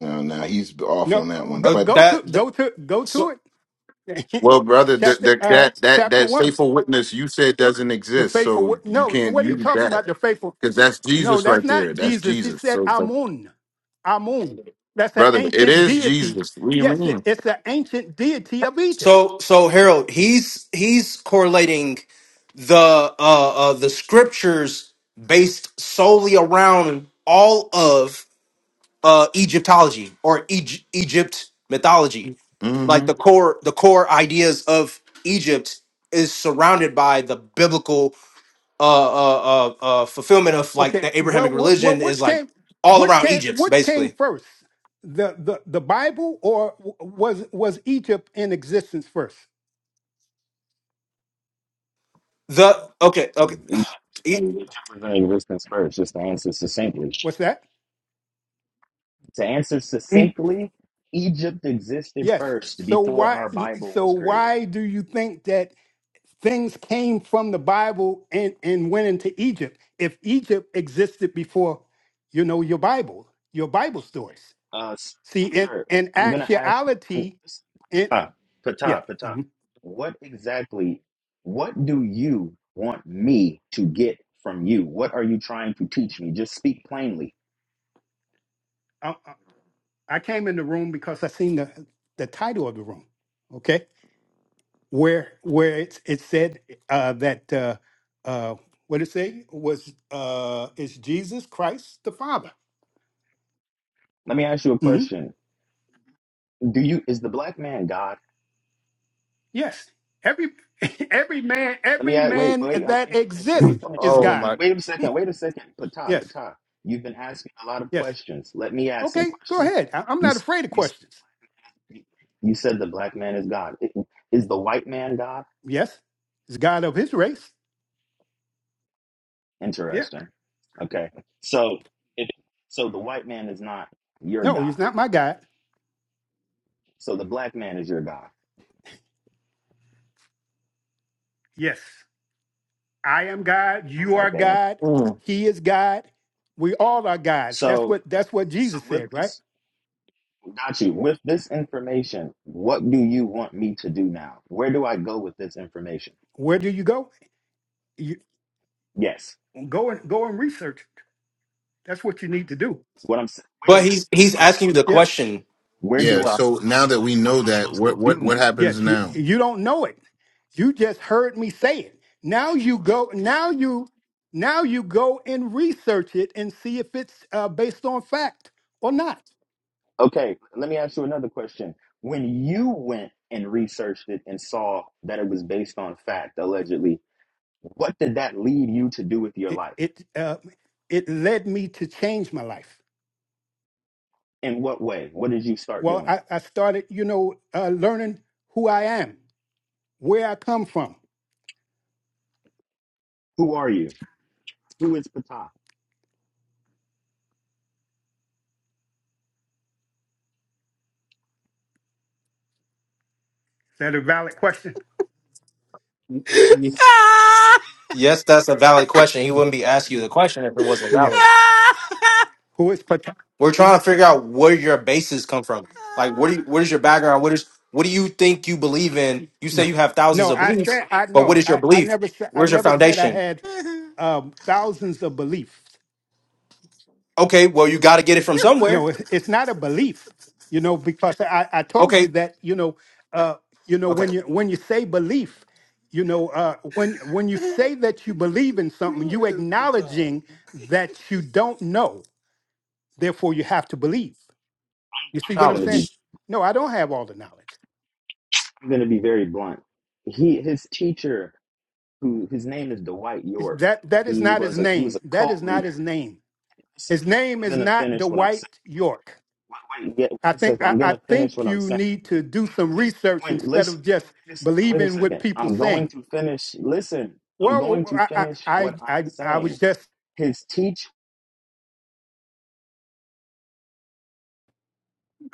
S8: No, no, he's off on
S7: No,
S8: that
S7: uh,
S8: one.
S7: go,
S1: uh,
S8: But
S7: go to
S1: that, that?
S7: go to go
S1: So
S7: to it.
S8: Well, brother, that
S7: chapter
S8: that
S7: uh,
S8: that that
S7: chapter
S8: that
S7: one.
S8: faithful witness you said doesn't
S7: The
S8: exist,
S7: faithful, wo-
S8: so you
S7: no,
S8: can't
S7: what are you
S8: use
S7: talking
S8: that
S7: about? The faithful,
S8: because that's
S7: no,
S8: Jesus
S7: that's
S8: right there.
S7: not
S8: That's
S7: Jesus. He
S8: Jesus.
S7: said
S8: So, it's like,
S7: Amun, Amun. That's an
S8: brother, it
S7: ancient
S8: is
S7: deity.
S8: Jesus. What do you
S7: Yes, it,
S8: mean?
S7: it's an ancient deity of Egypt.
S1: So so Harold, he's he's correlating the uh, uh the scriptures based solely around all of uh Egyptology or Egy- Egypt mythology. Like the core the core ideas of Egypt is surrounded by the biblical uh uh uh, uh fulfillment of like
S7: Okay,
S1: the
S7: well,
S1: Abrahamic
S7: well, well,
S1: religion is
S7: which
S1: like
S7: came,
S1: all
S7: which
S1: around
S7: came,
S1: Egypt
S7: which came
S1: basically.
S7: first, the the the Bible or w- was was Egypt in existence first?
S1: The okay okay
S9: Each
S1: he-
S9: each representing existence first, just to answer succinctly.
S7: What's that?
S9: To answer succinctly, Egypt existed
S7: Yes.
S9: first
S7: So
S9: before
S7: why,
S9: our Bible
S7: so
S9: was created.
S7: why do you think that? Things came from the Bible and, and went into Egypt. If Egypt existed before, you know, your Bible, your Bible stories.
S9: Uh, s-
S7: See, in,
S9: sir,
S7: in
S9: I'm gonna ask you. I'm-
S7: actuality,
S9: Listen,
S7: it,
S9: Patah,
S7: yeah.
S9: Patah, Patah.
S7: mhm.
S9: What exactly? What do you want me to get from you? What are you trying to teach me? Just speak plainly.
S7: I, I I came in the room because I seen the, the title of the room, okay? Where where it's, it said uh, that, uh, uh, what it say? Was, uh, is Jesus Christ the Father?
S9: Let me ask you a
S7: Mm-hmm.
S9: question. Do you is the black man God?
S7: Yes. Every every man,
S9: Let me
S7: every
S9: ask, wait,
S7: man
S9: wait. uh, Let
S7: that
S9: me finish. Let me
S7: exists
S9: finish.
S7: is
S9: You,
S1: oh
S9: you
S1: my
S7: God.
S9: wait a second. Wait a second, Patah,
S7: Yes.
S9: Patah. You've been asking a lot of
S7: Yes.
S9: questions. Let me ask some
S7: Okay, go
S9: questions.
S7: ahead. I, I'm
S9: You
S7: not
S9: s-
S7: afraid of
S9: you
S7: questions.
S9: s- you said the black man is God. I- Is the white man God?
S7: Yes. He's God of his race. Yeah.
S9: Interesting. Okay. So it so the white man is not your
S7: No, he's
S9: God.
S7: not my God.
S9: So the black man is your God.
S7: Yes. I am God. You are
S9: Okay.
S7: God.
S8: hmm
S7: He is God. We all are gods. That's
S9: So
S7: what that's what
S9: so
S7: Jesus
S9: with
S7: said, right?
S9: this got you. With this information, what do you want me to do now? Where do I go with this information?
S7: Where do you go? You
S9: Yes.
S7: go and go and research. That's what you need to do.
S9: What I'm saying wait a
S1: but
S9: second.
S1: he's he's
S9: What I'm
S1: asking
S9: s-
S1: you the question
S9: where
S8: Yeah.
S9: do I
S8: So now
S9: go?
S8: that
S9: Like
S8: we
S9: what
S8: know
S9: am I
S8: that,
S9: supposed to
S8: what
S9: do
S8: what
S9: now?
S8: what happens
S7: Yes, you
S8: now?
S7: you don't know it. You just heard me say it. Now you go. Now you now you go and research it and see if it's uh, based on fact or not.
S9: Okay, let me ask you another question. When you went and researched it and saw that it was based on fact, allegedly, What did that lead you to do with your
S7: It
S9: life?
S7: it uh, it led me to change my life.
S9: In what way? What did you start
S7: Well,
S9: doing?
S7: I, I started, you know, uh, learning who I am, where I come from. Is
S9: Who are you? Who is Patah?
S7: that a valid question?
S9: Yes,
S1: Yes, that's a valid question. He wouldn't be asking you the question if it wasn't
S7: Yeah.
S1: valid.
S7: Who is Patan?
S1: We're trying to figure out where your bases come from. Like, what do you, what is your background? What is what do you think you believe in? You say
S7: No.
S1: you have thousands
S7: No,
S1: of
S7: I
S1: beliefs,
S7: said I
S1: but what
S7: know.
S1: is your
S7: I, I
S1: belief?
S7: never said I
S1: Where's your
S7: never said I
S1: foundation?
S7: had um, thousands of beliefs.
S1: Okay, well, you got to get it from
S7: No,
S1: somewhere.
S7: it's, it's not a belief, you know, because I, I told you
S1: Okay,
S7: that, you know, uh, you know, when
S1: okay,
S7: you when you say belief, you know, uh, when when you say that you believe in something,
S8: Who
S7: you
S8: is Patar?
S7: acknowledging that you don't know, therefore you have to believe.
S9: I'm,
S7: You see
S9: I'm
S7: what
S9: just
S7: I'm
S9: gonna
S7: saying?
S9: be.
S1: knowledge.
S7: No, I don't have all the knowledge.
S9: I'm gonna be very blunt. He, his teacher, who his name is Dwight
S7: It's-
S9: York.
S7: That that is
S9: He
S7: not his
S9: was a he was
S7: name.
S9: a
S7: That is
S9: cult
S7: not
S9: leader.
S7: his name.
S9: Listen,
S7: His name
S9: I'm
S7: is
S9: gonna
S7: not
S9: finish what I'm saying.
S7: Dwight York.
S9: Wait, wait, yeah,
S7: I
S9: wait a
S7: think
S9: second.
S7: I,
S9: I'm
S7: I
S9: gonna finish
S7: think
S9: what I'm
S7: you
S9: saying.
S7: need to do some research
S9: Wait,
S7: instead
S9: listen.
S7: of just
S9: Wait a second. Wait a
S7: believing what
S9: second.
S7: people
S9: I'm going
S7: saying.
S9: to finish. Listen, I'm
S7: Well,
S9: going
S7: well,
S9: to
S7: I, I,
S9: finish
S7: I,
S9: what I'm
S7: I I
S9: saying.
S7: was just
S9: His teach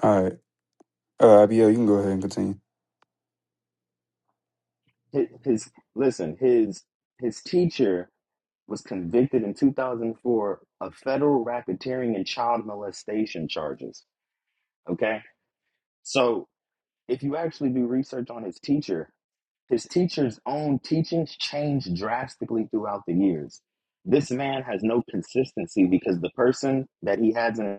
S2: All right, uh, Abiel, you can go ahead and continue.
S9: his, his listen his his teacher was convicted in 2004 of federal racketeering and child molestation charges okay so if you actually do research on his teacher his teacher's own teachings changed drastically throughout the years this man has no consistency because the person that he has in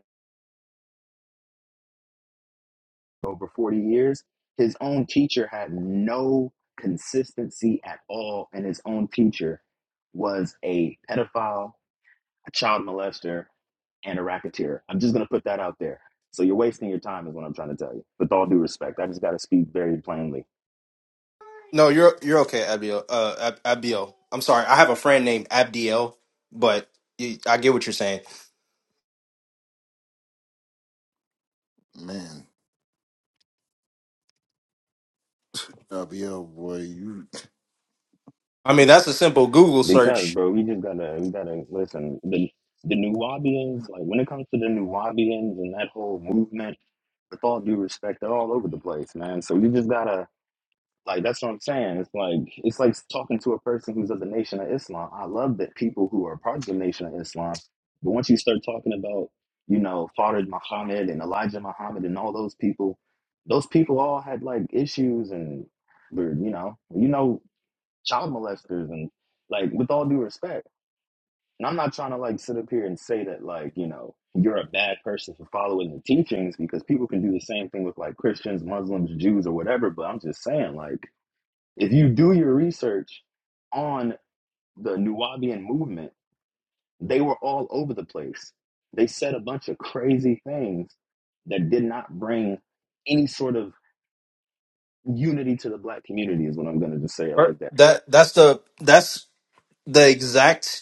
S9: over 40 years his own teacher had no consistency at all and his own teacher was a pedophile a child molester, and a racketeer. I'm just gonna put that out there. So you're wasting your time, is what I'm trying to tell you. With all due respect, I just gotta speak very plainly
S1: No, you're you're okay, Abiel. Uh, Ab- Abiel. I'm sorry. I have a friend named Abdiel, but you, I get what you're saying.
S8: Man, LBL boy, you
S1: I mean, that's a simple Google
S9: because,
S1: search.
S9: bro, we just gotta we gotta listen. The the New Wabians, like when it comes to the New Wabians and that whole movement, with all due respect, they're all over the place, man. So you just gotta Like that's what I'm saying. It's like it's like talking to a person who's of the Nation of Islam. I love that people who are part of the Nation of Islam, but once you start talking about, you know, Farid Muhammad and Elijah Muhammad and all those people, those people all had like issues and were, you know, you know, child molesters and like with all due respect. And I'm not trying to like sit up here and say that like, you know, you're a bad person for following the teachings because people can do the same thing with like Christians, Muslims, Jews, or whatever, but I'm just saying like if you do your research on the Nuwabian movement, they were all over the place. They said a bunch of crazy things that did not bring any sort of unity to the black community is what I'm gonna just say it
S1: Or-
S9: like that.
S1: That that's the that's the exact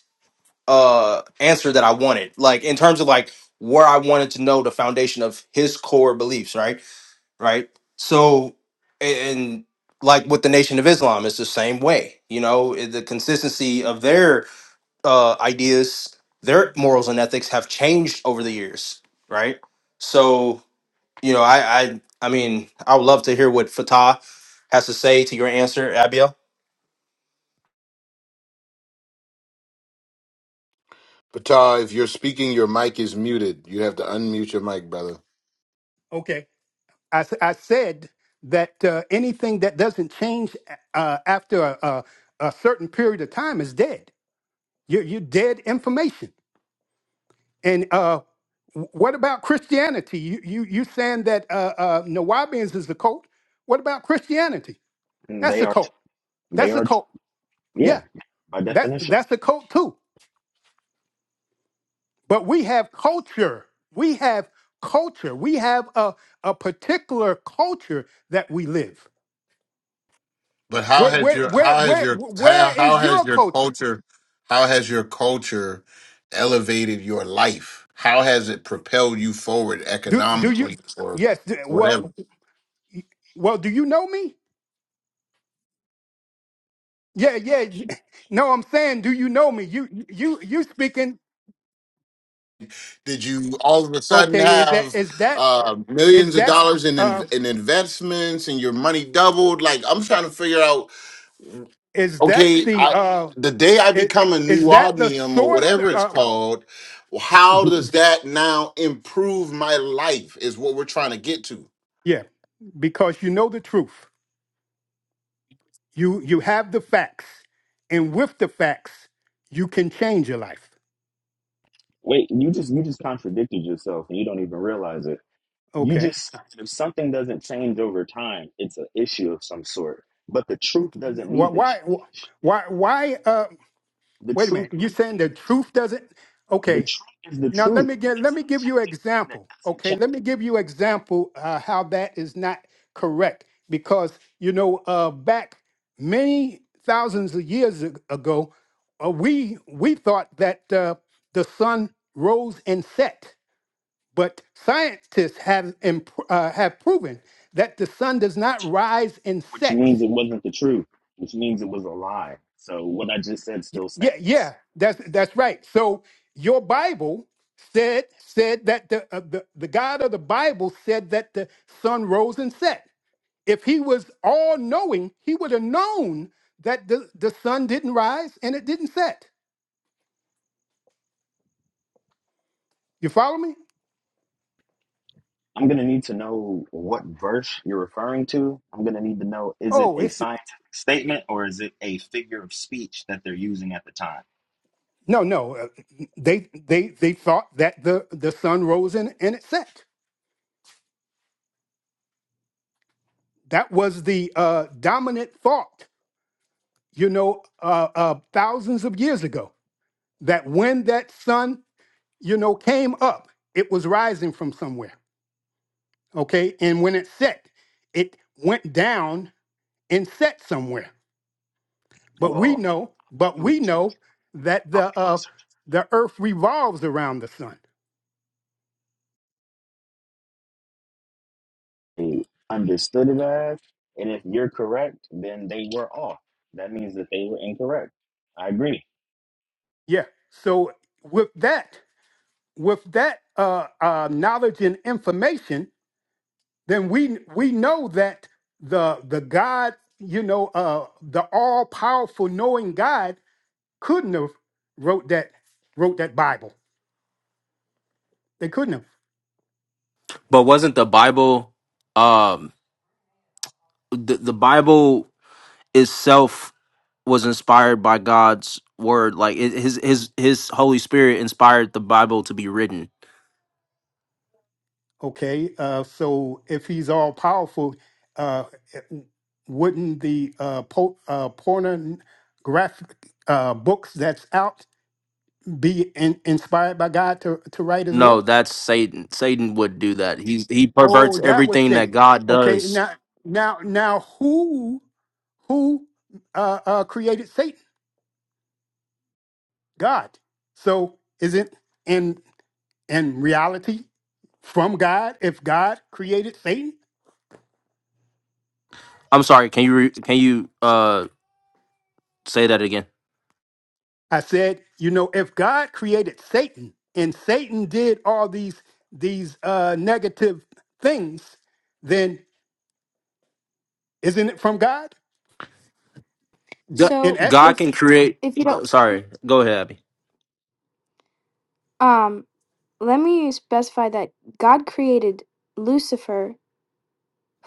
S1: uh answer that I wanted. Like in terms of like where I wanted to know the foundation of his core beliefs, right? Right? So and like with the Nation of Islam, it's the same way. You know, the consistency of their uh ideas, their morals and ethics have changed over the years, right? So you know, I, I, I mean, I would love to hear what Fatah has to say to your answer, Abiel.
S8: Patar. If you're speaking, your mic is muted. You have to unmute your mic, brother.
S7: okay. I, s- I said that uh, anything that doesn't change uh, after a, a, a certain period of time is dead. You're, you're dead information. And uh, wh- what about Christianity? You, you, you saying that uh, uh, Nawabians is a cult? What about Christianity?
S9: And
S7: That's
S9: they
S7: a
S9: are
S7: cult.
S9: they
S7: That's a
S9: are
S7: cult.
S9: yeah,
S7: Yeah,
S9: by
S7: that
S9: definition.
S7: that's a cult too. But we have culture. We have culture. We have a, a particular culture that we live.
S8: But how
S7: Where
S8: has
S7: where
S8: your
S7: where
S8: how has
S7: where
S8: your how
S7: where
S8: how
S7: is
S8: has
S7: your
S8: your
S7: culture?
S8: culture how has your culture elevated your life? How has it propelled you forward
S7: Do do you
S8: economically or
S7: yes, d-
S8: whatever?
S7: well y- well do you know me? Yeah, yeah. y- No, I'm saying do you know me? You you you speaking
S8: Did you all of a sudden
S7: okay, is that
S8: have
S7: is that
S8: uh,
S7: is
S8: millions of
S7: that
S8: dollars in, in
S7: uh
S8: in investments and your money doubled? Like I'm trying to figure out.
S7: is that
S8: Okay,
S7: the
S8: I
S7: uh
S8: the day I
S7: i-
S8: become a
S7: is
S8: new
S7: that the
S8: Omnium or
S7: source
S8: whatever it's
S7: uh
S8: called, how does that now improve my life? Is what we're trying to get to.
S7: yeah, because you know the truth. You you have the facts, and with the facts, you can change your life.
S9: Wait, you just you just contradicted yourself and you don't even realize it. You
S7: Okay.
S9: just if something doesn't change over time, it's an issue of some sort. But the truth doesn't
S7: Why
S9: need to
S7: why
S9: change.
S7: why why uh
S9: The
S7: wait a
S9: truth
S7: minute. You're saying the truth doesn't
S9: The
S7: okay.
S9: truth is the
S7: Now let
S9: truth.
S7: me get let
S9: It's an
S7: me give you
S9: objective thing that
S7: example.
S9: doesn't
S7: Okay,
S9: change,
S7: let me give you example uh, how that is not correct because you know uh back many thousands of years ag- ago uh, we we thought that uh, the sun rose and set But scientists have imp- uh, have proven that the sun does not rise and
S9: which
S7: set.
S9: means it wasn't the truth, which means it was a lie. So what I just said
S7: Y-
S9: still
S7: Yeah, yeah,
S9: stands.
S7: that's that's right. So your Bible said said that the uh, the, the God of the Bible said that the sun rose and set. If he was all knowing, he would have known that the, the sun didn't rise and it didn't set. You follow me?
S9: I'm gonna need to know what verse you're referring to. I'm gonna need to know is it
S7: Oh,
S9: a
S7: it's
S9: scientific statement or is it a figure of speech that they're using at the time?
S7: no, no. uh, They they they thought that the the sun rose and, and it set. That was the uh, dominant thought, you know, uh, uh, thousands of years ago, that when that sun, you know, came up, it was rising from somewhere, okay? And when it set, it went down and set somewhere. But we
S9: Well,
S7: know, but
S9: I'll do
S7: we know that the uh, the earth revolves around the sun.
S9: They understood it as, and if you're correct, then they were off. That means that they were incorrect. I agree.
S7: Yeah. So with that, with that uh, uh, knowledge and information, then we we know that the the God, you know, uh the all powerful knowing God couldn't have wrote that wrote that Bible. They couldn't have.
S1: But wasn't the Bible um the, the Bible itself was inspired by God's word. Like it, his his his Holy Spirit inspired the Bible to be written.
S7: Okay, uh, so if he's all powerful, uh, wouldn't the uh, po- uh, pornographic uh, books that's out be in- inspired by God to to write as well?
S1: No, that's Satan. Satan would do that. He he
S7: Oh,
S1: perverts
S7: that was
S1: everything that
S7: Satan.
S1: God
S7: Okay,
S1: does.
S7: now now now who who uh, uh, created Satan? God. So is it in in reality from God if God created Satan?
S1: I'm sorry. Can you re, can you uh say that again?
S7: I said, you know, if God created Satan and Satan did all these these uh, negative things, then isn't it from God
S1: Go-
S7: in
S3: So,
S1: God
S7: essence?
S3: if
S1: can create.
S3: if you don't,
S1: Sorry, go ahead, Abby.
S3: um, let me specify that God created Lucifer,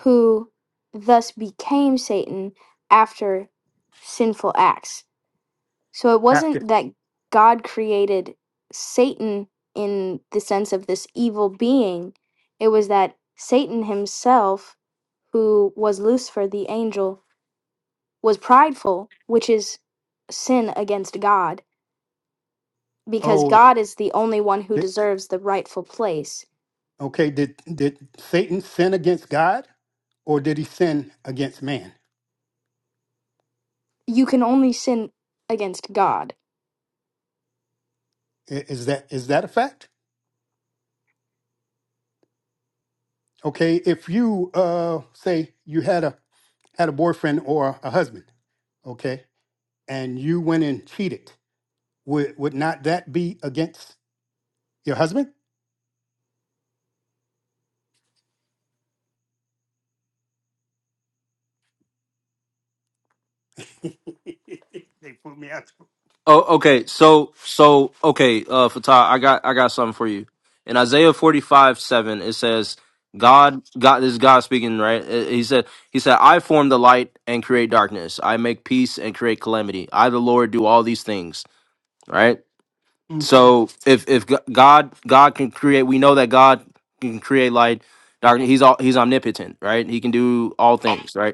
S3: who thus became Satan after sinful acts. So it
S7: After
S3: wasn't that God created Satan in the sense of this evil being. It was that Satan himself, who was Lucifer, the angel, was prideful, which is sin against God, because
S7: oh
S3: God is the only one who deserves the rightful place.
S7: Okay, did did Satan sin against God or did he sin against man?
S3: You can only sin against God.
S7: I- Is that is that a fact? Okay, if you uh say you had a had a boyfriend or a husband, okay, and you went and cheated, would would not that be against your husband? they put me out.
S1: Oh, okay. So, so okay, uh, Fatah, I got, I got something for you. In Isaiah forty-five seven, it says, "God, God, this is God speaking, right? Uh, He said, He said, I form the light and create darkness. I make peace and create calamity. I, the Lord, do all these things, right?
S7: Mm.
S1: So, if if G- God, God can create, we know that God can create light, darkness. He's all, He's omnipotent, right? He can do all things, right?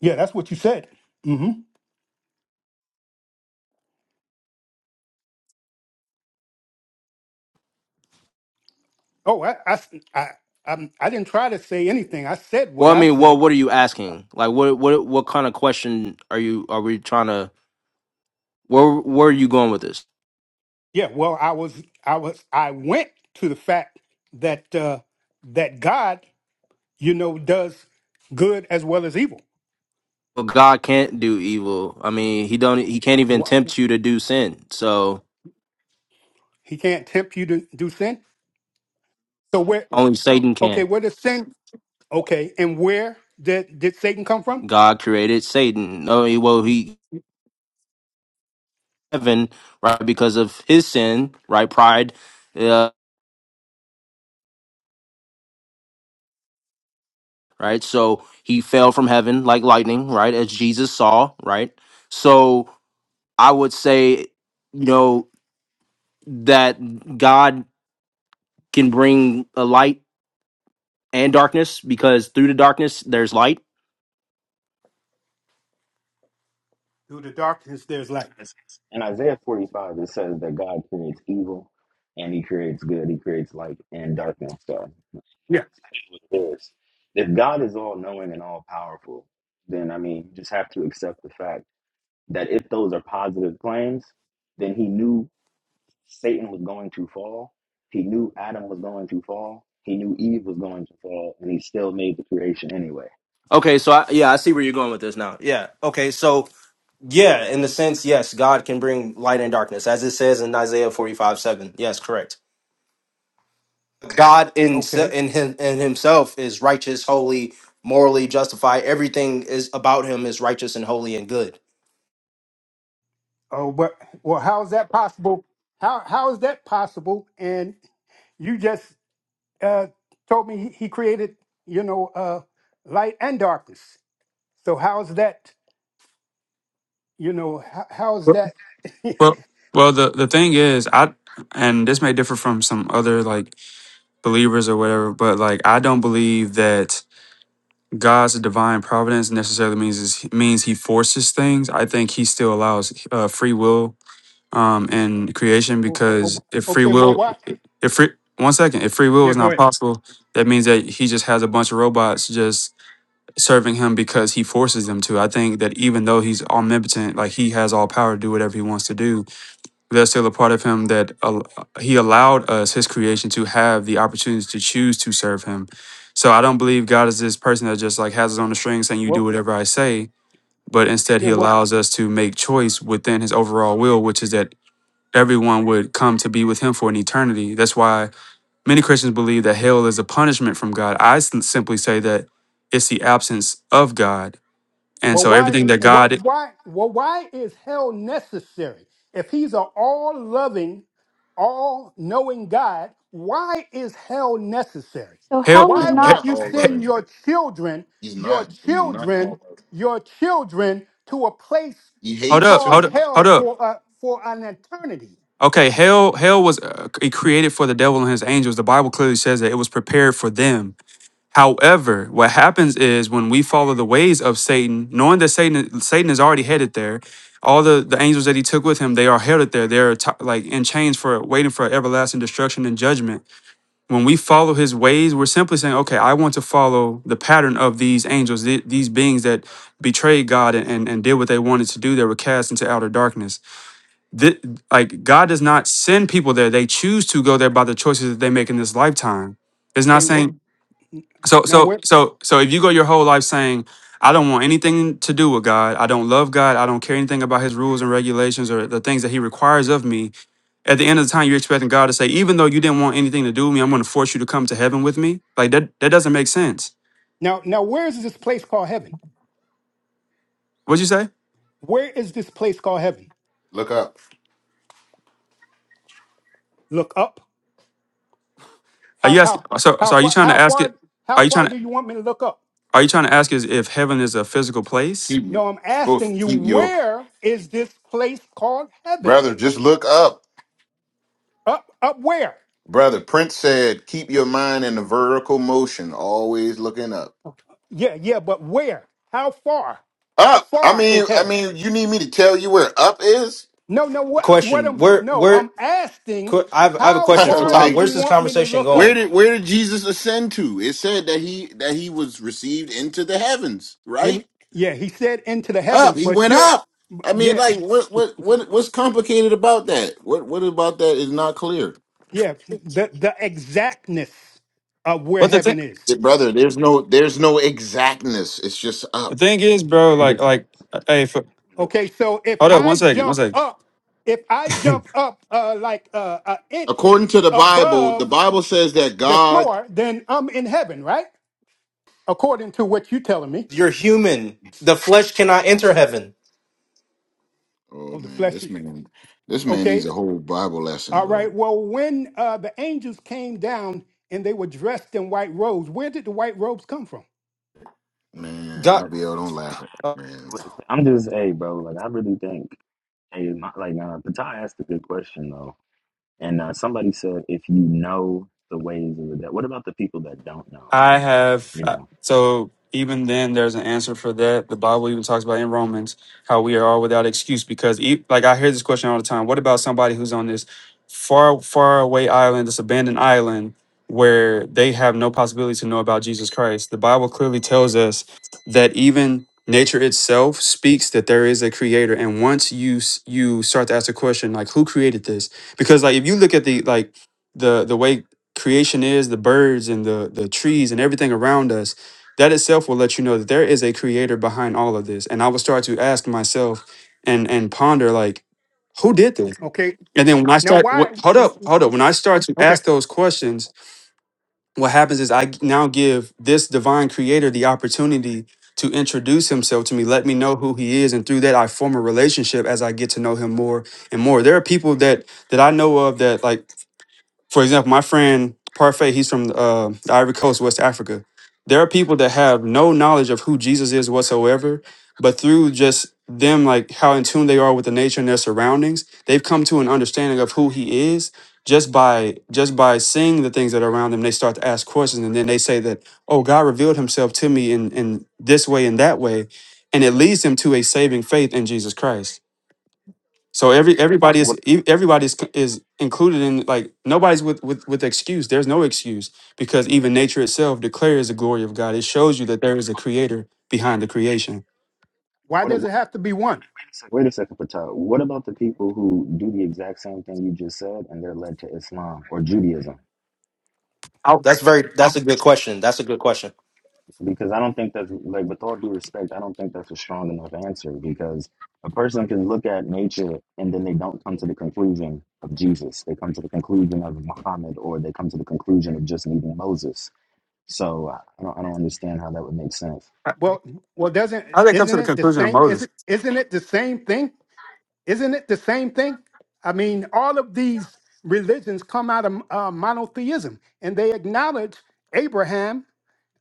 S7: Yeah, that's what you said. hmm Oh, I, I, s- I, I'm- I didn't try to say anything. I said what
S1: Well, I
S7: I
S1: mean, well,
S7: said.
S1: what are you asking? Like, what, what, what kind of question are you? Are we trying to? Where, where are you going with this?
S7: Yeah, well, I was, I was, I went to the fact that uh, that God, you know, does good as well as evil.
S1: Well, God can't do evil. I mean, he don't. He can't even
S7: Wha-
S1: tempt you to do sin. So
S7: He can't tempt you to do sin. So where,
S1: only Satan
S7: okay,
S1: can.
S7: where does sin? Okay, and where did did Satan come from?
S1: God created Satan. No, he, well, he heaven right because of his sin, right? Pride, uh, right? So he fell from heaven like lightning, right? As Jesus saw, right? So I would say, you know, that God can bring a light and darkness because through the darkness there's light.
S7: Through the darkness, there's light.
S9: In Isaiah 45, it says that God creates evil and he creates good. He creates light and darkness. So
S7: Yeah.
S9: it is. If God is all knowing and all powerful, then I mean, you just have to accept the fact that if those are positive claims, then he knew Satan was going to fall. He knew Adam was going to fall. He knew Eve was going to fall, and he still made the creation anyway.
S1: Okay, so I, yeah, I see where you're going with this now. Yeah. Okay, so yeah, in the sense, yes, God can bring light and darkness, as it says in Isaiah 45, 7. Yes, correct. God in se-
S7: Okay.
S1: in him in Himself is righteous, holy, morally justified. Everything is about Him is righteous and holy and good.
S7: Oh, but well, how is that possible? How how is that possible? And you just uh, told me he, he created, you know, uh, light and darkness. So how is that? you know, how, how is
S2: Well,
S7: that?
S2: well, well, the the thing is, I and this may differ from some other like believers or whatever, but like I don't believe that God's divine providence necessarily means is, means He forces things. I think He still allows uh, free will um in creation
S7: Oh,
S2: because
S7: oh,
S2: if free
S7: okay, well,
S2: will,
S7: why?
S2: if free one second, if free will
S7: Yeah,
S2: is
S7: go
S2: not
S7: ahead.
S2: possible, that means that He just has a bunch of robots just. serving him because he forces them to. I think that even though he's omnipotent, like he has all power to do whatever he wants to do, there's still a part of him that al- uh, he allowed us, his creation, to have the opportunities to choose to serve him. So I don't believe God is this person that just like has us on the string saying, You do
S7: Well,
S2: whatever I say. But instead,
S7: yeah,
S2: he
S7: well,
S2: allows us to make choice within his overall will, which is that everyone would come to be with him for an eternity. That's why many Christians believe that hell is a punishment from God. I s- simply say that it's the absence of God and
S7: well,
S2: so
S7: why,
S2: everything that
S7: well,
S2: God
S7: why, well, why is hell necessary? If he's an all-loving, all-knowing God, why is hell necessary?
S3: So hell
S2: hell
S8: He's
S7: Why
S3: was not
S7: would
S8: not
S7: you
S8: all
S7: send
S8: loving.
S7: your children,
S8: He's
S7: your
S8: not. He's not
S7: children,
S8: all loving.
S7: your children to a place
S8: He
S2: hold
S8: hates
S2: up,
S7: called
S8: too.
S2: hold up,
S7: hell
S2: hold up.
S7: for a for an eternity?
S2: Okay, hell hell was uh, c- created for the devil and his angels. The Bible clearly says that it was prepared for them. However, what happens is when we follow the ways of Satan, knowing that Satan Satan is already headed there, all the, the angels that he took with him, they are headed there. They're t- like in chains for waiting for everlasting destruction and judgment when we follow his ways, we're simply saying, okay, I want to follow the pattern of these angels, the- these beings that betrayed God and, and, and did what they wanted to do. They were cast into outer darkness. Thi- like God does not send people there. They choose to go there by the choices that they make in this lifetime. It's not
S7: Okay, what
S2: saying so
S7: now?
S2: so
S7: Where
S2: so so if you go your whole life saying, I don't want anything to do with God, I don't love God, I don't care anything about his rules and regulations or the things that he requires of me, at the end of the time, you're expecting God to say, even though you didn't want anything to do with me, I'm going to force you to come to heaven with me. Like that, that doesn't make sense.
S7: now? Now, where is this place called heaven?
S2: What'd you say?
S7: Where is this place called heaven?
S8: Look up.
S7: Look up.
S2: Are
S7: How
S2: you asking,
S7: how
S2: so,
S7: how
S2: so are you
S7: far
S2: trying
S7: how
S2: to ask it?
S7: far how
S2: Are you trying
S7: far
S2: to,
S7: do you want me to look up?
S2: are you trying to ask is if heaven is a physical place?
S8: Keep you're
S7: No, I'm
S8: supposed
S7: asking you
S8: to keep your
S7: where is this place called heaven?
S8: brother. Just look up,
S7: Up up where?
S8: brother. Prince said, "Keep your mind in the vertical motion, always looking up."
S7: Yeah, yeah, but where? How far? How
S8: Up. I
S7: far
S8: mean,
S7: is
S8: I
S7: heaven?
S8: mean, you need me to tell you where up is?
S7: No, no, what, I'm- what
S1: Question:
S7: I'm
S1: Where
S7: no,
S1: where
S7: I'm asking
S1: qu- I have I have a
S7: how
S1: question for
S7: far do
S1: Todd.
S8: like,
S7: you
S1: Where's this
S7: want me to
S1: conversation
S7: look
S8: where
S7: up?
S1: going?
S8: did where did Jesus ascend to? It said that he that he was received into the heavens. Right
S7: And yeah, he said into the
S8: up.
S7: heavens,
S8: He
S7: but
S8: went
S7: you're
S8: up. I mean,
S7: yeah,
S8: like, what what what what's complicated about that? What what about that is not clear?
S7: yeah, the the exactness of where
S2: But the thing,
S7: heaven is.
S8: Yeah, brother there's no there's no exactness it's just
S2: the
S8: up
S2: thing is, bro,
S9: It
S2: like, like, uh, hey, for,
S9: just-
S7: Okay, so if
S2: hold up one
S7: I
S2: second, one
S7: jump
S2: second.
S7: up, if I jump up uh, like uh, an inch
S8: according to the bible the
S7: above
S8: bible says that
S7: the
S8: god
S7: floor, then I'm in heaven, right? According to what you're telling me.
S1: You're human. The flesh cannot enter heaven.
S8: oh
S7: Oh, the
S8: man
S7: flesh
S8: this
S7: is.
S8: man this man needs
S7: Okay,
S8: a whole bible lesson
S7: all
S8: bro
S7: right. Well, when uh, the angels came down and they were dressed in white robes, where did the white robes come from?
S8: man
S1: God.
S8: abiel don't laugh at me, man
S9: I'm just, hey, bro, like, I really think, hey, my, like, uh, Patai asked a good question, though And uh, somebody said, if you know the ways of the devil, what about the people that don't know?
S2: I have
S9: You
S2: uh,
S9: know,
S2: so even then there's an answer for that. The Bible even talks about in Romans how we are all without excuse because e- like I hear this question all the time. What about somebody who's on this far far away island, this abandoned island where they have no possibility to know about Jesus Christ? The Bible clearly tells us that even nature itself speaks that there is a creator and once you s- you start to ask the question like who created this because like if you look at the like the the way creation is, the birds and the the trees and everything around us, that itself will let you know that there is a creator behind all of this. And I will start to ask myself and and ponder like, who did this?
S7: Okay,
S2: And then when I
S7: now
S2: start,
S7: why?
S2: what, hold up, hold up. When I start to
S7: Okay,
S2: ask those questions, what happens is I g- now give this divine creator the opportunity to introduce himself to me, let me know who he is, and through that I form a relationship as I get to know him more and more. There are people that that I know of that like for example, my friend Parfait, he's from uh, the Ivory Coast, West Africa. There are people that have no knowledge of who Jesus is whatsoever, but through just them, like how in tune they are with the nature and their surroundings, they've come to an understanding of who He is just by just by seeing the things that are around them. They start to ask questions, and then they say that, "Oh, God revealed Himself to me in in this way and that way," and it leads them to a saving faith in Jesus Christ. So every everybody
S9: what,
S2: is e- everybody is is included in like nobody's with with with excuse. There's no excuse because even nature itself declares the glory of God. It shows you that there is a creator behind the creation.
S7: why
S9: what, what
S7: does it
S9: wait
S7: have to be one?
S9: a second, wait a second, Patel. What about the people who do the exact same thing you just said and they're led to Islam or Judaism?
S1: That's very. That's a good question. That's a good question.
S9: Because I don't think that's, like, with all due respect, I don't think that's a strong enough answer because a person can look at nature and then they don't come to the conclusion of Jesus. They come to the conclusion of Muhammad or they come to the conclusion of just needing Moses. So I I don't, I don't understand how that would make sense.
S2: How
S7: Well, well, doesn't
S2: how they come to
S7: isn't
S2: the
S7: it the
S2: conclusion of
S7: same? is
S2: Moses?
S7: it not it the same thing? Isn't it the same thing? I mean, all of these religions come out of uh, monotheism, and they acknowledge Abraham.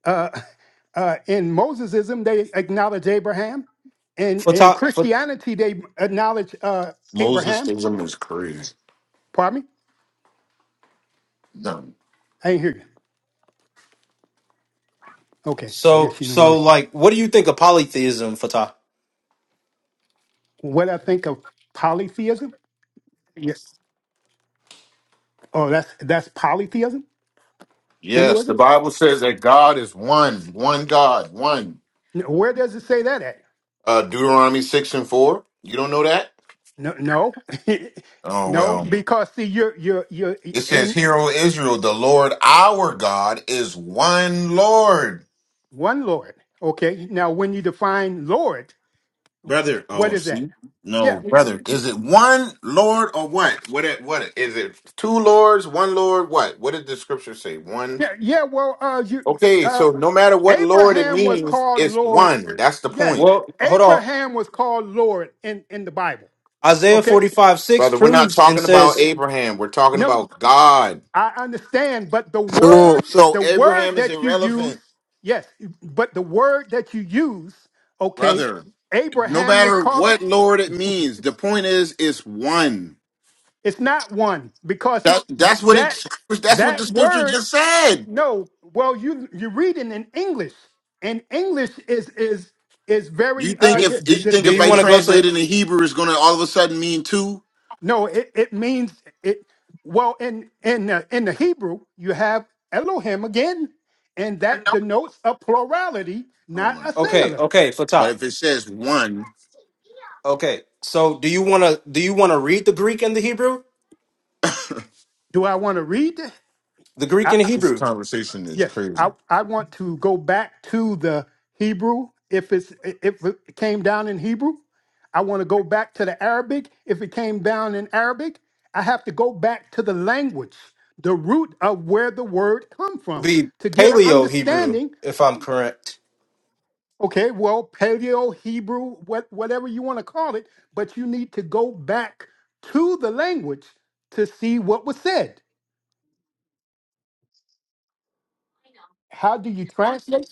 S7: Uh, uh, in Mosesism, they acknowledge Abraham. In in
S1: Fatah. For,
S7: Christianity, they acknowledge uh,
S8: moses
S7: Abraham.
S8: theism is crazy
S7: Pardon me,
S8: no.
S7: I didn't hear you. Okay, I
S1: so
S7: guess you don't want
S1: so
S7: to.
S1: like, what do you think of polytheism, Fatah?
S7: What I think of polytheism? Yes. Oh, that's that's polytheism,
S8: yes the
S7: Hinduism.
S8: bible says that god is one one god one
S7: Where does it say that at?
S8: uh deuteronomy 6 and 4 you don't know that
S7: No, no,
S8: oh
S7: no,
S8: well
S7: because see, you're you're you're
S8: it says,
S7: in
S8: Hear, O Israel, the Lord our God is one Lord.
S7: one Lord. Okay, now when you define Lord,
S8: brother.
S7: what
S8: Oh,
S7: is that?
S8: see,
S7: Yeah,
S8: no, brother. Is it one Lord or what? What? It, what? It, is it two lords? One Lord? What? What did the scripture say? One.
S7: yeah, yeah. Well, uh, you
S8: Okay,
S7: uh,
S8: so no matter what Lord it
S7: Abraham was
S8: means,
S7: called
S8: it's
S7: Lord.
S8: one. That's the
S7: Yes,
S8: point,
S1: Well, hold on.
S7: Abraham was called Lord in in the Bible.
S1: Isaiah
S7: Okay,
S1: forty five six
S8: brother. We're not
S1: proves and
S8: talking about
S1: says,
S8: Abraham. We're talking
S7: no,
S8: about God.
S7: I understand, but the
S8: So,
S7: word
S8: so
S7: the word
S8: Abraham is
S7: that you use,
S8: irrelevant,
S7: yes, but the word that you use, okay,
S8: brother. No
S7: Abraham was
S8: matter
S7: called.
S8: what Lord it means, the point is, it's one.
S7: It's not one because
S8: That, that's what
S7: that
S8: it. That's what the
S7: that
S8: scripture
S7: word
S8: just said.
S7: no. Well, you you read it in English, and English is is is
S8: Do you
S7: very
S8: think
S7: uh,
S1: do,
S8: if
S7: de-
S8: you
S1: do,
S8: think
S1: do
S8: if
S1: you
S8: I
S1: want
S7: deceiving.
S1: to go to
S8: translate it
S1: the?
S8: in Hebrew, it's gonna all of a sudden mean two?
S7: No, it, it means it. Well, in in the, in the Hebrew, you have Elohim again, and that denotes a plurality,
S8: Oh
S7: not
S8: my
S7: a
S8: god!
S1: Okay,
S7: singular.
S1: okay,
S8: But
S1: Fatah.
S8: if it says one,
S1: Okay, so do you want to do you want to read the Greek and the Hebrew?
S7: Do I want to read?
S1: The Greek and the
S8: this
S1: Hebrew
S8: conversation is
S7: Yes,
S8: crazy.
S7: I, I want to go back to the Hebrew. If it's if it came down in Hebrew, I want to go back to the Arabic. If it came down in Arabic, I have to go back to the language, the root of where the word come
S1: would
S7: from,
S1: be
S7: to get an
S1: Paleo Hebrew,
S7: understanding.
S1: if I'm correct.
S7: Okay, well, Paleo Hebrew, what, whatever you want to call it, but you need to go back to the language to see what was said. How do you translate?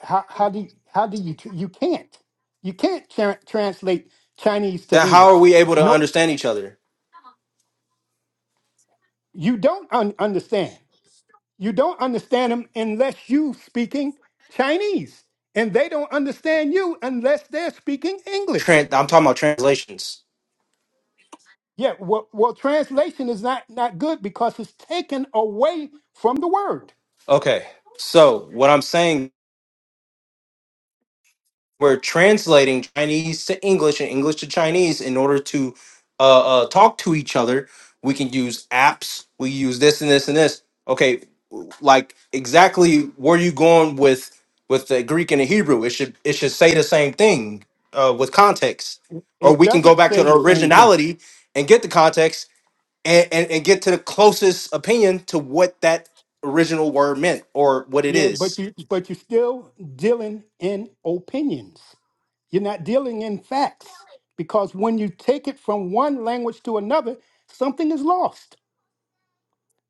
S7: how how do you, how do you tr- you can't you can't tra- translate Chinese to
S1: That how are
S7: English.
S1: we able to
S7: No,
S1: understand each other?
S7: you don't un- understand. You don't understand them unless you speaking Chinese, and they don't understand you unless they're speaking English.
S1: Tran- I'm talking about translations.
S7: Yeah, well, well, translation is not not good because it's taken away from the word.
S1: Okay, so what I'm saying we're translating Chinese to English and English to Chinese in order to uh, uh, talk to each other. We can use apps. We use this and this and this. Okay, w- like exactly where you going with with the Greek and the Hebrew? It should it should say the same thing uh, with context, or
S7: It
S1: we can go
S7: doesn't
S1: back to
S7: say
S1: the
S7: the same thing.
S1: originality and get the context and, and and get to the closest opinion to what that original word meant or what it
S7: Yeah, but
S1: is.
S7: you but you're still dealing in opinions. You're not dealing in facts because when you take it from one language to another, something is lost.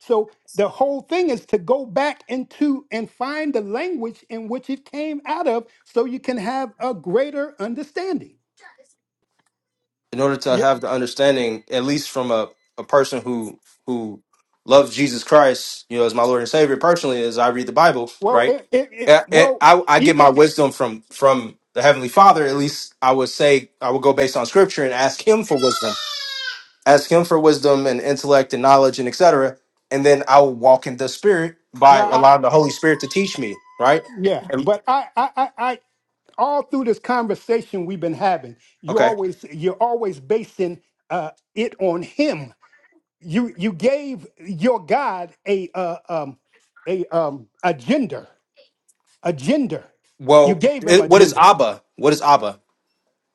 S7: So the whole thing is to go back into and find the language in which it came out of, so you can have a greater understanding.
S1: in order to
S7: Yeah,
S1: have the understanding, at least from a, a person who who loves Jesus Christ, you know, as my Lord and Savior personally, as I read the Bible,
S7: well,
S1: right?
S7: it, it, it
S1: I,
S7: well
S1: I, I get my
S7: even
S1: wisdom from from the Heavenly Father. At least I would say I would go based on Scripture and ask Him for wisdom, ask Him for wisdom and intellect and knowledge and etc. And then I will walk in the Spirit by
S7: now, I, I-
S1: allowing the Holy Spirit to teach me, right?
S7: yeah,
S1: And-
S7: but I, I, I, all through this conversation we've been having you
S1: okay.
S7: always you're always basing uh, it on him you you gave your god a uh, um a um a gender a gender you
S1: Well,
S7: gave him a
S1: it, what is
S7: gender
S1: Abba? What is Abba?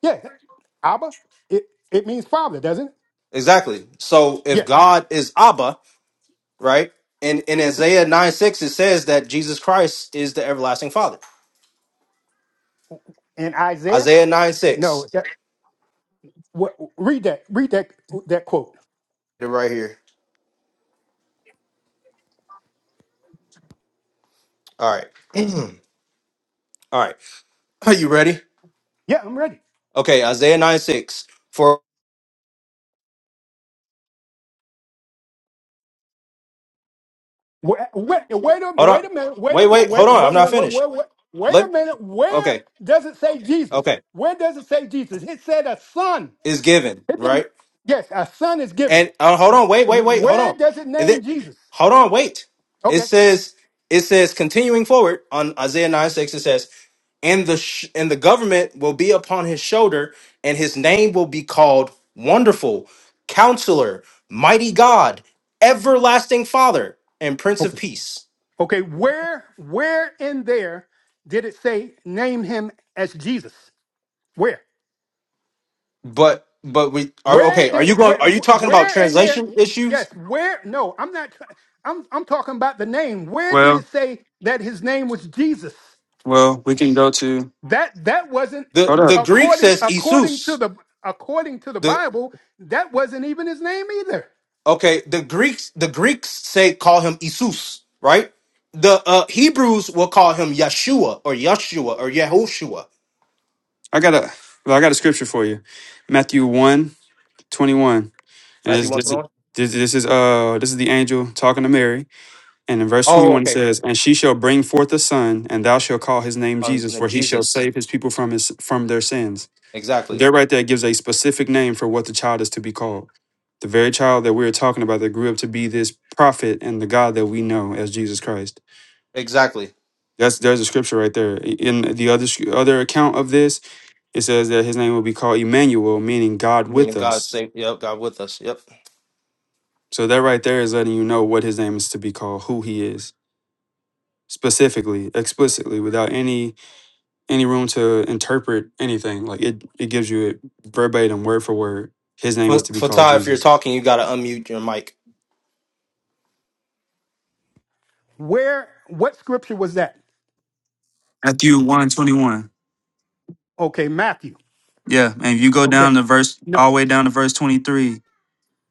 S7: yeah abba it it means father doesn't it
S1: Exactly. So if
S7: yeah
S1: God is Abba, right? And in Isaiah 9 6, it says that Jesus Christ is the everlasting Father.
S7: and isaiah
S1: Isaiah 9
S7: no
S1: 6.
S7: that, what, read that read that that quote
S1: It right here. All right. All right. Are you ready?
S7: yeah i'm ready
S1: Okay, Isaiah 9 6. For
S7: Wait, wait, wait a
S1: hold
S7: wait
S1: on.
S7: a minute. Wait a
S1: Wait, wait, hold
S7: wait.
S1: on. I'm
S7: What
S1: not
S7: what what
S1: finished.
S7: what? what wait a
S1: Let
S7: minute. Where
S1: okay,
S7: does it say Jesus?
S1: okay.
S7: Where does it say Jesus? It said a son.
S1: Is given,
S7: It didn't.
S1: right?
S7: Yes, a son is given.
S1: And uh, hold on, wait, wait,
S7: Wh-
S1: wait, hold
S7: Where
S1: on.
S7: does it
S1: And then
S7: name Jesus?
S1: hold on, wait. It
S7: Okay.
S1: says it says continuing forward on Isaiah 9 6, it says and the sh- and the government will be upon his shoulder and his name will be called wonderful counselor mighty god everlasting father and prince of
S7: Okay.
S1: peace
S7: Okay. Where where in there did it say name him as Jesus? Where?
S1: but but we are
S7: Where
S1: okay are you
S7: did
S1: going
S7: where
S1: are you
S7: wh-
S1: talking about
S7: where in there?
S1: translation issues
S7: Yes. Where? No. I'm not. try- I'm I'm talking about the name. Where did
S2: Well,
S7: it say that his name was Jesus?
S2: well, we can go to
S7: that that wasn't
S1: the
S2: hold
S1: the
S2: up.
S1: greek
S7: according
S1: says
S7: according to
S1: isus
S7: the according to the
S1: the
S7: bible that wasn't even his name either
S1: okay the greeks the greeks say call him isus right the uh hebrews will call him yeshua or yeshua or yehoshua
S2: I got a well, I got a scripture for you, Matthew one 21, and
S1: matthew
S2: it's,
S1: 1
S2: this is this, this is uh this is the angel talking to Mary. And in verse
S1: oh
S2: 21 it
S1: okay
S2: says, And she shall bring forth a son, and thou shalt call his name
S1: um,
S2: Jesus, for he shall
S1: jesus
S2: save his people from his from their sins.
S1: Exactly.
S2: There right there gives a specific name for what the child is to be called. The very child that we are talking about that grew up to be this prophet and the God that we know as Jesus Christ.
S1: Exactly.
S2: That's there's a scripture right there. In the other other account of this, it says that his name will be called Emmanuel, meaning God
S1: I mean,
S2: with
S1: God
S2: us.
S1: save, yep, God with us. Yep.
S2: So that right there is letting you know what his name is to be called, who he is, specifically, explicitly, without any any room to interpret anything. Like it, it gives you it verbatim, word for word. His name is
S1: Fa-
S2: to be called
S1: Fatah, if you're
S2: Jesus.
S1: talking, you got to unmute your mic.
S7: where what scripture was that
S2: Matthew one 21.
S7: okay matthew
S2: Yeah, and if you go
S7: okay
S2: down to verse,
S7: no
S2: all the way down to verse 23,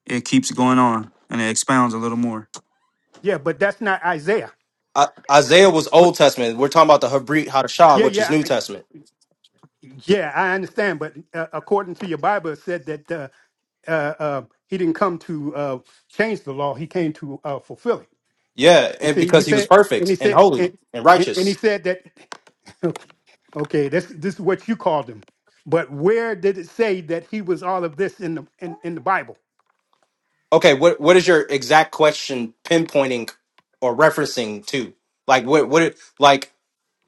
S2: it keeps going on and it expounds a little more.
S7: yeah but that's not isaiah
S1: I, Isaiah was Old Testament. We're talking about the Habrit Hadashah,
S7: yeah
S1: which is
S7: yeah
S1: New
S7: I-
S1: Testament.
S7: yeah i understand but uh, according to your bible it said that uh, uh, uh, he didn't come to uh, change the law he came to uh, fulfill it
S1: Yeah,
S7: you
S1: and
S7: see he
S1: because he was
S7: said and
S1: perfect
S7: he
S1: and
S7: said
S1: holy
S7: and,
S1: and
S7: and and he
S1: righteous.
S7: said that Okay, this this is what you called him. But where did it say that he was all of this in the in, in the Bible?
S1: Okay, what what is your exact question pinpointing or referencing to? Like what what it- like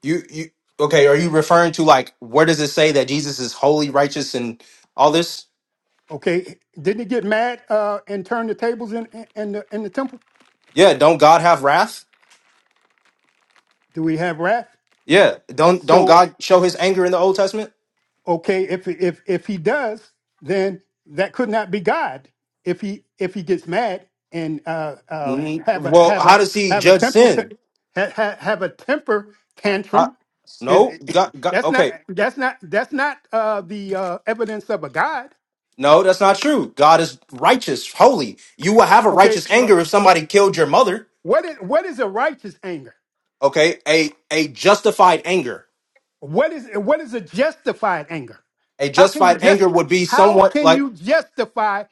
S1: you you okay, are you referring to like where does it say that Jesus is holy, righteous and all this?
S7: Okay, didn't he get mad uh, and turn the tables in, in in the in the temple?
S1: Yeah, don't God have wrath?
S7: Do we have wrath?
S1: Yeah, don't don't
S7: So
S1: God show His anger in the Old Testament?
S7: okay, if if if he does, then that could not be God. If he if he gets mad and uh, uh,
S1: Mm,
S7: have a
S1: Well,
S7: have a
S1: how does He
S7: have a
S1: judge
S7: temple t-
S1: sin?
S7: ha- ha- have a temper
S1: I,
S7: tantrum, is
S1: no, God, God.
S7: that's not
S1: Okay,
S7: that's not that's not uh, the uh, evidence of a God.
S1: no, that's not true. God is righteous, holy. You will have a
S7: Okay,
S1: righteous
S7: wh-
S1: anger if somebody killed your mother.
S7: what is, what is a righteous anger?
S1: Okay, a a justified anger.
S7: What is what is a justified anger?
S1: A
S7: How can you
S1: justified
S7: just
S1: anger would be
S7: how
S1: somewhat
S7: can
S1: like
S7: you justify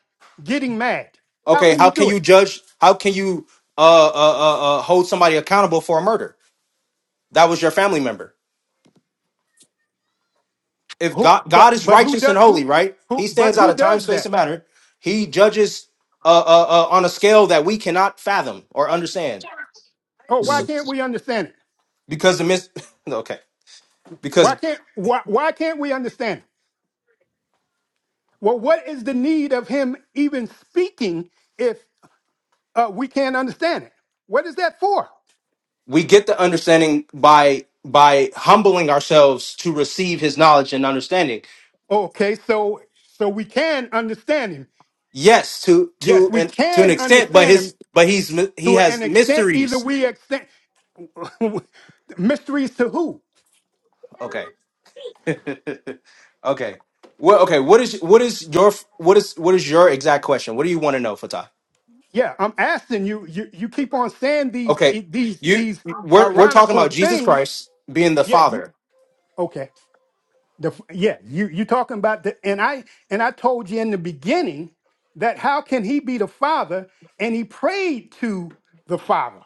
S7: getting mad? How
S1: okay,
S7: can
S1: how
S7: you
S1: can
S7: do it?
S1: you judge? How can you uh uh uh, uh hold somebody accountable for a murder? That was your family member. if
S7: Who
S1: God
S7: but
S1: God is
S7: but who
S1: righteous and
S7: does who
S1: holy, right?
S7: who
S1: He
S7: but
S1: stands out
S7: who
S1: of time,
S7: does
S1: space,
S7: that?
S1: and matter. He judges uh, uh, uh, on a scale that we cannot fathom or understand.
S7: Oh, why
S1: So,
S7: can't we
S2: I'll,
S7: understand it?
S1: because the mis- okay,
S7: Why
S1: because
S7: can't why why can't we understand it? Well, what is the need of him even speaking if uh, we can't understand it? What is that for?
S1: we get the understanding by by humbling ourselves to receive His knowledge and understanding.
S7: Okay, so so we can understand him.
S1: Yes, to
S7: Yes,
S1: to
S7: we
S1: and to an
S7: can
S1: extent, but
S7: understand him
S1: his but he's mi- he
S7: to an
S1: has
S7: extent. Either
S1: mysteries.
S7: we extend mysteries to who?
S1: Okay, okay. What okay? What is what is your what is what is your exact question? What do you want to know, Fatah?
S7: Yeah, I'm asking you. You you keep on saying these
S1: Okay,
S7: e, these
S1: you
S7: these
S1: we're we're talking
S7: ironical
S1: about Jesus
S7: things.
S1: Christ being the
S7: Yeah. You,
S1: Father.
S7: okay. The, yeah. You you talking about the and I and I told you in the beginning that how can he be the father and he prayed to the father?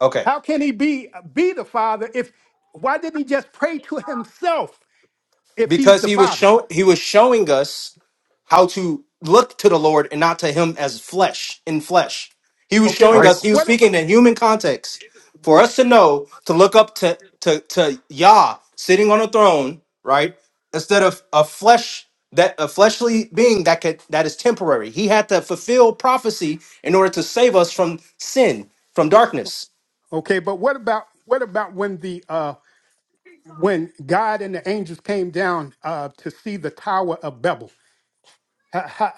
S1: Okay,
S7: How can he be be the father if why didn't he just pray to himself if he's
S1: because
S7: the
S1: he was
S7: father?
S1: show he was showing us how to look to the Lord and not to him as flesh in flesh. He was
S7: Okay,
S1: showing us
S7: what
S1: he was
S7: what
S1: speaking in human context for us to know to look up to to to Yah sitting on a throne, right? Instead of a flesh that a fleshly being that could that is temporary. He had to fulfill prophecy in order to save us from sin, from darkness.
S7: Okay, but what about what about when the uh when God and the angels came down uh to see the Tower of Babel? How how,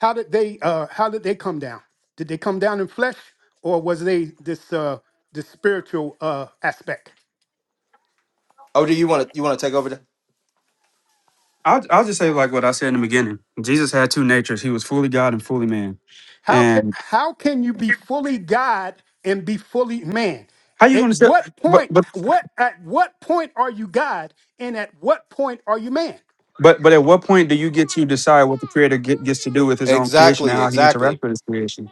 S7: how did they uh how did they come down? Did they come down in flesh or was they this uh this spiritual uh aspect?
S1: Oh, do you want to you want to take over? the-
S2: I'll just say like what I said in the beginning. Jesus had two natures. He was fully God and fully man.
S7: How can
S2: And
S7: how can you be fully God and be fully man?
S2: how you going
S7: At
S2: to say?
S7: what
S2: But
S7: point
S2: but
S7: what at what point are you God and at what point are you man?
S2: but but at what point do you get to decide what the Creator get, gets to do with His own creation and
S1: Exactly,
S2: how He interacts
S1: exactly.
S2: with His creation?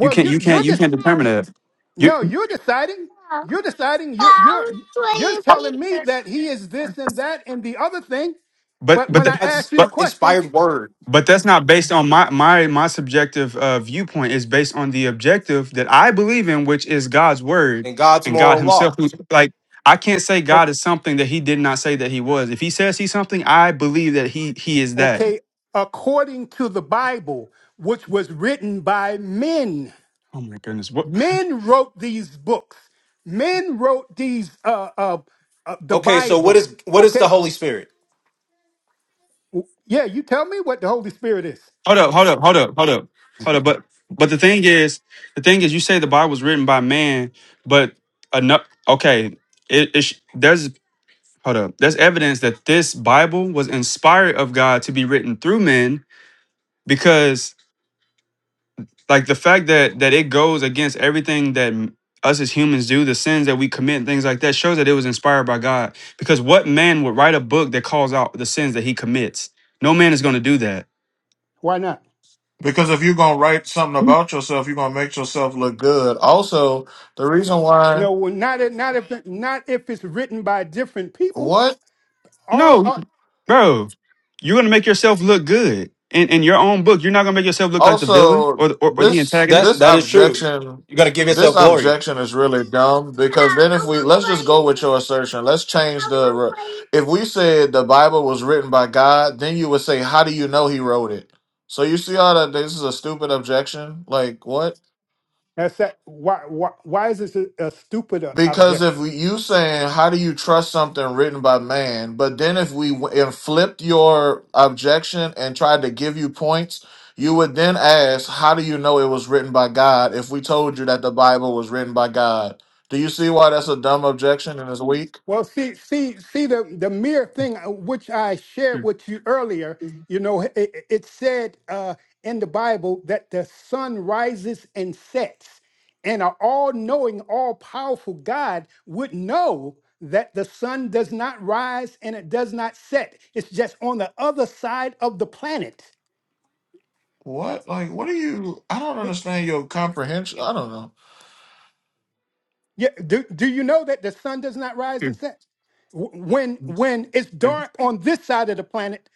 S2: You can't
S7: you
S2: you can't
S7: you're
S2: you can't
S7: this.
S2: determine that. You.
S7: No, you're deciding. You're deciding. You're you're you're telling me that he is this and that and the other thing.
S2: but
S7: But
S2: but
S7: when
S2: th-
S7: I asked
S1: God's
S7: you the
S2: but
S7: question,
S1: inspired word
S2: but that's not based on my my my subjective uh, viewpoint. It's based on the objective that I believe in, which is God's word
S1: and God's
S2: and God
S1: moral
S2: Himself.
S1: law.
S2: who's- Like I can't say
S7: o-
S2: God is something that He did not say that He was. If He says He's something, I believe that He He is that.
S7: okay, according to the Bible, which was written by men,
S2: Oh my goodness! What?
S7: men wrote these books. Men wrote these uh uh, uh the
S1: Okay, so what
S7: Bible.
S1: is what is the
S7: Okay,
S1: Holy Spirit?
S7: W- yeah, you tell me what the Holy Spirit is.
S2: Hold up! Hold up! Hold up! Hold up! Hold up! But but the thing is, the thing is, you say the Bible was written by man, but enough. Okay, it, it sh- there's Hold up. That's evidence that this Bible was inspired of God to be written through men because like the fact that that it goes against everything that m- us as humans do, the sins that we commit and things like that shows that it was inspired by God. Because what man would write a book that calls out the sins that he commits? No man is going to do that.
S7: Why not?
S10: Because if you're gonna write something about yourself, you're gonna make yourself look good. Also, the reason why
S7: No, well, not if not if not if it's written by different people.
S10: what
S7: All,
S2: No,
S7: all
S2: bro. You're going to make yourself look good. In, in your own book, you're not going to make yourself look like the villain
S10: also
S2: or the, or, or the
S10: this
S1: That
S2: antagonist.
S10: this
S1: that is true.
S10: objection
S1: You're gonna give
S10: this
S1: yourself glory.
S10: objection is really dumb because then if we let's just go with your assertion let's change the re- if we said the bible was written by god then you would say how do you know he wrote it so you see how that this is a stupid objection like what
S7: That's that. Why? Why, why is this a, a stupid uh,
S10: Because if
S7: objection?
S10: we- you saying how do you trust something written by man, but then if we w- and flipped your objection and tried to give you points, you would then ask how do you know it was written by God if we told you that the Bible was written by God. Do you see why that's a dumb objection and it's weak?
S7: Well, see, see, see the the mere thing uh, which I shared with you earlier. You know, it, it it said uh, in the Bible that the sun rises and sets, and an all-knowing, all-powerful God would know that the sun does not rise and it does not set. It's just on the other side of the planet.
S10: What? Like what are you I don't understand your comprehension. I don't know.
S7: Yeah, do, do you know that the sun does not rise and
S2: Here,
S7: set? W- When when it's
S2: here.
S7: dark on this side of the planet,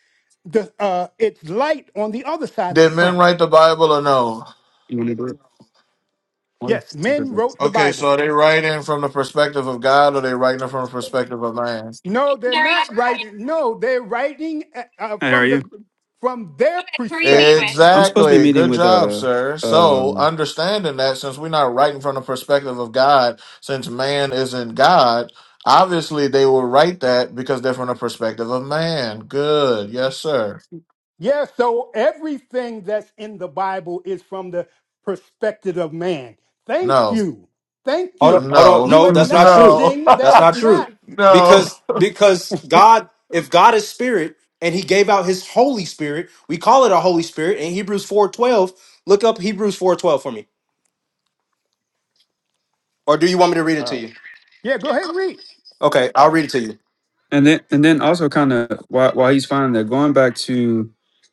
S7: the uh, it's light on the other side of the
S10: Did men
S7: planet.
S10: write the Bible or no?
S7: Yes, men wrote the
S10: Okay, so
S7: Bible.
S10: are they writing from the perspective of God or they writing it from the perspective of man?
S7: No, they're
S2: Gary,
S7: not writing. No, they're writing uh, uh,
S2: Hey, how are
S7: from
S2: you?
S7: the from their
S2: who are you meeting
S7: perspective.
S2: with? I'm supposed to be
S10: Exactly.
S2: meeting
S10: Good
S2: with
S10: job,
S2: uh
S10: sir. So,
S2: um
S10: understanding that since we're not writing from the perspective of God, since man isn't God, obviously they will write that because they're from the perspective of man. Good. Yes, sir.
S7: Yeah, so everything that's in the Bible is from the perspective of man. Thank
S10: No.
S7: you, thank
S1: Hold
S7: you.
S1: on, hold on.
S10: No.
S7: You
S1: No, that's not true.
S10: no.
S7: acknowledging that
S1: That's
S7: it's
S1: not true.
S7: not.
S10: no.
S1: Because because God, if God is spirit and He gave out His Holy Spirit, we call it a Holy Spirit in Hebrews four twelve. Look up Hebrews four twelve for me. Or do you want me to read it to
S10: Uh,
S1: you?
S7: Yeah, go ahead and read.
S1: Okay, I'll read it to you.
S2: and then and then also kind of while while he's finding that going back to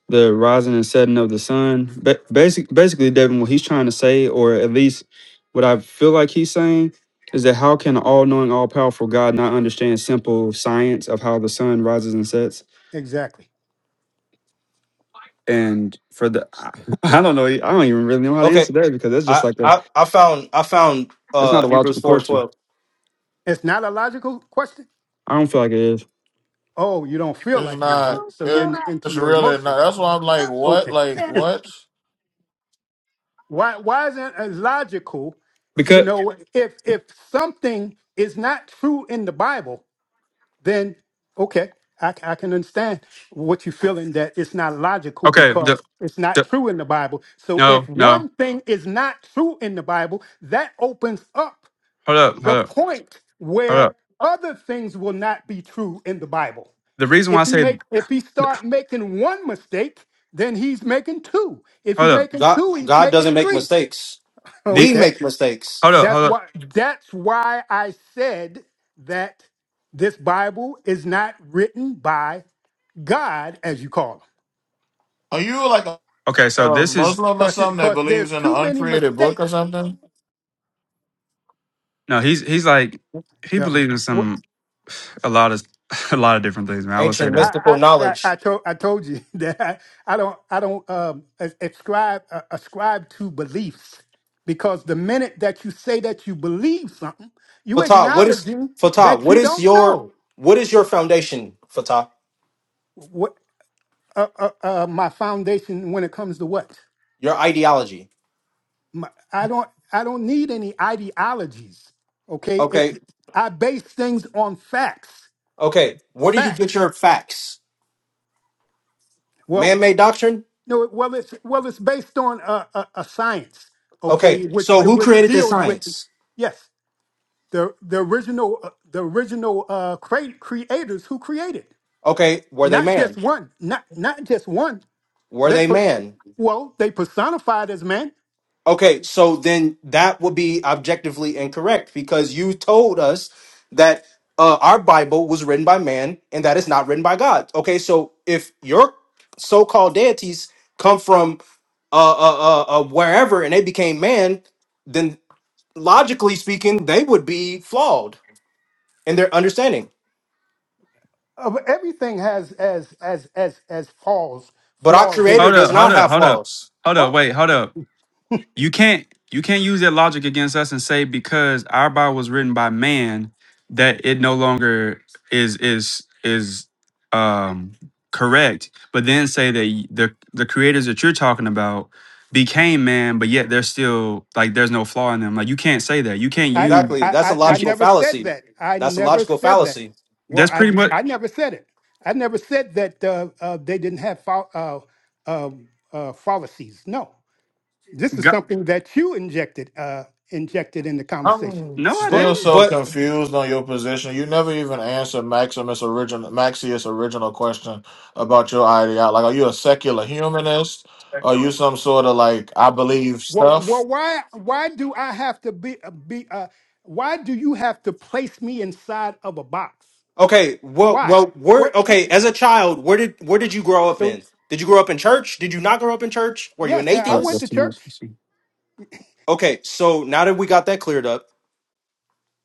S2: the rising and setting of the sun. Ba- basic basically, Devin, what he's trying to say, or at least what I feel like he's saying, is that how can all knowing, all powerful God not understand simple science of how the sun rises and sets?
S7: Exactly.
S2: And for the, I I don't know, I don't even really know how to
S1: Okay,
S2: answer that because that's just
S1: I,
S2: like a
S1: I, I found I found
S2: that's not
S1: uh
S2: a
S1: Hebrews
S2: logical
S1: four
S2: question.
S1: twelve.
S7: It's not a logical question.
S2: I don't feel like it is.
S7: Oh, you don't feel
S10: It's
S7: like it is,
S10: not.
S7: so you're
S10: It-
S7: in, into
S10: It's
S7: your
S10: really not.
S7: emotions. Right.
S10: That's why I'm like, what?
S7: Okay.
S10: Like, what?
S7: Why? Why isn't it logical? You
S2: Because
S7: know, if if something is not true in the Bible, then okay, I, c- I can understand what you're feeling that it's not logical
S2: okay,
S7: because
S2: the,
S7: it's not
S2: the
S7: true in the Bible. So if
S2: no, no.
S7: one thing is not true in the Bible, that opens up
S2: Hold up,
S7: the
S2: hold up,
S7: point
S2: hold
S7: where
S2: up.
S7: other things will not be true in the Bible.
S2: The reason why I
S7: If he
S2: say
S7: make if he start making one mistake, then he's making two. If he
S2: hold up,
S7: making
S1: God
S7: two, he's
S1: God
S7: making
S1: doesn't make
S7: three.
S1: mistakes.
S2: the
S1: We
S7: Okay.
S1: make mistakes.
S2: hold up,
S7: That's
S2: hold up.
S7: why that's why I said that this Bible is not written by God, as you call
S10: Are you like a
S2: Okay, so
S10: a
S2: this is
S10: Muslim or
S7: him.
S10: something that
S7: Because
S10: believes
S7: there's
S10: in
S7: too
S10: the
S7: many
S10: uncreated book
S7: mistakes.
S10: or something?
S2: no. He's he's like he
S7: The-
S2: believes in some a lot of a lot of different things, man. I will say
S1: Ancient
S2: that.
S1: mystical
S7: I I I,
S1: knowledge.
S7: I told I told you that I, I don't I don't um as- ascribe uh, ascribe to beliefs because the minute that you say that you believe something, you
S1: Fatah, what is
S7: acknowledging
S1: Fatah,
S7: that
S1: what
S7: you
S1: is
S7: don't
S1: your
S7: know
S1: what is your foundation, Fatah?
S7: what uh, uh, uh, my foundation when it comes to what
S1: Your ideology.
S7: my, I don't I don't need any ideologies. Okay, it's
S1: Okay.
S7: I base things on facts.
S1: Okay. Where do you get
S7: Facts.
S1: your facts?
S7: Well.
S1: Man made doctrine?
S7: No, it- well, it's well, it's based on a, a, a science,
S1: Okay.
S7: okay, which
S1: So
S7: the,
S1: who
S7: which
S1: created this
S7: deals with
S1: science?
S7: yes, the the original uh, the original uh, cre- creators who created,
S1: Okay, were they
S7: not just
S1: man?
S7: one, not not just one.
S1: Were
S7: They
S1: they
S7: per-
S1: man?
S7: well, they personified as man.
S1: Okay, so then that would be objectively incorrect because you told us that uh, our Bible was written by man and that it's not written by God. Okay, so if your so-called deities come from uh, uh, uh, uh, wherever and they became man, then logically speaking, they would be flawed in their understanding.
S7: Uh, everything has as as as as flaws
S1: But our
S7: flaws in
S1: Creator
S2: Hold
S7: it.
S1: does
S2: up, hold
S1: not
S2: up,
S1: have
S2: hold up,
S1: flaws.
S2: hold
S7: Oh,
S2: up. Wait, hold up. you can't you can't use that logic against us and say because our Bible was written by man that it no longer is is is um correct, but then say that y- the the creators that you're talking about became man, but yet they're still like there's no flaw in them. Like you can't say that. You can't
S7: I,
S2: use
S1: Exactly,
S7: I,
S1: that's a
S7: I,
S2: you
S7: I
S2: can
S1: logical
S7: never said
S1: fallacy.
S7: that. I
S1: That's a
S7: never
S1: logical
S7: said that.
S1: fallacy.
S7: Well,
S2: that's
S7: I,
S2: pretty much
S7: I never said it. I never said that uh, uh, they didn't have fol- uh, um uh, fallacies. No, this is
S2: God.
S7: something that you injected uh, injected in the conversation.
S10: I'm
S2: No, I
S1: But
S10: still
S2: didn't.
S10: so
S1: but
S10: confused on your position. You never even answered Maximus original Maxius original question about your ideology. Like, are you a secular humanist? Are you some sort of like I believe
S7: Well,
S10: stuff?
S7: well, why why do I have to be uh, be? Uh, why do you have to place me inside of a box?
S1: Okay, well,
S7: Why?
S1: well, where?
S7: What? what
S1: Okay, as a child, where did where did you grow up
S7: so
S1: in? Did you grow up in church? Did you not grow up in church? Were you an
S7: yes, I I
S2: All right,
S7: went
S2: that's
S1: atheist?
S7: to
S2: too much.
S7: church.
S2: Let's see.
S1: Okay, so now that we got that cleared up,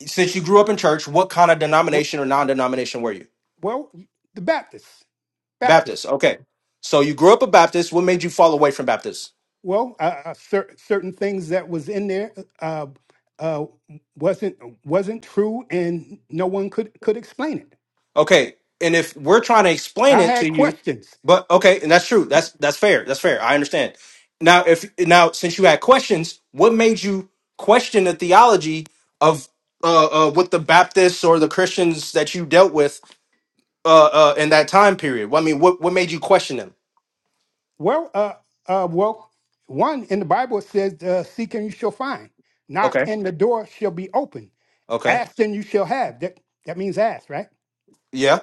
S1: since you grew up in church, what kind of
S7: Wh-
S1: denomination or non-denomination were you?
S7: Well, the Baptists.
S1: Baptist.
S7: Baptists.
S1: Okay, so you grew up a Baptist. What made you fall away from Baptist?
S7: Well, uh, uh, cer- certain things that was in there uh, uh, wasn't wasn't true, and no one could could explain it.
S1: Okay, and if we're trying to explain
S7: I
S1: it
S7: had
S1: to you,
S7: questions.
S1: but okay, and that's true. That's that's fair. That's fair. I understand. Now, if now since you had questions, what made you question the theology of uh, uh, what the Baptists or the Christians that you dealt with uh, uh, in that time period? Well, I mean, what what made you question them?
S7: Well, uh, uh, well, one in the Bible says, uh, "Seek and you shall find; knock
S1: Okay.
S7: and the door shall be open;
S1: Okay.
S7: ask and you shall have." That that means ask, right?
S1: Yeah.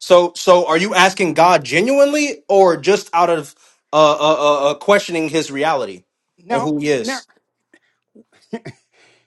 S1: So so are you asking God genuinely or just out of uh, uh, uh, uh, questioning His reality and
S7: Now,
S1: who He is?
S7: now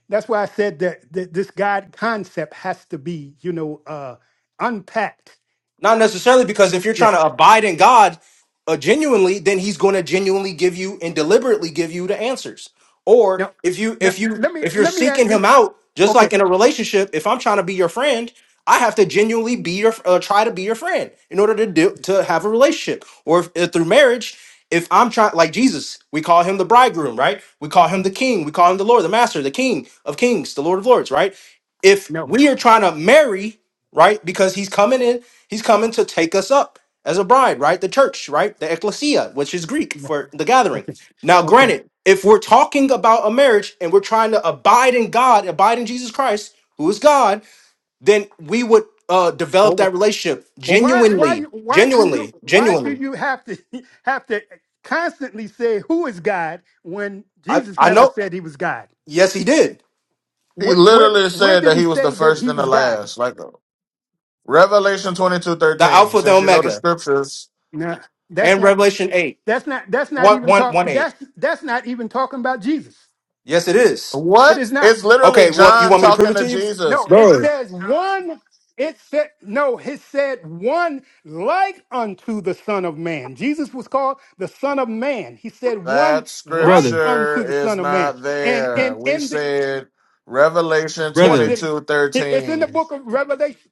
S7: that's why I said that, that this God concept has to be, you know, uh, unpacked.
S1: Not necessarily because if you're
S7: Yes.
S1: trying to abide in God uh, genuinely, then he's going to genuinely give you and deliberately give you the answers. Or
S7: No,
S1: if you
S7: no.
S1: if you
S7: Let me,
S1: if you're
S7: let me. a-
S1: seeking him out, just
S7: Okay,
S1: like in a relationship, if I'm trying to be your friend, I have to genuinely be your uh, try to be your friend in order to do to have a relationship. Or if, if through marriage, if I'm trying like Jesus, we call him the bridegroom, right? We call him the king, we call him the Lord, the master, the king of kings, the Lord of lords, right? If
S7: no,
S1: we are trying to marry right? Because he's coming in. He's coming to take us up as a bride, right? The church, right? The ecclesia, which is Greek
S7: no.
S1: for the gathering.
S7: Okay,
S1: Now,
S7: okay.
S1: granted, if we're talking about a marriage and we're trying to abide in God, abide in Jesus Christ, who is God, then we would uh,
S7: Well,
S1: develop that relationship
S7: well, why, why,
S1: genuinely,
S7: why do you,
S1: genuinely,
S7: why do
S1: genuinely.
S7: you have to have to constantly say who is God when
S1: I,
S7: Jesus
S1: I
S7: never
S1: know.
S7: said he was God?
S1: Yes, he did.
S10: He
S7: Where, where,
S10: literally
S7: where
S10: said
S7: did
S10: that
S7: he
S10: he was the
S7: say that
S10: first
S7: he
S10: and the
S7: was God?
S10: last. Like, Revelation 22
S1: The
S10: 13.
S1: Alpha, the
S10: Since you know the
S1: Omega,
S10: scriptures,
S7: No, that's
S1: and
S7: not.
S1: Revelation eight
S7: That's not. That's not
S1: one
S7: even
S1: one one eight.
S7: talk. That's that's not even talking about Jesus.
S1: Yes, it is.
S7: It
S10: what?
S7: is not.
S10: It's literally
S1: Okay, well, you
S10: John
S1: want me to prove
S10: talking
S1: it
S10: to
S1: to you?
S7: No,
S10: Jesus.
S7: it
S2: Bro,
S7: says one. It said no. It said one like unto the Son of Man. Jesus was called the Son of Man. He said one
S10: That
S7: like
S2: brother,
S10: scripture
S7: unto the
S10: is
S7: Son of Man.
S10: not
S7: And
S10: there.
S7: and
S10: We
S7: in the
S10: said Revelation
S7: yes,
S10: twenty
S2: brother.
S7: it
S10: two
S7: it- it's in
S10: 13.
S7: the book of Revelation.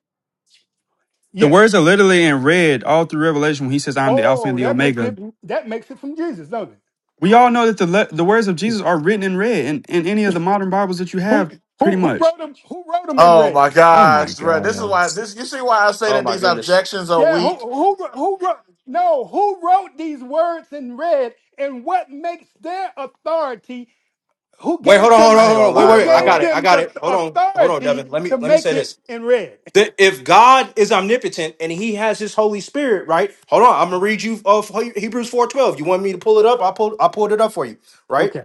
S2: The
S7: Yes.
S2: words are literally in red all through Revelation when he says, I'm the Alpha and
S7: Oh,
S2: the
S7: that makes
S2: Omega.
S7: it that makes it from Jesus, doesn't it?
S2: We all know that the le- the words of Jesus are written in red in, in any of the modern Bibles that you
S7: Who
S2: have, pretty
S7: who who
S2: much.
S7: wrote them? Who wrote them in
S10: Oh
S7: red?
S10: my
S2: Oh my
S10: gosh, bro. This is
S2: God.
S10: why this you see why I say
S1: Oh
S10: that
S1: my
S10: these
S1: goodness.
S10: objections are
S7: Yeah, who
S10: weak.
S7: who wr- who wrote? No, who wrote these words in red? And what makes their authority who
S1: Wait, hold
S7: gave
S1: on, hold
S7: them
S1: on,
S10: I ain't
S1: hold
S10: gonna
S1: on. Wait,
S7: who
S10: lie,
S1: wait. I
S7: gave
S1: got it.
S10: bro.
S1: I
S7: them
S1: got
S7: the
S1: it. Hold on. Hold on,
S7: authority
S1: Devin. Let me
S7: to
S1: let me
S7: make
S1: say
S7: it
S1: this.
S7: in red?
S1: That if God is omnipotent and he has his Holy Spirit, right? Hold on. I'm gonna read you of Hebrews 4:12. You want me to pull it up? I pulled I pulled it up for you, right?
S7: Okay.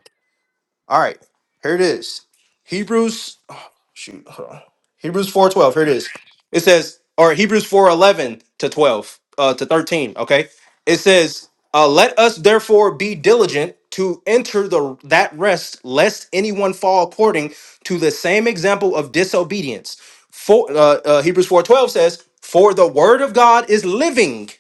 S1: All right, here it is. Hebrews, oh, shoot, hold on. Hebrews four twelve. Here it is. It says, or Hebrews four eleven to twelve, uh, to thirteen. Okay, it says, uh, let us therefore be diligent to enter the that rest, lest anyone fall according to the same example of disobedience. For uh, uh, Hebrews four twelve says, for the word of God is living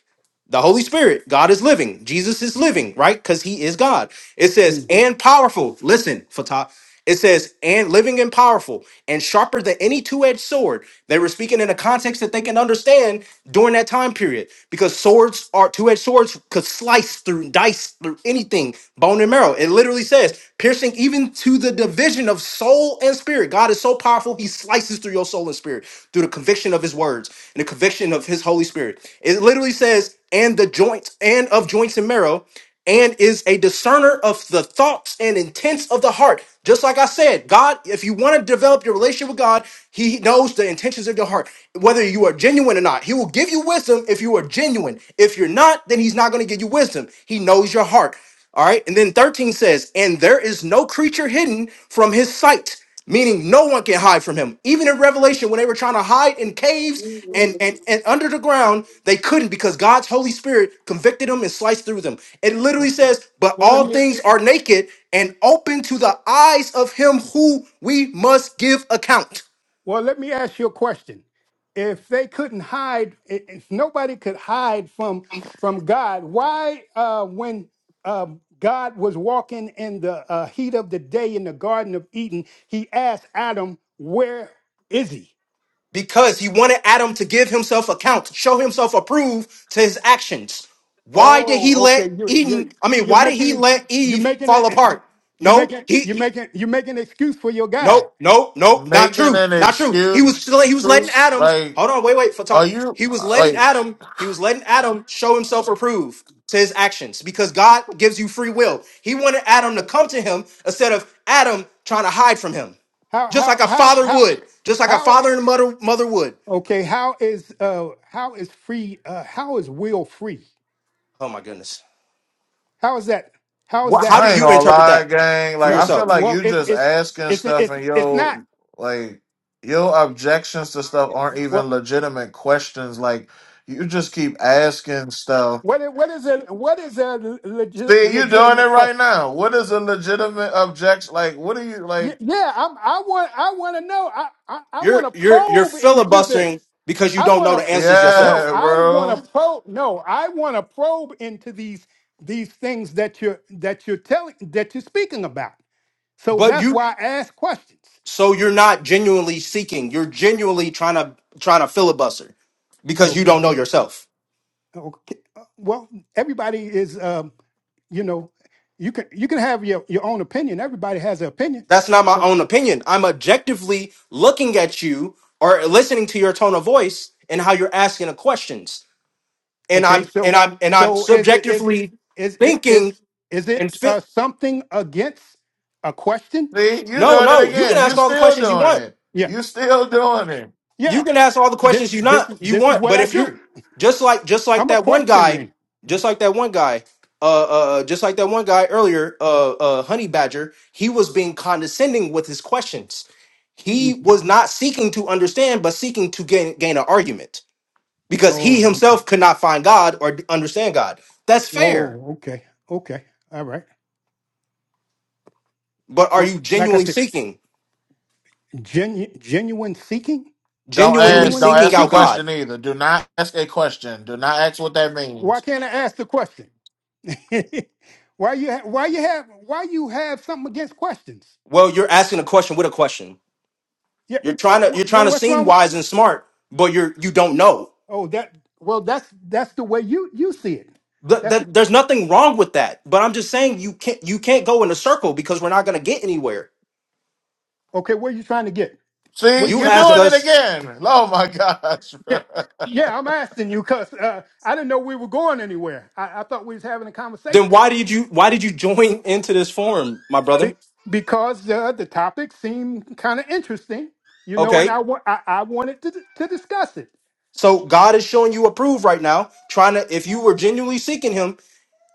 S1: the Holy Spirit, God is living. Jesus is living, right? Because he is God. It says,
S7: Mm.
S1: and powerful. Listen, Fatah. It says, and living and powerful and sharper than any two edged sword. They were speaking in a context that they can understand during that time period because swords are two edged swords could slice through, dice through anything, bone and marrow. It literally says, piercing even to the division of soul and spirit. God is so powerful, he slices through your soul and spirit through the conviction of his words and the conviction of his Holy Spirit. It literally says, and the joints and of joints and marrow and is a discerner of the thoughts and intents of the heart. Just like I said, God, if you want to develop your relationship with God, He knows the intentions of your heart, whether you are genuine or not. He will give you wisdom if you are genuine. If you're not, then He's not going to give you wisdom. He knows your heart. All right. And then 13 says, And there is no creature hidden from His sight meaning no one can hide from him. Even in Revelation, when they were trying to hide in caves and, and, and under the ground, they couldn't because God's Holy Spirit convicted them and sliced through them. It
S7: Well,
S1: literally says, But
S7: well, let
S1: all
S7: me
S1: things are naked and open to the eyes of him who we must give account.
S7: well let me ask you a question. If they couldn't hide, i- if nobody could hide from from God, why uh, when um, God was walking in the uh, heat of the day in the Garden of Eden, He asked Adam, "Where is He?"
S1: Because he wanted Adam to give himself account, show himself approved to his actions. Why did
S7: Oh,
S1: he
S7: okay.
S1: let
S7: You
S1: Eden,
S7: you
S1: I mean,
S7: you're
S1: why did
S7: making
S1: he
S7: ex-
S1: let
S7: you're
S1: Eve
S7: making
S1: fall
S7: it
S1: apart?
S7: you're
S1: No,
S7: making
S1: he
S7: you're making you're making an excuse for your God.
S1: Nope, nope, nope, not
S10: Making
S1: true,
S10: an
S1: not true. He
S10: excuse,
S1: was still, he was letting Adam.
S10: like,
S1: Hold on, wait, wait, for
S10: are
S1: Fatah.
S10: you
S1: He was
S10: uh,
S1: letting
S10: like
S1: Adam. He was letting Adam show himself approved to his actions because God gives you free will. He wanted Adam to come to him instead of Adam trying to hide from him,
S7: How
S1: just like
S7: how
S1: a
S7: how
S1: father
S7: how
S1: would, just like a
S7: how
S1: father
S7: is-
S1: and a mother mother would.
S7: okay, how is uh how is free uh how is will free?
S1: Oh my goodness,
S7: How is that how is
S1: what?
S7: that?
S1: How do
S10: I ain't
S1: you
S10: gonna
S1: interpret
S10: lie,
S1: that
S10: gang.
S1: for
S10: Like I
S7: No. uh,
S10: feel
S1: yourself?
S10: like
S7: Well,
S10: you
S7: it's
S10: just
S7: it's
S10: asking
S7: it's
S10: stuff
S7: it's
S10: and
S7: it's not.
S10: yo like your objections to stuff aren't even
S7: Well,
S10: legitimate questions. Like you just keep asking stuff.
S7: what is, what is a what is a legi-
S10: See, you doing it
S7: legitimate
S10: right
S7: question?
S10: now. What is a legitimate objection? Like, what are you
S7: Y-
S10: like?
S7: Yeah, I'm, I want I want to know. I I, I want
S1: You're
S7: to
S1: you're you're
S7: probe into
S1: filibustering
S7: this.
S1: because you
S7: I
S1: don't
S7: want
S1: know the
S7: to
S1: answers
S7: no.
S1: yourself.
S10: Yeah,
S7: I want
S10: bro.
S7: to probe. No, I want to probe into these these things that you're that you're telling that you're speaking about. So
S1: But
S7: that's
S1: you
S7: why I ask questions.
S1: So you're not genuinely seeking. You're genuinely trying to trying to filibuster because you
S7: Okay.
S1: don't know yourself.
S7: Okay. Uh, Well, everybody is um, you know, you can you can have your your own opinion. Everybody has an opinion.
S1: That's not my
S7: So
S1: own opinion. I'm objectively looking at you or listening to your tone of voice and how you're asking the questions. And
S7: Okay,
S1: I'm and
S7: so
S1: I'm and I'm
S7: so is it is it
S1: subjectively
S7: is it
S1: thinking
S7: is is
S1: and
S7: it
S1: feel
S7: uh, something against a question?
S10: See, you
S1: no,
S10: doing it
S1: no, you can
S10: again. You
S1: ask all the
S10: still
S1: questions you
S10: doing
S1: want.
S10: it.
S7: Yeah,
S10: You still doing it.
S1: you
S7: yeah.
S1: can ask all the
S7: This
S1: questions you
S7: this
S1: not
S7: is
S1: you
S7: this is
S1: want,
S7: what
S1: but
S7: I
S1: if
S7: do.
S1: you're just like just like
S7: I'm a
S1: that one
S7: question
S1: guy,
S7: man.
S1: just like that one guy, uh, uh, uh, just like that one guy earlier, uh, uh, Honey Badger, he was being condescending with his questions. He
S7: Mhm.
S1: was not seeking to understand, but seeking to gain gain an argument because he
S7: Oh, okay.
S1: himself could not find God or understand God. That's fair,
S7: oh, okay, okay, all right.
S1: but are
S7: Well,
S1: you
S7: like I
S1: genuinely
S7: said,
S1: seeking,
S7: genu- genuine seeking,
S10: Don't
S1: genuinely
S10: ask. Don't
S7: genuinely
S1: seeking
S10: ask a
S1: out
S7: seeking.
S1: God?
S10: question either. Do not ask a question. Do not ask what that
S7: Why
S10: means.
S7: can't I ask the question? why you ha- why you have why you have something against questions?
S1: Well, you're asking a question with a question.
S7: Yeah.
S1: You're trying to
S7: wh-
S1: you're
S7: wh-
S1: trying to
S7: what's
S1: seem
S7: wrong?
S1: wise and smart, but you're you don't know.
S7: Oh, that well, that's that's the way you you see it.
S1: That,
S7: That's
S1: that there's nothing wrong with that. But I'm just saying you can't you can't go in a circle because we're not going to get anywhere.
S7: okay. Where you trying to get? Where
S10: See,
S7: you
S1: You
S10: you're
S7: trying to
S1: ask
S10: doing
S7: go?
S10: it
S1: us,
S10: again. Oh my gosh.
S7: Yeah, yeah. I'm asking you because uh, I didn't know we were going anywhere. I, I thought we was having a
S1: then
S7: conversation
S1: why did you why did you join into this forum, my brother?
S7: Be- because uh, the topic seemed kind of interesting, you know, and
S1: Okay,
S7: I want I, I wanted to to discuss it.
S1: so God is showing you approve right now. Trying to if you were genuinely seeking Him,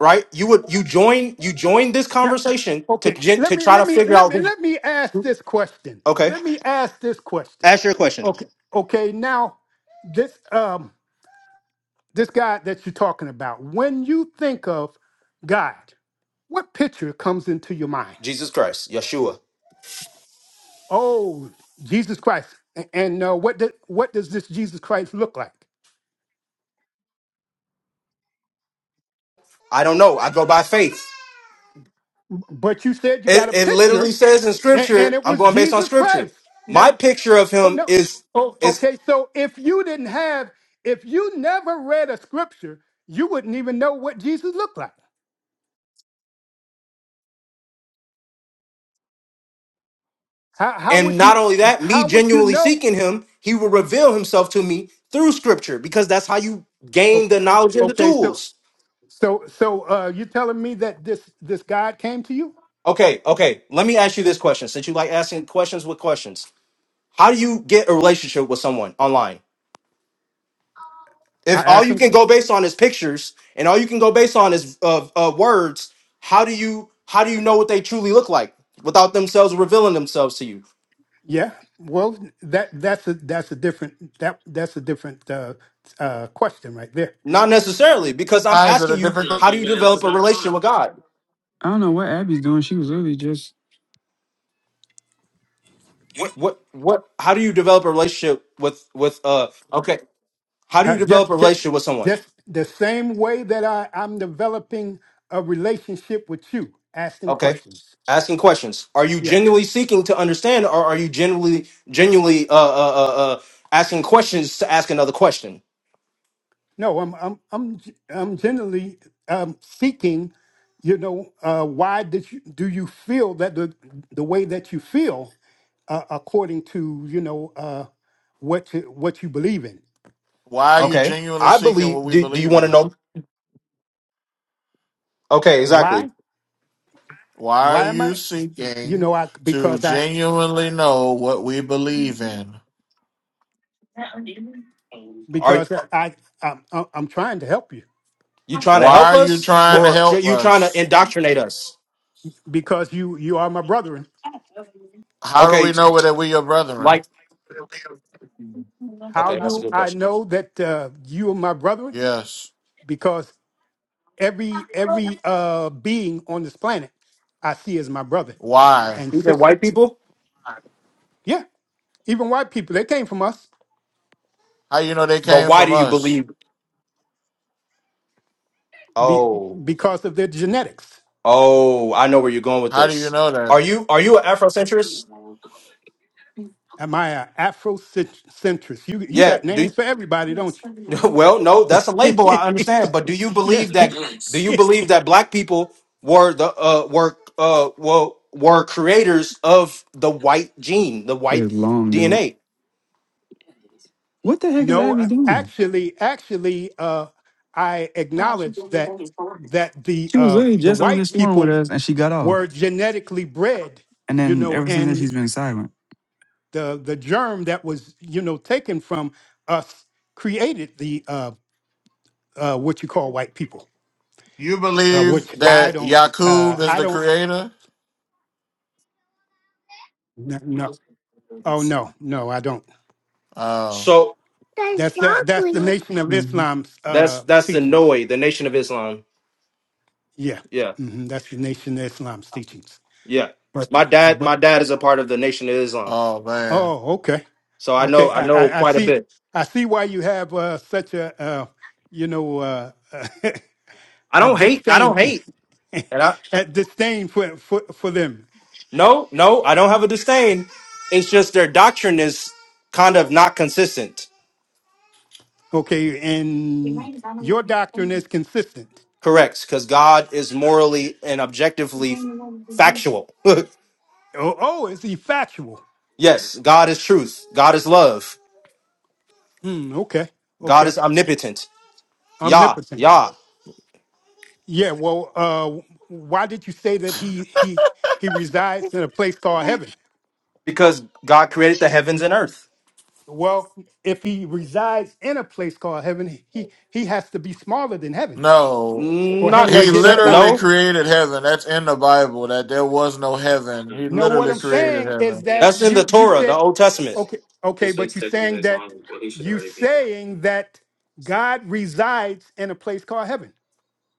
S1: right? You would you join you join this
S7: Now,
S1: conversation to
S7: okay,
S1: gen,
S7: let
S1: to
S7: me
S1: try
S7: let
S1: to
S7: me
S1: figure
S7: let
S1: out
S7: me
S1: who.
S7: let me ask this question.
S1: Okay,
S7: Let me ask this question.
S1: ask your question.
S7: Okay, okay. Now this um. this God that you're talking about, when you think of God, what picture comes into your mind?
S1: Jesus Christ, Yeshua.
S7: Oh, Jesus Christ. A- And uh, what, do- what does this Jesus Christ look like?
S1: I don't know. I go by faith.
S7: But you said you got
S1: It,
S7: a
S1: it literally
S7: picture,
S1: says in
S7: and, and
S1: scripture,
S7: it
S1: I'm
S7: was
S1: going based on
S7: Jesus
S1: scripture.
S7: Christ.
S1: My
S7: Now,
S1: picture of
S7: oh
S1: him
S7: no,
S1: is
S7: oh
S1: is
S7: okay. So if you didn't have, if you never read a scripture, you wouldn't even know what Jesus looked like. How, how
S1: and
S7: would
S1: not
S7: you?
S1: only that, me
S7: How would you
S1: genuinely
S7: know?
S1: seeking him, he will reveal himself to me through scripture because that's how you
S7: O-
S1: gain the knowledge and the
S7: Okay, so
S1: tools.
S7: So, so uh, you're telling me that this this God came to you?
S1: Okay, okay. Let me ask you this question since you like asking questions with questions. How do you get a relationship with someone online?
S7: I
S1: If all
S7: asked
S1: you
S7: him.
S1: can
S7: qu-
S1: go based on is pictures and all you can go based on is uh, uh, words, how do you how do you know what they truly look like without themselves revealing themselves to you?
S7: Yeah. Well, that that's a that's a different that that's a different uh, uh, question right there.
S1: Not necessarily, because I'm
S10: Eyes are the
S1: asking you,
S10: difficult?
S1: how do you develop a relationship with God?
S2: I don't know what Abby's doing. She was literally just
S1: What what how do you develop a relationship with with uh okay, how do you
S7: Uh,
S1: develop
S7: just
S1: a
S7: just
S1: relationship with someone?
S7: just the same way that I I'm developing a relationship with you, asking
S1: Okay.
S7: questions.
S1: Asking questions. Are you
S7: Yes.
S1: genuinely seeking to understand or are you genuinely genuinely uh uh uh, uh asking questions to ask another question?
S7: No, I'm I'm I'm g- I'm generally um, seeking. You know, uh, why did you do you feel that the the way that you feel? uh, according to you know uh, what you, what you believe in.
S10: Why are you
S1: Okay.
S10: genuinely
S1: I
S10: seeking
S1: believe
S10: what we
S1: do, do you
S10: believe
S1: want
S10: in?
S1: to know? Okay, exactly.
S7: Why?
S10: Why are
S7: Why am
S10: you
S7: I? y- You
S10: seeking
S7: know, I
S10: to
S7: because I
S10: genuinely know what we believe in?
S1: Are
S7: because I I'm, I'm uh, I'm trying to help you.
S1: you trying to
S10: Why
S1: help
S10: are you
S1: us
S10: trying to
S1: or
S7: Yes,
S1: tr-
S10: help
S1: you trying to
S10: us?
S1: indoctrinate us?
S7: because you you are my brethren.
S10: How do we
S1: Okay,
S10: know that we are brethren?
S1: like
S7: How
S1: okay, that's a
S7: do
S1: good
S7: I
S1: question.
S7: know that uh, you are my brethren?
S10: Yes.
S7: Because every every uh, being on this planet I see as my brother
S10: Why?
S7: and
S1: Even
S7: sister.
S1: white people
S7: Yeah, even white people they came from us
S10: How you know they
S1: But
S10: came
S1: why
S10: from
S1: do you
S10: us?
S1: believe?
S7: be,
S1: Oh,
S7: because of their genetics.
S1: oh, I know where you're going with
S10: How do you
S1: this.
S10: know that?
S1: Are you are you an Afrocentrist?
S7: Am I an Afrocentrist? You you
S1: Yeah.
S7: got
S1: Do
S7: names for everybody, don't
S1: well, no, that's a
S7: you?
S1: label. I understand, but do you
S7: yeah.
S1: believe that? Do you believe that black people were the uh were uh well were creators of the white gene, the
S2: it
S1: white
S2: was long, dude.
S1: DNA?
S2: What the heck is
S7: No,
S2: Abby doing?
S7: actually, actually, uh, I acknowledge that that the
S2: She was
S7: uh,
S2: literally
S7: the
S2: just on
S7: white
S2: this one with
S7: people
S2: us and she got off.
S7: were genetically bred,
S2: And
S7: you
S2: then
S7: know,
S2: ever since then
S7: and
S2: she's been silent.
S7: the the germ that was you know taken from us created the uh, uh, what you call white people,
S10: You
S7: uh,
S10: believe
S7: which
S1: What?
S7: I
S10: that
S7: don't uh,
S10: Yakub is
S7: I
S10: the
S7: don't
S10: creator?
S7: no, no oh no no I don't
S10: Oh,
S1: So
S2: That's
S7: That's that, that's the
S2: broccoli.
S7: Nation of
S2: Mhm.
S7: Islam's uh,
S1: that's that's the
S7: teachings.
S1: Noi, the Nation of Islam.
S7: Yeah,
S1: Yeah,
S7: hmm that's the Nation of Islam's teachings.
S1: yeah.
S7: But
S1: My dad,
S7: but
S1: my dad is a part of the Nation of Islam,
S10: oh man.
S7: oh, okay,
S1: so I know
S7: okay.
S1: I
S7: I,
S1: know
S7: I, I
S1: quite a
S7: see.
S1: bit.
S7: I see why you have uh, such a uh, you know uh,
S1: I
S7: a
S1: don't hate. I
S7: disdain
S1: don't hate. And I,
S7: a disdain for, for for them.
S1: No, no, I don't have a disdain. It's just their doctrine is kind of not consistent.
S7: Okay, and your doctrine is consistent.
S1: Correct, because God is morally and objectively factual.
S7: Oh, oh, is he factual?
S1: yes, God is truth. God is love.
S7: Hmm, okay,
S1: God
S7: okay.
S1: is omnipotent. Yah,
S7: Omnipotent.
S1: Yah,
S7: Yeah, well, uh, why did you say that he he he resides in a place called heaven?
S1: because God created the heavens and earth.
S7: Well, if he resides in a place called heaven, he he has to be smaller than heaven
S10: No.
S7: for
S1: Not
S7: him to
S10: He
S7: get
S1: necessary.
S10: literally
S7: inside.
S1: No,
S10: created heaven. That's in the Bible that there was no heaven. He
S7: No, what
S10: literally
S7: I'm
S10: created
S7: saying is
S10: heaven.
S7: that
S1: that's in the
S7: you you
S1: Torah, the
S7: said
S1: Old Testament.
S7: okay okay, but you saying that you saying that God resides in a place called heaven.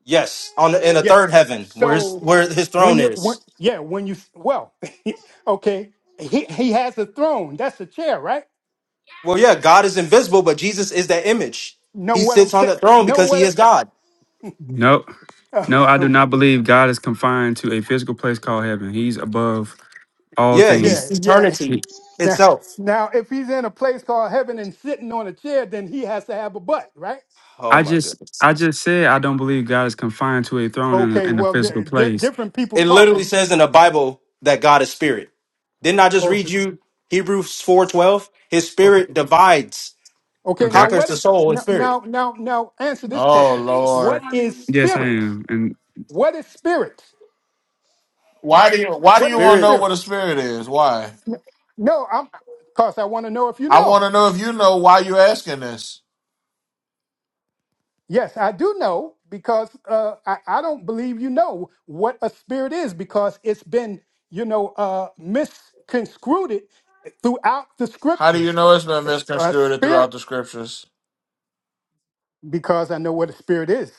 S1: Yes, on the, in the third
S7: Yes.
S1: heaven, where his,
S7: So
S1: where his
S7: when
S1: throne
S7: you when,
S1: is.
S7: yeah when you well okay he he has a throne that's a chair right
S1: Well, yeah, God is invisible, but Jesus is that image.
S7: Know
S1: He
S7: what I'm
S1: sits on
S7: saying?
S1: the throne
S7: Know
S1: because he
S7: what?
S1: is
S7: I'm,
S1: God.
S2: Nope. No, I do
S7: Um,
S2: not believe God is confined to a physical place called heaven. He's above all
S1: Yeah, he's
S7: yeah,
S2: things.
S7: yeah.
S1: eternity
S7: Now,
S1: itself.
S7: now, if he's in a place called heaven and sitting on a chair, then he has to have a butt, right?
S1: Oh
S2: I
S1: my
S2: just
S1: goodness.
S2: I just said I don't believe God is confined to a throne in a,
S7: Okay.
S2: in a
S7: Well, di-
S2: physical
S7: di-
S2: place.
S7: different people
S1: It literally
S7: talking.
S1: says in the Bible that God is spirit. Didn't I just
S7: Oh, it's
S1: read
S7: just-
S1: you Hebrews 4:12? His
S7: okay.
S1: spirit divides,
S7: Okay.
S2: Okay. I-
S7: Now,
S1: conquers
S7: what
S1: the
S7: is
S1: soul and
S7: now?
S1: spirit.
S7: Now, now, now answer this
S10: Oh
S7: question. What
S10: Lord.
S7: is
S2: yes, I
S7: spirit?
S2: am. And.
S7: What is spirit?
S10: Why do you why do
S7: What
S10: you
S7: is the
S10: want to know
S1: Spirit.
S7: spirit?
S10: what a spirit is? Why?
S7: No, I'm. Cause I want to know if you
S10: I want
S7: know.
S10: to know if you know why you asking this.
S7: Yes, I do know because uh, I, I don't believe you know what a spirit is because it's been, you know, uh, misconstrued throughout the
S10: How do you
S7: scriptures.
S10: know it's been
S7: It's a
S10: misconstrued
S7: spirit,
S10: throughout the scriptures?
S7: because I know what a spirit is.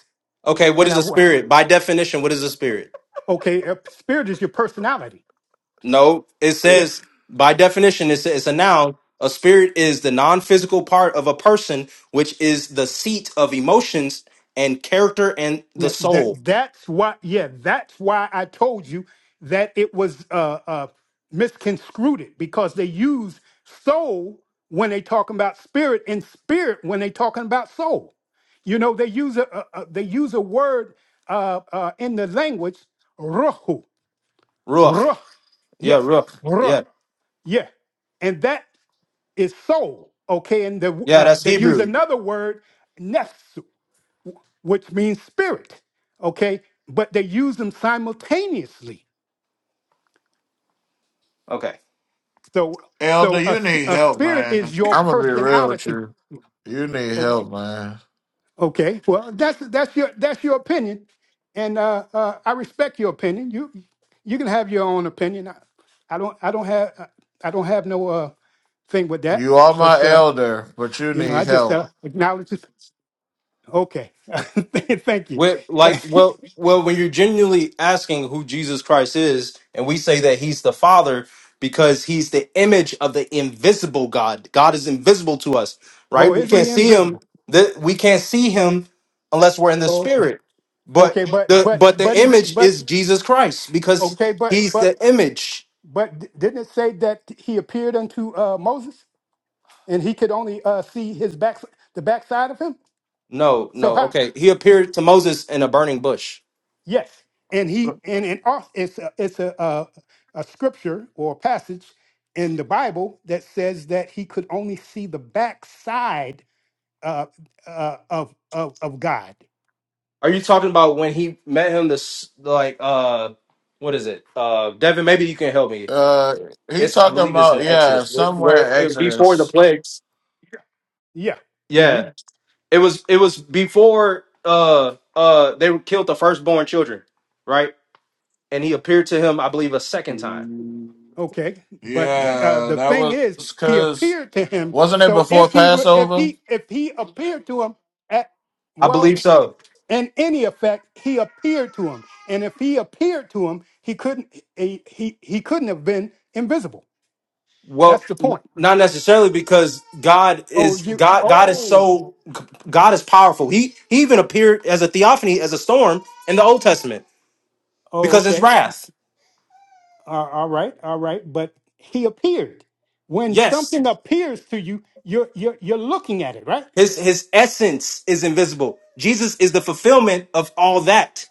S1: Okay, what
S7: And
S1: is
S7: I,
S1: a
S7: wa-
S1: spirit? By definition, what is a spirit?
S7: okay, a spirit is your personality.
S1: No, it
S7: Yes.
S1: says by definition it's it's a noun. A spirit is the non-physical part of a person which is the seat of emotions and character and the
S7: Th- that
S1: soul.
S7: that's why yeah that's why i told you that it was uh uh misconstrued it, because they use soul when they talking about spirit and spirit when they talking about soul you know they use a, a, a they use a word uh uh in the language ruhu
S1: Ruach.
S7: ruh
S1: Yeah,
S7: yes
S1: ruach.
S7: ruh
S1: Yeah.
S7: yeah and that is soul okay and the
S1: Yeah,
S7: uh,
S1: that's
S7: they use
S1: Hebrew.
S7: another word nefs which means spirit. Okay, but they use them simultaneously.
S1: Okay.
S7: So,
S10: Elder,
S7: so a,
S10: you
S7: s-
S10: need
S7: a
S10: help,
S7: spirit
S10: man.
S7: is your
S10: I'm gonna be real with
S7: personality.
S10: you. You need help, man.
S7: Okay, well that's that's your that's your opinion, and uh, uh, I respect your opinion. You you can have your own opinion. I, I don't I don't have I don't have no uh, thing with that.
S10: You are
S7: But
S10: my
S7: uh,
S10: elder, but you
S7: you know, I
S10: need
S7: just
S10: help.
S7: uh, acknowledge it. Okay, thank you.
S1: We're, like, well, well, when you're genuinely asking who Jesus Christ is, and we say that he's the Father because he's the image of the invisible God. God is invisible to us,
S7: oh,
S1: right? We
S7: is
S1: can't
S7: he
S1: see him.
S7: invisible?
S1: That we can't see him unless we're in the Spirit. But
S7: Okay, but
S1: the
S7: but
S1: but the
S7: but he
S1: image
S7: but
S1: is Jesus Christ because
S7: Okay, but
S1: he's
S7: but
S1: the image.
S7: but d- didn't it say that he appeared unto uh, Moses and he could only uh, see his back the backside of him?
S1: No,
S7: So
S1: no.
S7: how?
S1: Okay, he appeared to Moses in a burning bush.
S7: Yes, and he and and also it's a, it's a, a a scripture or a passage in the Bible that says that he could only see the backside uh, uh, of, of of God.
S1: Are you talking about when he met him? This like uh, what is it? Uh, Devin, maybe you can help me.
S10: Uh, he
S1: It's I
S10: talking
S1: believe it's in
S10: about yeah,
S1: Exodus.
S10: somewhere in Exodus.
S1: Legs.
S7: Yeah. mm-hmm.
S1: Yeah, it was. It was before uh uh they killed the firstborn children, right? And he appeared to him, I believe, a second time.
S7: Okay, but uh,
S10: Yeah,
S7: the
S10: that
S7: thing
S10: was
S7: is, he
S10: because
S7: appeared to him.
S10: wasn't it
S7: So
S10: before
S7: if he would, if
S10: Passover?
S7: he if he appeared to him at
S1: I
S7: well,
S1: believe so.
S7: in any effect, he appeared to him, and if he appeared to him, he couldn't he he, he couldn't have been invisible.
S1: Well,
S7: That's the
S1: n-
S7: point.
S1: not necessarily because God
S7: Oh,
S1: is
S7: you
S1: God. God is
S7: oh
S1: so God is powerful. He he even appeared as a theophany as a storm in the Old Testament
S7: oh
S1: because his
S7: okay,
S1: wrath.
S7: uh, all right, all right, but he appeared. When
S1: Yes,
S7: something appears to you, you're you're you're looking at it, right?
S1: His his essence is invisible. Jesus is the fulfillment of all that.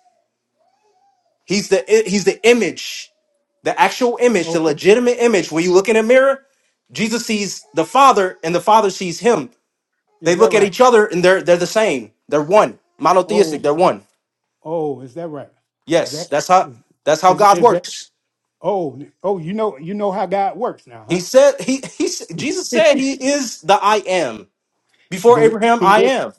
S1: He's the he's the image, the actual image, the
S7: Okay,
S1: legitimate image. When you look in a mirror, Jesus sees the Father and the Father sees him. They
S7: is that
S1: look at
S7: right?
S1: each other and they're they're the same. They're one. Monotheistic,
S7: Oh.
S1: they're one.
S7: Oh, is that right? Is
S1: Yes,
S7: that
S1: that's how that's how
S7: is
S1: God
S7: is that?
S1: works.
S7: Oh, oh, you know, you know how God works now,
S1: He
S7: huh?
S1: said he he s- Jesus said he is the I am. Before
S7: that
S1: Abraham,
S7: he
S1: I
S7: is
S1: am.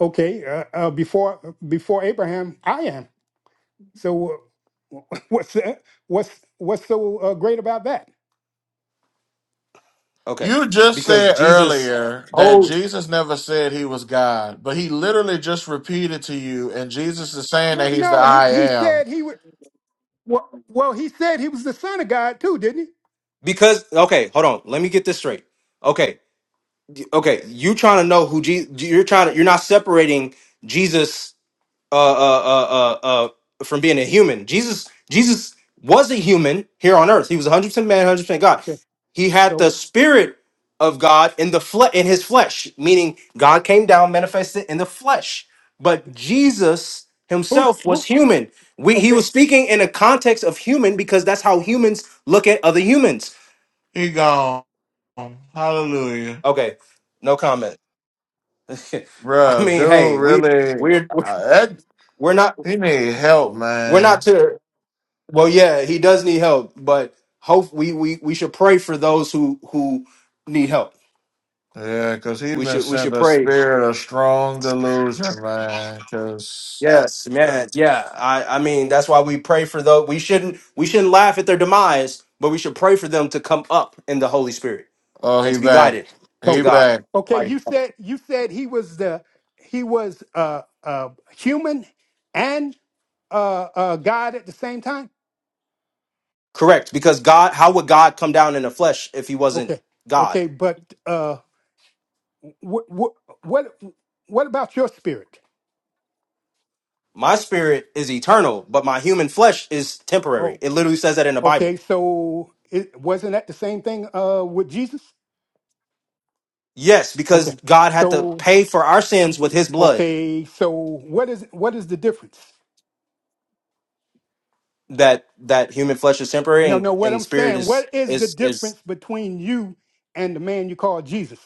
S7: okay. Uh, uh, before before Abraham, I am. So uh, what's that? what's what's so uh, great about that?
S1: Okay.
S10: You just
S1: Because
S10: said
S1: Jesus
S10: earlier that Jesus never said he was God, but he literally just repeated to you, and Jesus is saying
S7: No,
S10: that he's the
S7: no, he
S10: I
S7: he
S10: am.
S7: said he would. Well, well, he said he was the son of God too, didn't he?
S1: Because okay, hold on. Let me get this straight. Okay, y- okay. You trying to know who Jesus? You're trying to. You're not separating Jesus uh, uh, uh, uh, uh, from being a human. Jesus, Jesus was a human here on earth. He was 100 percent man, 100 percent God.
S7: Okay.
S1: He had the
S7: So
S1: spirit of God in the fle- in his flesh, meaning God came down, manifested in the flesh. But Jesus
S7: who's
S1: himself was
S7: who?
S1: human. We, he
S7: Okay.
S1: was speaking in a context of human because that's how humans look at other humans.
S10: He gone. Hallelujah.
S1: Okay, no comment. I
S10: Bruh,
S1: mean, hey,
S10: dude,
S1: we
S10: really?
S1: we're
S10: uh, that
S1: we're not
S10: He need help,
S1: we're not
S10: man.
S1: to well, yeah, he does need help, but hope we we we should pray for those who who need help.
S10: Yeah, cause he
S1: We
S10: been
S1: should we
S10: sent
S1: should
S10: a
S1: pray.
S10: spirit of strong delusion, man. Cause
S1: Yes, man. Yeah, I I mean that's why we pray for those. We shouldn't we shouldn't laugh at their demise, but we should pray for them to come up in the Holy Spirit
S10: oh,
S1: and
S10: he
S1: to be
S10: back,
S1: guided to
S10: he
S7: Okay.
S1: God.
S10: back.
S7: Okay.
S1: Right.
S7: You said you said he was the he was uh uh human and uh uh God at the same time.
S1: Correct, because God, how would God come down in the flesh if He wasn't
S7: Okay.
S1: God?
S7: Okay. But uh, what what what what about your spirit?
S1: My spirit is eternal, but my human flesh is temporary.
S7: Oh.
S1: It literally says that in the
S7: Okay.
S1: Bible.
S7: So it wasn't that the same thing uh with Jesus?
S1: Yes,
S7: Okay.
S1: because God had to
S7: So
S1: pay for our sins with his blood.
S7: okay. So what is what is the difference?
S1: That that human flesh is temporary
S7: No,
S1: and,
S7: no. What
S1: and
S7: I'm
S1: spirit
S7: saying,
S1: is
S7: what is the
S1: is is
S7: difference between you and the man you call Jesus?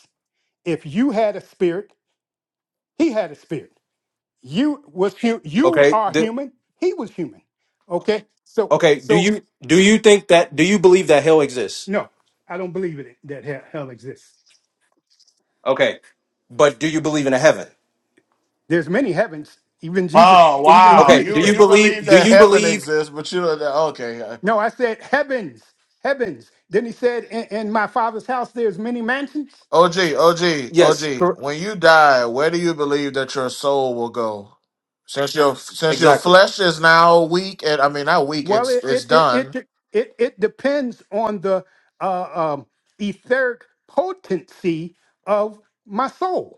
S7: If you had a spirit He had a spirit. You was hu- you
S1: okay.
S7: are
S1: Do,
S7: human. He was human. Okay. So
S1: okay, do
S7: so
S1: you do you think that do you believe that hell exists?
S7: no, I don't believe it that hell, hell exists.
S1: Okay. But do you believe in a heaven?
S7: There's many heavens. Even Jesus
S10: Oh
S7: even
S10: wow,
S1: Okay,
S7: Jesus
S1: do
S10: you
S1: you
S7: said.
S10: you believe
S1: believe do
S10: that
S1: you
S10: heaven
S1: believe
S10: exists, but you don't. Okay,
S7: No, I said heavens, heavens. Then he said, "In, in my Father's house, there's many mansions."
S10: O g o g o
S1: yes,
S10: g.
S1: cor-
S10: When you die, where do you believe that your soul will go? Since your since your
S1: exactly.
S10: flesh is now weak, and I mean not weak,
S7: Well,
S10: it's
S7: it
S10: it's
S7: it it
S10: done.
S7: it it, it depends on the uh, um, etheric potency of my soul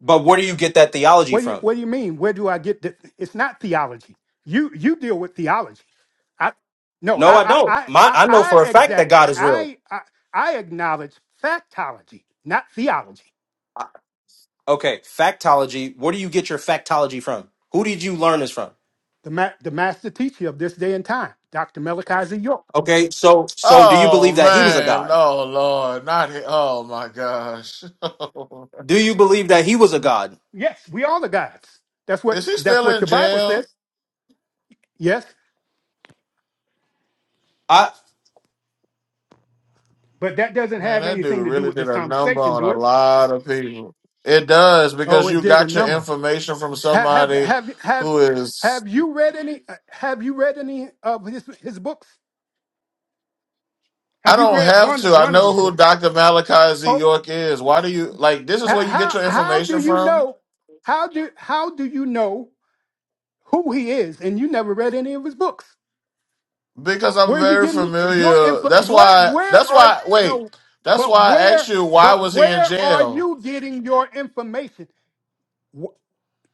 S1: But where do you get that theology
S7: What do you,
S1: from?
S7: what do you mean? Where do I get the, it's not theology. You you deal with theology. I no,
S1: No, I
S7: I I
S1: don't.
S7: I
S1: My
S7: I
S1: I know for a
S7: I
S1: fact that
S7: exact
S1: God is real.
S7: I I, I acknowledge factology, not theology.
S1: Okay, factology. Where do you get your factology from? Who did you learn this from?
S7: The ma- the master teacher of this day and time, Dr. Malachi Z. York.
S1: Okay, so so do you
S10: Oh
S1: believe that he was a
S10: man,
S1: god?
S10: oh lord, not he- oh my gosh.
S1: Do you believe that he was a god?
S7: Yes, we are the gods. That's what
S10: Is he
S7: that's
S10: still
S7: what
S10: in
S7: your Bible
S10: jail?
S7: says. Yes,
S1: I
S7: but that doesn't
S10: Man,
S7: have
S10: that dude
S7: anything to do
S10: really
S7: with
S10: did
S7: this
S10: a number
S7: conversation,
S10: on
S7: do
S10: a
S7: it?
S10: lot of people. It does
S7: Oh,
S10: because
S7: it
S10: you
S7: did a
S10: got your
S7: number.
S10: information from
S7: Have have
S10: somebody
S7: have have
S10: who is.
S7: have you read any? uh, Have you read any of his his books?
S10: I
S7: Have you
S10: don't
S7: read
S10: have
S7: one
S10: to. I
S7: one of
S10: know
S7: his
S10: who
S7: books?
S10: Dr. Malachi Z.
S7: Oh,
S10: York is. Why do you like? This is
S7: h-
S10: where you get
S7: how
S10: your
S7: how do
S10: information
S7: you
S10: from
S7: know? How do how do you know who he is? And you never read any of his books.
S10: because I'm
S7: Where are you
S10: very
S7: getting your
S10: familiar.
S7: info?
S10: That's
S7: Where
S10: why.
S7: where
S10: That's
S7: are
S10: why. Wait.
S7: no?
S10: That's
S7: But
S10: why I asked
S7: where
S10: you. Why
S7: but
S10: was he in
S7: where are
S10: jail?
S7: you getting your information? Wh-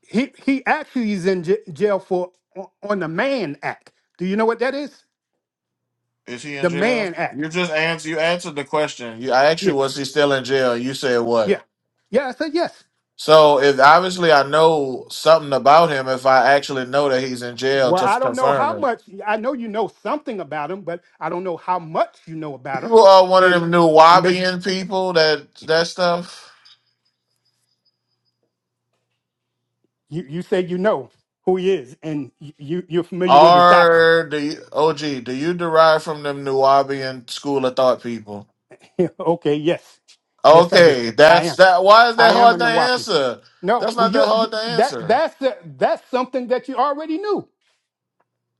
S7: He he actually is in j- jail for on on the Mann Act. Do you know what that is?
S10: Is he in
S7: The
S10: jail?
S7: Mann Act.
S10: You just answered. You answered the question. You, I asked you,
S7: Yes.
S10: was he still in jail? You said what?
S7: Yeah. Yeah. I said yes.
S10: So if obviously I know something about him, if I actually know that he's in jail
S7: Well,
S10: to
S7: I
S10: f-
S7: don't know
S10: confirm
S7: how
S10: it,
S7: much. I know you know something about him, but I don't know how much you know about him.
S10: you are one of
S7: And
S10: them new
S7: and bas-
S10: Wabian people that that stuff.
S7: you you say you know who he is, and y- you you're familiar with his doctrine.
S10: Or do you, OG? Do you derive from them new Wabian school of thought people?
S7: okay, yes, yes, I do.
S10: Okay,
S7: I
S10: that's
S7: am.
S10: that. Why is
S7: I
S10: that
S7: am
S10: hard
S7: a
S10: to
S7: Nawapi.
S10: answer?
S7: No,
S10: That's
S7: well,
S10: not that
S7: you're, you
S10: hard to
S7: that
S10: answer.
S7: that's the, that's something that you already knew.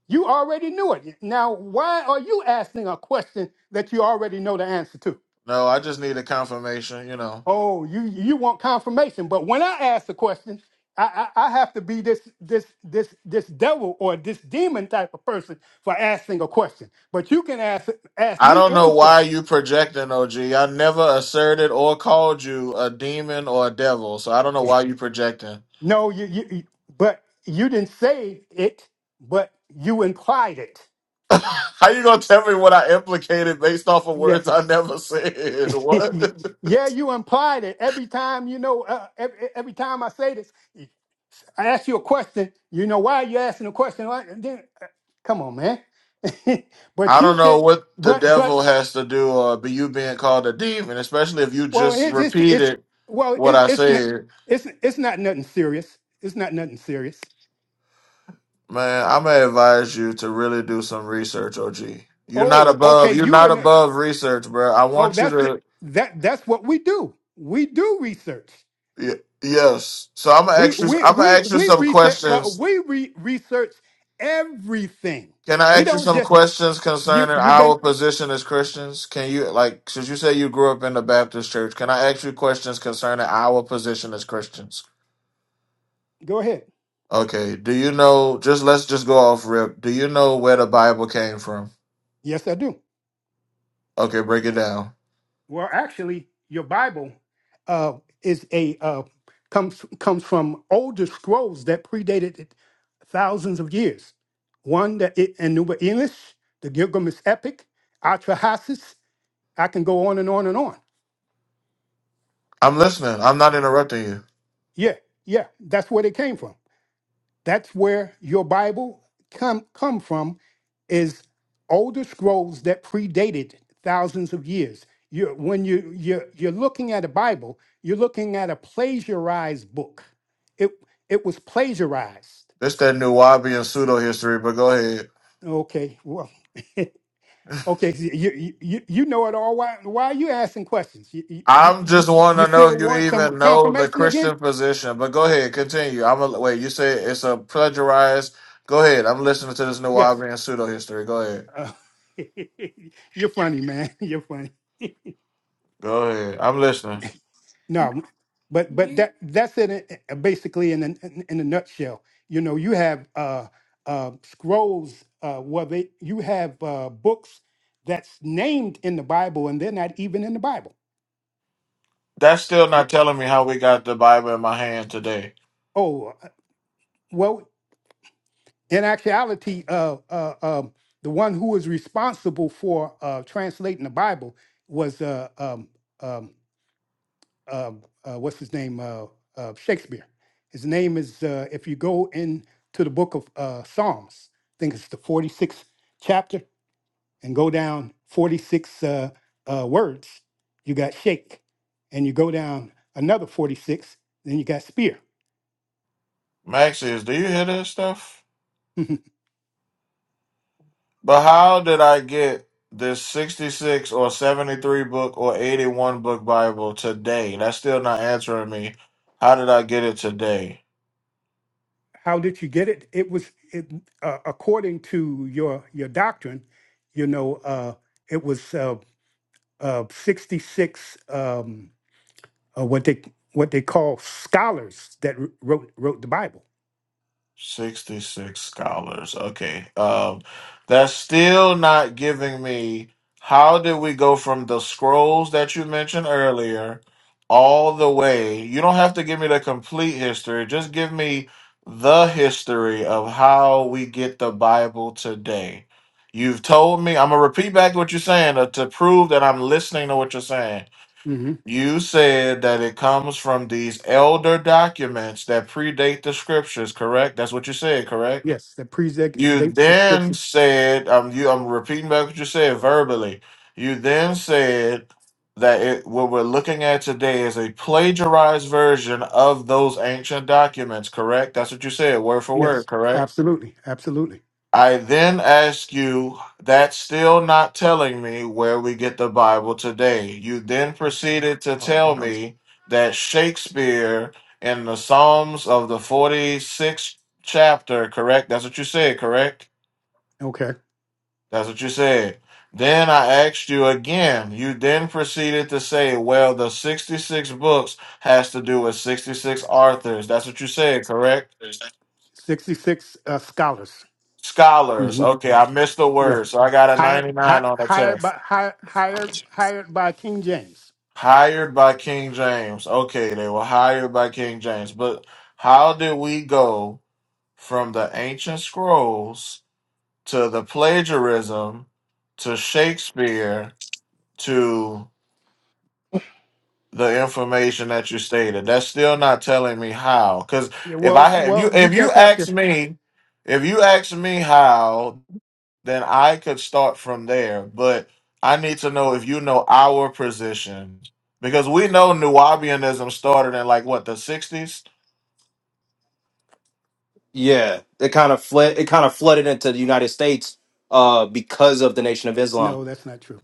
S7: You already knew it. Now, why are you asking a question that you already know the answer to?
S10: No, I just need a confirmation. You know.
S7: Oh, you you want confirmation, but when I ask the question, I, I I have to be this this this this devil or this demon type of person for asking a question. But you can ask ask
S10: I
S7: me
S10: don't know
S7: any
S10: why
S7: question.
S10: you projecting, OG. I never asserted or called you a demon or a devil, so I don't know why you projecting.
S7: No, you you, you but you didn't say it, but you implied it.
S10: How you gonna tell me what I implicated based off of words
S7: Yes.
S10: I never said? What?
S7: yeah, you implied it every time. You know, uh, every, every time I say this, I asked you a question. You know why you're asking a question? Why- then- uh, Come on, man. but
S10: I
S7: you
S10: don't know
S7: can.
S10: what the
S7: But
S10: devil
S7: but
S10: has to do or be you being called a demon, especially if you
S7: well,
S10: just
S7: it's it's, it's
S10: repeated
S7: well,
S10: what
S7: it's
S10: I
S7: it's not
S10: said.
S7: it's it's not nothing serious. It's not nothing serious.
S10: Man, I'm gonna advise you to really do some research, OG. You're not
S7: Oh, okay.
S10: above. You're
S7: You
S10: not
S7: and the-
S10: above research, bro. I
S7: oh,
S10: want you
S7: that's
S10: to.
S7: it. that that's what we do. We do research.
S10: Y- yes. So I'm gonna
S7: We
S10: ask you.
S7: we
S10: I'm gonna
S7: we
S10: ask you
S7: we
S10: some
S7: research, but
S10: questions.
S7: we re- research everything.
S10: Can I
S7: We
S10: ask you
S7: don't
S10: some
S7: just
S10: questions
S7: you.
S10: concerning
S7: You've been
S10: our position as Christians? Can you like since you say you grew up in the Baptist church? Can I ask you questions concerning our position as Christians?
S7: go ahead.
S10: Okay. Do you know? Just let's just go off rip. Do you know where the Bible came from?
S7: Yes, I do.
S10: Okay, break it down.
S7: Well, actually, your Bible uh, is a uh, comes comes from older scrolls that predated it thousands of years. One that it, Nuba Elish, the Gilgamesh epic, Atrahasis. I can go on and on and on.
S10: I'm listening. I'm not interrupting you.
S7: Yeah, yeah, that's where they came from. That's where your Bible come come from is older scrolls that predated thousands of years. You when you you're, you're looking at a Bible, you're looking at a plagiarized book. It it was plagiarized.
S10: This that new Wabi and pseudo history, but go ahead.
S7: Okay, well, okay, so you, you you you know it all. Why why are you asking questions? You you you,
S10: I'm
S7: you
S10: just want
S7: you
S10: to know
S7: still
S10: if you
S7: want some
S10: even know the
S7: confirmation again?
S10: Christian position. But go ahead, continue. I'm a, wait. You say it's a plagiarized. Go ahead. I'm listening to this new
S7: Yes.
S10: and pseudo history. Go ahead.
S7: Uh, you're funny, man. You're funny.
S10: Go ahead. I'm listening.
S7: No, but but that that's in it uh, basically in a, in a nutshell. You know, you have uh, uh, scrolls uh, where they you have uh, books that's named in the Bible and they're not even in the Bible.
S10: That's still
S7: Yep.
S10: not telling me how we got the Bible in my hand today.
S7: Oh uh, well, in actuality, uh, uh, um, the one who was responsible for uh, translating the Bible was uh, um, um, uh, uh, what's his name? Uh, uh, Shakespeare. His name is, uh, if you go into the book of uh, Psalms, I think it's the 46th chapter, and go down 46 uh, uh, words, you got shake. And you go down another 46, then you got spear.
S10: Maxius, do you hear this stuff? But how did I get this 66 or 73 book or 81 book Bible today? That's still not answering me. How did I get it today?
S7: How did you get it? It was it, uh, according to your your doctrine, you know, uh, it was uh, uh, 66. Um, uh, what they what they call scholars that wr- wrote wrote the Bible.
S10: 66 scholars. Okay. Um, that's still not giving me how did we go from the scrolls that you mentioned earlier all the way. You don't have to give me the complete history, just give me the history of how we get the Bible today. You've told me, I'm going to repeat back what you're saying uh, to prove that I'm listening to what you're saying.
S7: hmm
S10: You said that it comes from these elder documents that predate the scriptures, correct? That's what you said, correct?
S7: Yes, that
S10: You
S7: predates the
S10: then
S7: scriptures.
S10: said, um, you I'm repeating back what you said verbally. You then said that it, what we're looking at today is a plagiarized version of those ancient documents, correct? That's what you said, word for
S7: Yes,
S10: word, correct?
S7: absolutely, absolutely.
S10: I then ask you, that's still not telling me where we get the Bible today. You then proceeded to tell me that Shakespeare in the Psalms of the 46th chapter, correct? That's what you said, correct?
S7: Okay,
S10: That's what you said. Then I asked you again. You then proceeded to say, well, the 66 books has to do with 66 authors. That's what you said, correct?
S7: sixty six uh, scholars.
S10: Scholars.
S7: hmm
S10: Okay, I missed the
S7: Yeah,
S10: word, so I got a
S7: hired hi,
S10: 99 on the
S7: hired
S10: test.
S7: by hi, hired hired by King James.
S10: Hired by King James. Okay, they were hired by King James. But how did we go from the ancient scrolls to the plagiarism to Shakespeare to the information that you stated? That's still not telling me how. Because
S7: Yeah,
S10: if I
S7: well,
S10: had if you
S7: well, you
S10: if you
S7: just have
S10: ask
S7: to.
S10: me if you ask me how then I could start from there. But I need to know if you know our position because we know Nubianism started in like what the '60s.
S1: yeah, it kind of fled. It kind of flooded into the United States uh, because of the Nation of Islam.
S7: No, that's not true.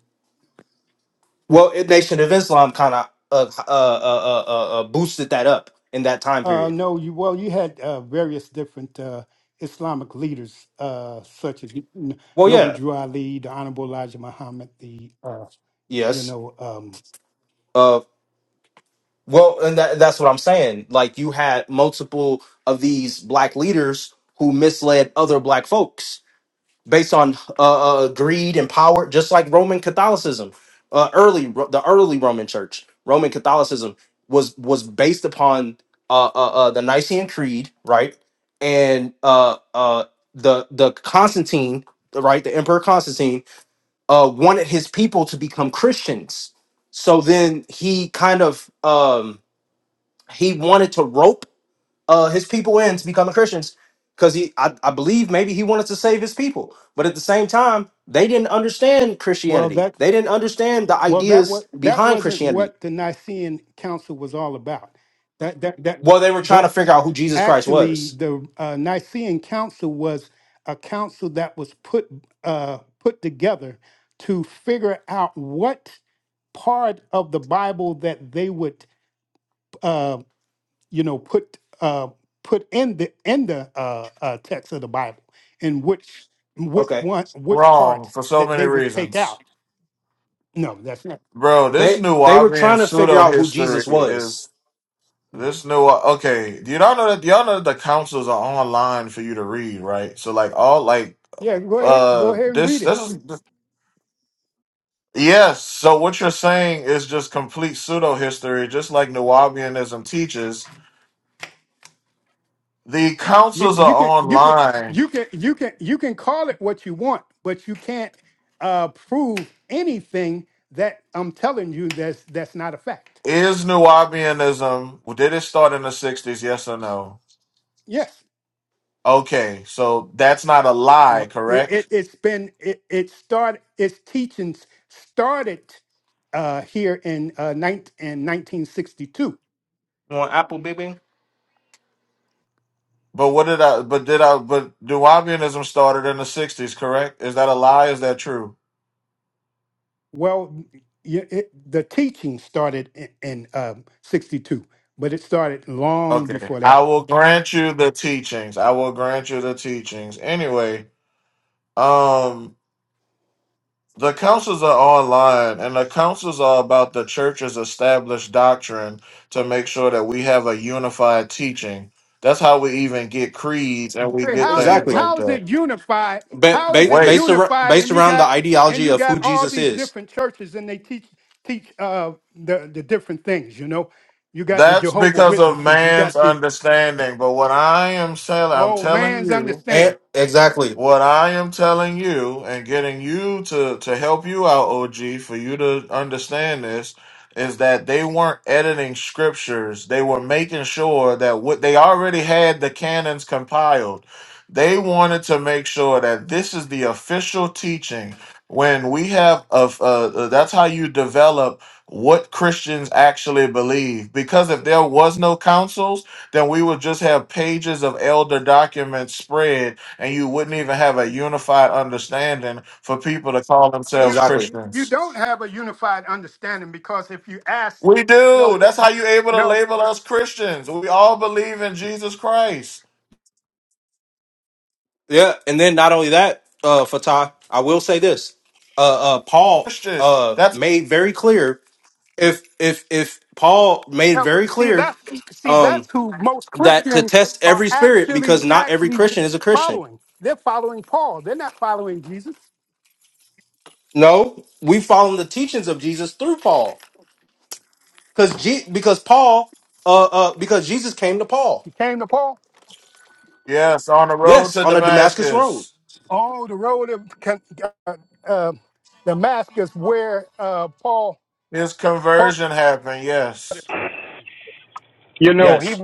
S1: Well, it, Nation of Islam kind of uh, uh, uh, uh, uh, boosted that up in that time
S7: Uh,
S1: period.
S7: no, you well, you had uh, various different uh, Islamic leaders, uh, such as N-
S1: Well,
S7: Noble
S1: yeah,
S7: Drew Ali, the Honorable Elijah Muhammad, the uh, you
S1: yes.
S7: know, um,
S1: uh, Well, and that, that's what I'm saying. Like you had multiple of these black leaders who misled other black folks based on uh, uh, greed and power, just like Roman Catholicism. Uh, early, the early Roman Church, Roman Catholicism was was based upon uh, uh, uh, the Nicene Creed, right? And uh, uh, the the Constantine, right? The Emperor Constantine uh, wanted his people to become Christians. So then he kind of. Um, he wanted to rope uh, his people in to becoming Christians because he, I, I believe, maybe he wanted to save his people. But at the same time, they didn't understand
S7: well
S1: Christianity.
S7: that
S1: They didn't understand the
S7: well that
S1: ideas
S7: was that
S1: behind
S7: wasn't
S1: Christianity.
S7: what the Nicene Council was all about. That that that
S1: Well, they were trying to
S7: well,
S1: figure out who Jesus Christ
S7: actually,
S1: was.
S7: the uh, Nicene Council was a council that was put uh, put together to figure out what part of the Bible that they would uh, you know put uh put in the in the uh, uh text of the bible and which which
S1: Okay,
S7: one which
S10: Wrong
S7: parts
S10: for so
S7: that
S10: many
S7: they would take
S10: reasons,
S7: out no that's not
S10: bro. This
S1: they they were
S10: Nubian
S1: trying to figure
S10: pseudo
S1: out who Jesus
S10: history
S1: was.
S10: is
S7: Mm.
S10: this new. Okay, you do not know that y'all know that the councils are online for you to read, right? So like all like
S7: yeah go ahead go
S10: uh
S7: ahead and read
S10: this
S7: it
S10: this is yes. So what you're saying is just complete pseudo history, just like Nubianism teaches The
S7: you,
S10: councils are
S7: you can you can
S10: online.
S7: you can you can you can call it what you want but you can't uh prove anything that i'm telling you that's that's not a fact
S10: Is Nubianism, did it start in the 60s? Yes or no?
S7: yes
S10: Okay, so that's not a
S7: Yeah.
S10: lie,
S7: It, it,
S10: correct?
S7: it's been it, it started its teachings started uh, here in uh, nine in 1962.
S1: You want Apple, baby?
S10: But what did I, but did I, but Nubianism started in the 60s, correct? Is that a lie? Is that true?
S7: Well, y- it, the teaching started in, in um, 62, but it started long
S10: Okay,
S7: before
S10: I
S7: that.
S10: will grant you the teachings. I will grant you the teachings. Anyway, um. The councils are online, and the councils are about the church's established doctrine to make sure that we have a unified teaching. That's how we even get creeds and we
S7: Okay,
S10: get
S7: how's
S10: things
S7: it
S1: Exactly.
S10: like
S7: how's
S10: that.
S7: it unified?
S1: Ba-
S7: How is
S1: ba-
S7: it
S10: Wait,
S1: based around
S7: unified?
S1: based
S7: And you
S1: around the
S7: got and
S1: ideology
S7: you
S1: of
S7: got
S1: who
S7: all
S1: Jesus
S7: these
S1: is.
S7: different churches, and they teach teach uh, the the different things. You know, you got the
S10: that's
S7: Jehovah
S10: because of
S7: Witnesses, you
S10: man's
S7: got the
S10: understanding. But what I am saying, I'm
S7: old
S10: telling
S7: man's
S10: you.
S1: And
S7: understanding.
S1: exactly,
S10: What I am telling you and getting you to to help you out, OG, for you to understand this is that they weren't editing scriptures. They were making sure that what they already had the canons compiled. They wanted to make sure that this is the official teaching. When we have of uh, uh, that's how you develop what Christians actually believe. Because if there was no councils, then we would just have pages of elder documents spread and you wouldn't even have a unified understanding for people to call themselves
S7: you
S1: exactly.
S7: you
S10: Christians.
S7: don't have a unified understanding because if you ask
S10: We
S7: no
S10: do. That's how you're able to
S7: no
S10: label us Christians. We all believe in Jesus Christ.
S1: Yeah, and then not only that, uh, Fatah, I will say this: uh, uh, Paul
S10: Christians.
S1: uh,
S10: That's
S1: made very clear if if if Paul made
S7: no
S1: very
S7: see
S1: clear
S7: that's see
S1: um,
S7: that's who most
S1: that to
S7: christians
S1: test
S7: are
S1: every spirit
S7: actually
S1: because not every
S7: actually
S1: Christian is a Christian.
S7: following they're following paul they're not following jesus
S1: No, we follow the teachings of Jesus through Paul because G- because Paul uh, uh, because Jesus came to Paul.
S7: he came to paul
S10: yes, on the road
S1: Yes,
S10: to
S1: on the Damascus Road.
S10: Damascus.
S7: oh the road of Can- uh, uh, damascus where uh, paul
S10: His
S7: paul
S10: conversion happened, yes.
S7: You know,
S1: Yes,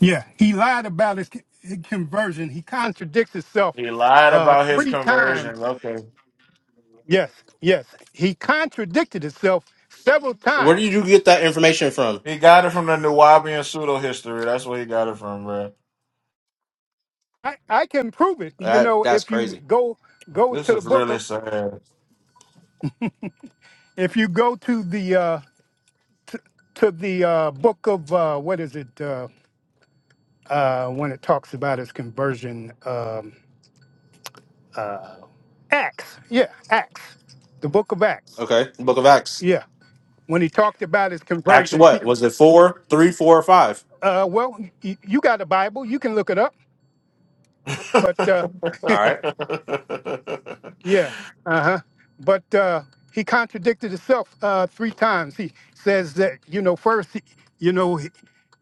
S7: yeah, he lied about his con- his conversion. He contradicts himself
S10: He lied
S7: uh,
S10: about his
S7: three
S10: conversion.
S7: times
S10: Okay.
S7: Yes, yes. He contradicted himself several
S1: where did
S7: times.
S1: you get that information from?
S10: He got it from the Nuwabian pseudo history. That's where he got it from, bro.
S7: I, I can prove it. You
S1: That
S7: know,
S1: that's
S7: if you
S1: crazy.
S7: go go
S10: This
S7: to the
S10: is
S7: book
S10: really
S7: of
S10: sad.
S7: if you go to the uh to, to the uh book of uh what is it uh uh when it talks about his conversion um Acts. Yeah, Acts. The book of Acts.
S1: Okay, Book of Acts.
S7: Yeah. When he talked about his
S1: Acts
S7: conversion, see,
S1: what? Was it four, three, four, or five?
S7: uh well, you, you got a Bible, you can look it up, but uh
S1: All right.
S7: Yeah. Uh huh. But uh, he contradicted himself uh, three times. He says that you know first, he, you know he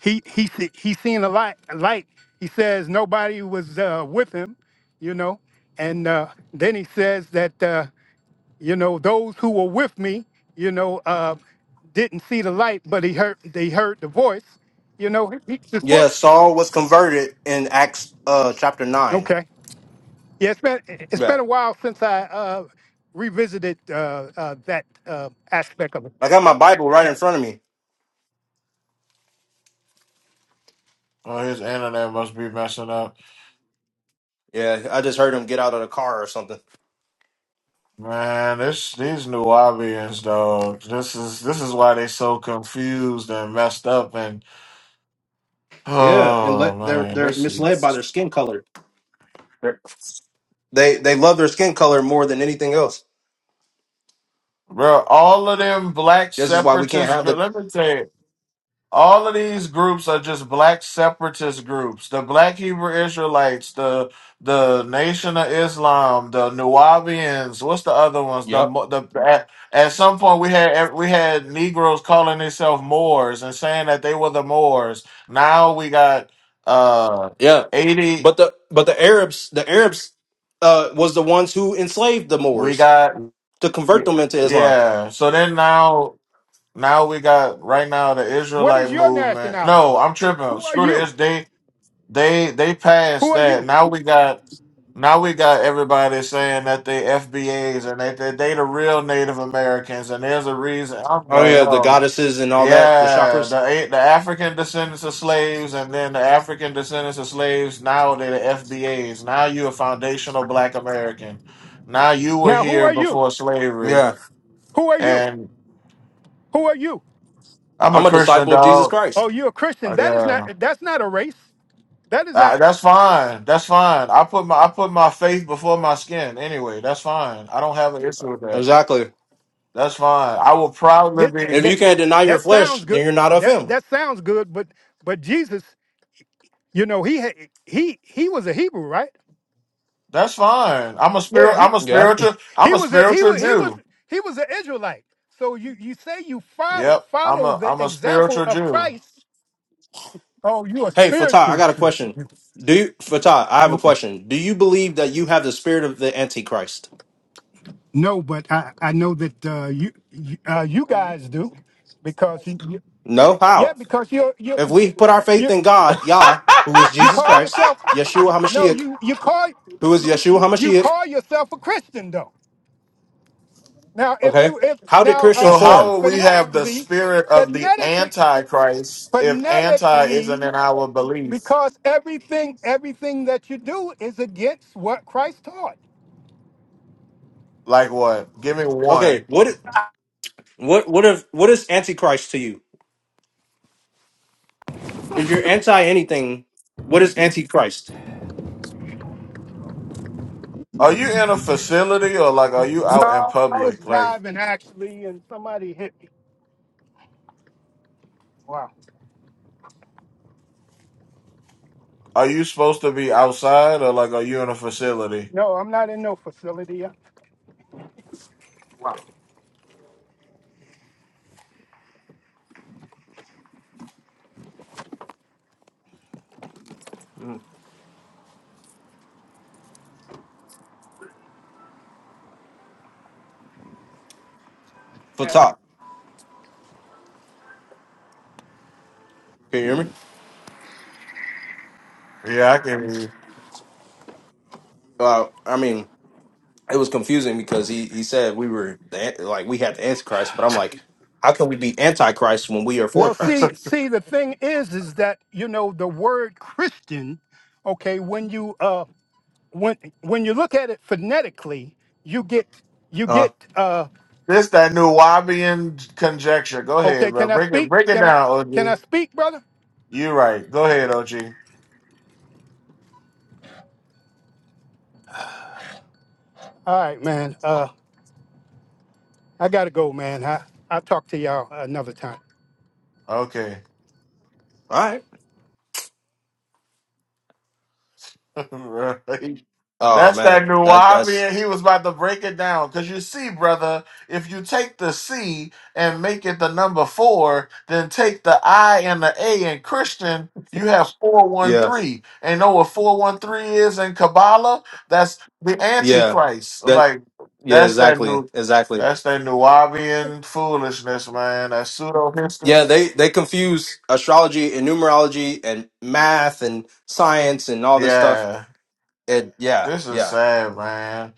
S7: he he se- he seen a light. A light. He says nobody was uh, with him. You know, and uh, then he says that uh, you know those who were with me. You know, uh, didn't see the light, but he heard they heard the voice. You know, he, he's full.
S1: Yeah,
S7: Of,
S1: Saul was converted in Acts uh chapter nine.
S7: okay. Yeah, it's been it's
S1: Yeah.
S7: been a while since I uh, revisited uh, uh, that uh, aspect of it.
S1: I got my Bible right in front of me.
S10: Oh, his internet must be messing up.
S1: Yeah, I just heard him get out of the car or something.
S10: Man, this these new Nubians, dog. This is this is why they so confused and messed up. And
S1: Yeah, and
S10: oh
S1: let they're
S10: man,
S1: they're
S10: this
S1: misled by their
S10: is
S1: skin color. They they love their skin color more than anything else.
S10: bro. All of them black
S1: This is why we can't
S10: separatists.
S1: have the
S10: Let me tell you. All of these groups are just black separatist groups. The black Hebrew Israelites, the the Nation of Islam, the Nuwabians. What's the other ones? The
S1: Yep.
S10: Mo- the at, at some point we had we had Negroes calling themselves Moors and saying that they were the Moors. Now we got uh
S1: Yeah.
S10: eighty.
S1: But the but the Arabs the Arabs uh was the ones who enslaved the
S10: We
S1: Moors
S10: got
S1: to convert them into Islam.
S10: yeah. So then now now we got right now the
S7: What is
S10: Israelite
S7: your
S10: movement. No,
S7: nationality?
S10: I'm tripping.
S7: Who are
S10: Screw the
S7: you?
S10: Is. They they
S7: Who
S10: passed
S7: are
S10: that.
S7: you?
S10: Now we got now we got everybody saying that they FBAs and that they, they, the real Native Americans and there's a reason. I'm
S1: Oh
S10: like,
S1: yeah, the
S10: oh
S1: goddesses and all that, the
S10: yeah,
S1: chakras.
S10: the A- the African descendants of slaves and then the African descendants of slaves. Now they're the FBAs. Now you a foundational Black American. Now you were
S7: Now, who
S10: here
S7: are you?
S10: before
S1: yeah.
S10: slavery,
S7: Who are you?
S10: and
S7: Who are you?
S10: I'm a
S1: I'm a
S10: Christian
S1: disciple of Jesus
S10: dog.
S7: Oh,
S1: Christ.
S7: you're a Christian. That is not. That's not a race. That is
S10: Uh,
S7: not.
S10: that's fine. That's fine. I put my I put my faith before my skin. Anyway, that's fine. I don't have an issue with that.
S1: Exactly.
S10: That's fine. I will proudly
S7: It, that
S10: be.
S1: If you
S7: that
S1: can't deny your
S7: that
S1: flesh,
S7: sounds
S1: then
S7: good.
S1: you're not of
S7: That
S1: him.
S7: that sounds good. But but Jesus, you know, he had- he he was a Hebrew, right?
S10: That's fine. I'm a
S7: Yeah,
S10: spirit.
S7: he
S10: I'm a
S1: Yeah.
S10: spiritual. I'm
S7: he
S10: a
S7: was a, he
S10: spiritual
S7: was he was
S10: Jew.
S7: he was an Israelite. So you you say you follow
S10: Yep. I'm
S7: follow
S10: a
S7: the
S10: I'm a
S7: example
S10: spiritual
S7: of
S10: Jew.
S7: Christ. Oh, you a
S1: Hey, Fatah, I
S7: spiritual
S1: got a
S7: true.
S1: question. Do you Fatah, I have a
S7: Okay.
S1: question. Do you believe that you have the spirit of the Antichrist?
S7: No, but I I know that uh, you you, uh, you guys do because you, you
S1: No?
S7: yeah
S1: How?
S7: because you you
S1: If we put our faith
S7: you
S1: in God, Yah, who is
S7: you
S1: Jesus
S7: call
S1: Christ,
S7: yourself
S1: Yeshua
S7: no
S1: HaMashiach,
S7: you you call
S1: who is Yeshua
S7: you
S1: HaMashiach,
S7: call yourself a Christian though. Now if
S1: okay?
S7: you if
S1: How did
S7: now uh,
S1: Christians
S10: so
S7: ph-
S10: how
S1: form?
S10: will we have the
S7: phonetically
S10: spirit of the
S7: phonetically
S10: Antichrist if anti isn't
S7: phonetically
S10: in our belief?
S7: Because everything, everything that you do is against what Christ taught.
S10: Like what? Give me
S1: Okay,
S10: one.
S1: what what what if what is Antichrist to you? If you're anti anything, what is Antichrist?
S10: Are you in a facility or like are you out in
S7: No, I was
S10: public? Like.
S7: driving actually, and somebody hit me. Wow.
S10: Are you supposed to be outside or like are you in a facility?
S7: No, I'm not in no facility. Wow.
S1: Mm.
S7: Yeah.
S1: Fatah, can you hear me?
S10: Yeah, I can hear you.
S1: uh, I mean, it was confusing because he he said we were the, like we had the antichrist, but I'm like, how can we be antichrist when we are for
S7: Well,
S1: Christ?
S7: see, see, the thing is, is that you know the word Christian. Okay, when you uh, when when you look at it phonetically, you get you
S1: Uh,
S7: get uh.
S10: This that new Wabian conjecture. Go ahead,
S7: Okay,
S10: bro.
S7: can I
S10: Break it
S7: speak?
S10: break it
S7: Can I
S10: down,
S7: can I
S10: OG.
S7: speak, brother?
S10: You right. Go ahead, OG.
S7: All right, man. Uh, I gotta go, man. I I'll talk to y'all another time.
S10: Okay.
S1: all right. Oh
S10: That's
S1: man,
S10: that new
S1: that that's
S10: and He was about to break it down. Because you see, brother, if you take the C and make it the number four, then take the I and the A in Christian, you have
S1: yeah,
S10: 413. And know what 413 is in Kabbalah? That's the
S1: yeah,
S10: Antichrist. I'm
S1: that
S10: like,
S1: yeah,
S10: that's that
S1: exactly,
S10: new.
S1: exactly.
S10: That's that Nubian foolishness, man. That pseudo
S1: Yeah,
S10: history.
S1: they they confuse astrology and numerology and math and science and all this stuff.
S10: Yeah.
S1: And yeah,
S10: This is
S1: yeah,
S10: sad, man.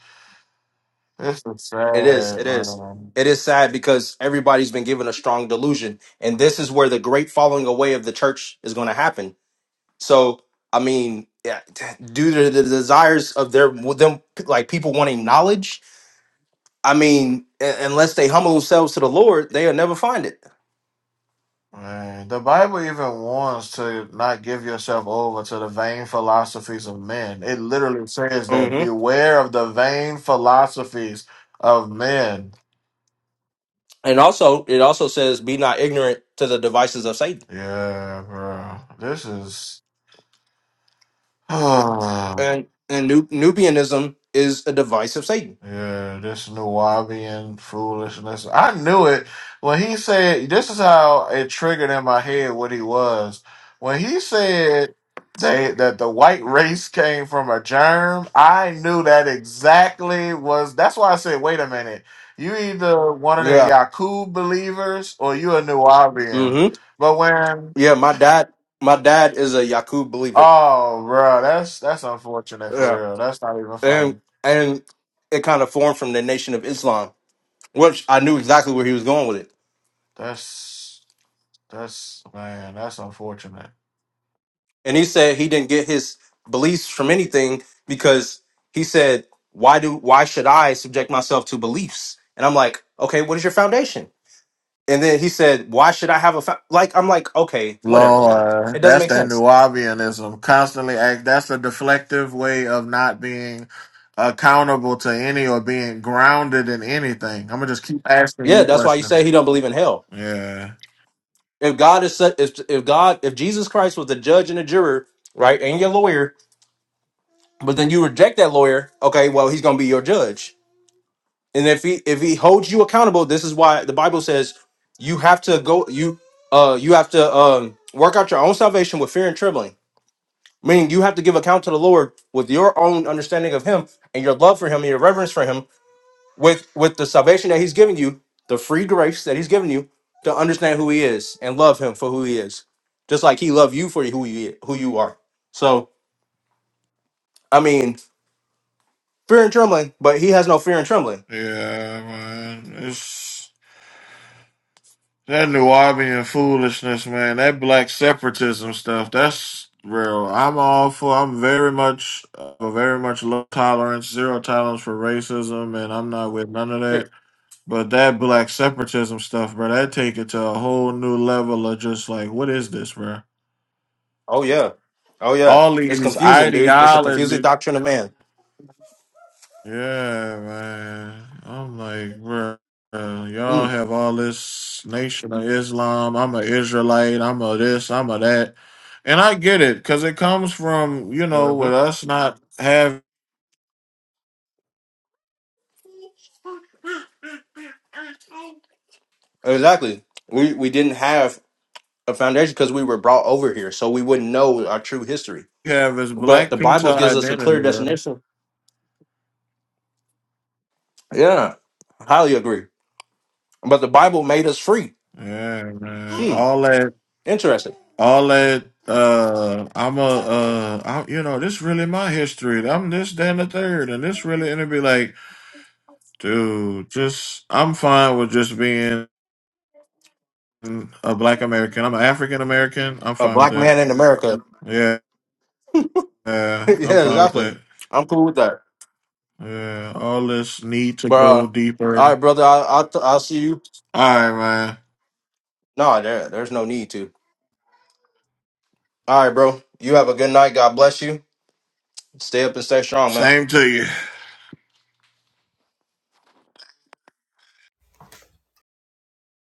S10: This is
S1: it is,
S10: sad,
S1: it is.
S10: man.
S1: It is sad because everybody's been given a strong delusion, and this is where the great falling away of the church is going to happen So I mean, yeah, t- due to the desires of their them like people wanting knowledge, I mean, a- unless they humble themselves to the Lord, they'll never find it.
S10: Right. The Bible even warns to not give yourself over to the vain philosophies of men. It literally says that
S1: hmm
S10: beware of the vain philosophies of men.
S1: And also, it also says, "Be not ignorant to the devices of Satan."
S10: Yeah, bro. This is
S1: And and Nu- Nubianism is a device of Satan.
S10: Yeah, this Nuwabian foolishness. I knew it when he said, this is how it triggered in my head what he was. When he said they, that the white race came from a germ, I knew that exactly was, that's why I said, wait a minute. You either one of them
S1: Yeah.
S10: Yakub believers or you a Nuwabian.
S1: hmm
S10: But when,
S1: Yeah. My dad, my dad is a Yaqub believer.
S10: oh, bro, that's, that's unfortunate
S1: Yeah.
S10: for real. That's not even
S1: And
S10: funny.
S1: and it kind of formed from the Nation of Islam, which I knew exactly where he was going with it
S10: That's, that's, man, that's unfortunate.
S1: And he said he didn't get his beliefs from anything because he said, "Why do why should I subject myself to beliefs?" And I'm like, "Okay, what is your foundation?" And then he said, "Why should I have a fa-? like?" I'm like, "Okay, whatever, man. It
S10: Lord,
S1: doesn't
S10: that's
S1: make
S10: that
S1: sense."
S10: Nubianism. Constantly act. That's a deflective way of not being accountable to any or being grounded in anything. I'm gonna just keep asking
S1: Yeah,
S10: you
S1: that's why you say
S10: questions.
S1: he don't believe in hell.
S10: Yeah,
S1: If God is such, if if God, if Jesus Christ was the judge and the juror, right, and your lawyer, but then you reject that lawyer, okay, well he's gonna be your judge and if he if he holds you accountable this is why the bible says you have to go you uh you have to um work out your own salvation with fear and trembling meaning you have to give account to the lord with your own understanding of him and your love for him and your reverence for him with with the salvation that he's given you the free grace that he's given you to understand who he is and love him for who he is just like he loved you for who you who you are so i mean fear and trembling but he has no fear and trembling
S10: yeah, man. It's that Nubian foolishness, man. That black separatism stuff. That's real. I'm all for. I'm very much, uh, very much low tolerance, zero tolerance for racism, and I'm not with none of that. But that black separatism stuff, bro, that take it to a whole new level of just like, what is this, bro?
S1: Oh yeah. Oh yeah.
S10: All
S1: It's
S10: these
S1: confusing, dude. It's a confusing
S10: ideologies.
S1: doctrine of man.
S10: Yeah, man. I'm like, bro, y'all
S1: Mm.
S10: have all this nation of Islam. I'm a Israelite. I'm a this. I'm a that. And I get it, cause it comes from you know
S1: hmm
S10: with us not have
S1: Exactly. We we didn't have a foundation because we were brought over here, so we wouldn't know our true history.
S10: have is
S1: But
S10: black
S1: the
S10: people
S1: Bible gives us a
S10: identity,
S1: clear
S10: bro.
S1: definition. Yeah. Highly agree. But the Bible made us free.
S10: Yeah, man.
S1: Hmm.
S10: All that
S1: Interesting.
S10: all that uh i'm a uh I'm, you know this really my history i'm this that, and the third and this really and it'd be like dude just i'm fine with just being a black american i'm an african american i'm
S1: A
S10: fine with
S1: black
S10: that
S1: man in America.
S10: yeah yeah i'm
S1: yeah,
S10: fine with that
S1: exactly. I'm cool with that.
S10: yeah all this need to
S1: But uh,
S10: go
S1: all
S10: deeper
S1: right, brother. I, I'll I'll see you.
S10: all right man
S1: No, there, there's no need to. All right, bro. You have a good night. God bless you. Stay up and stay strong, man.
S10: same to you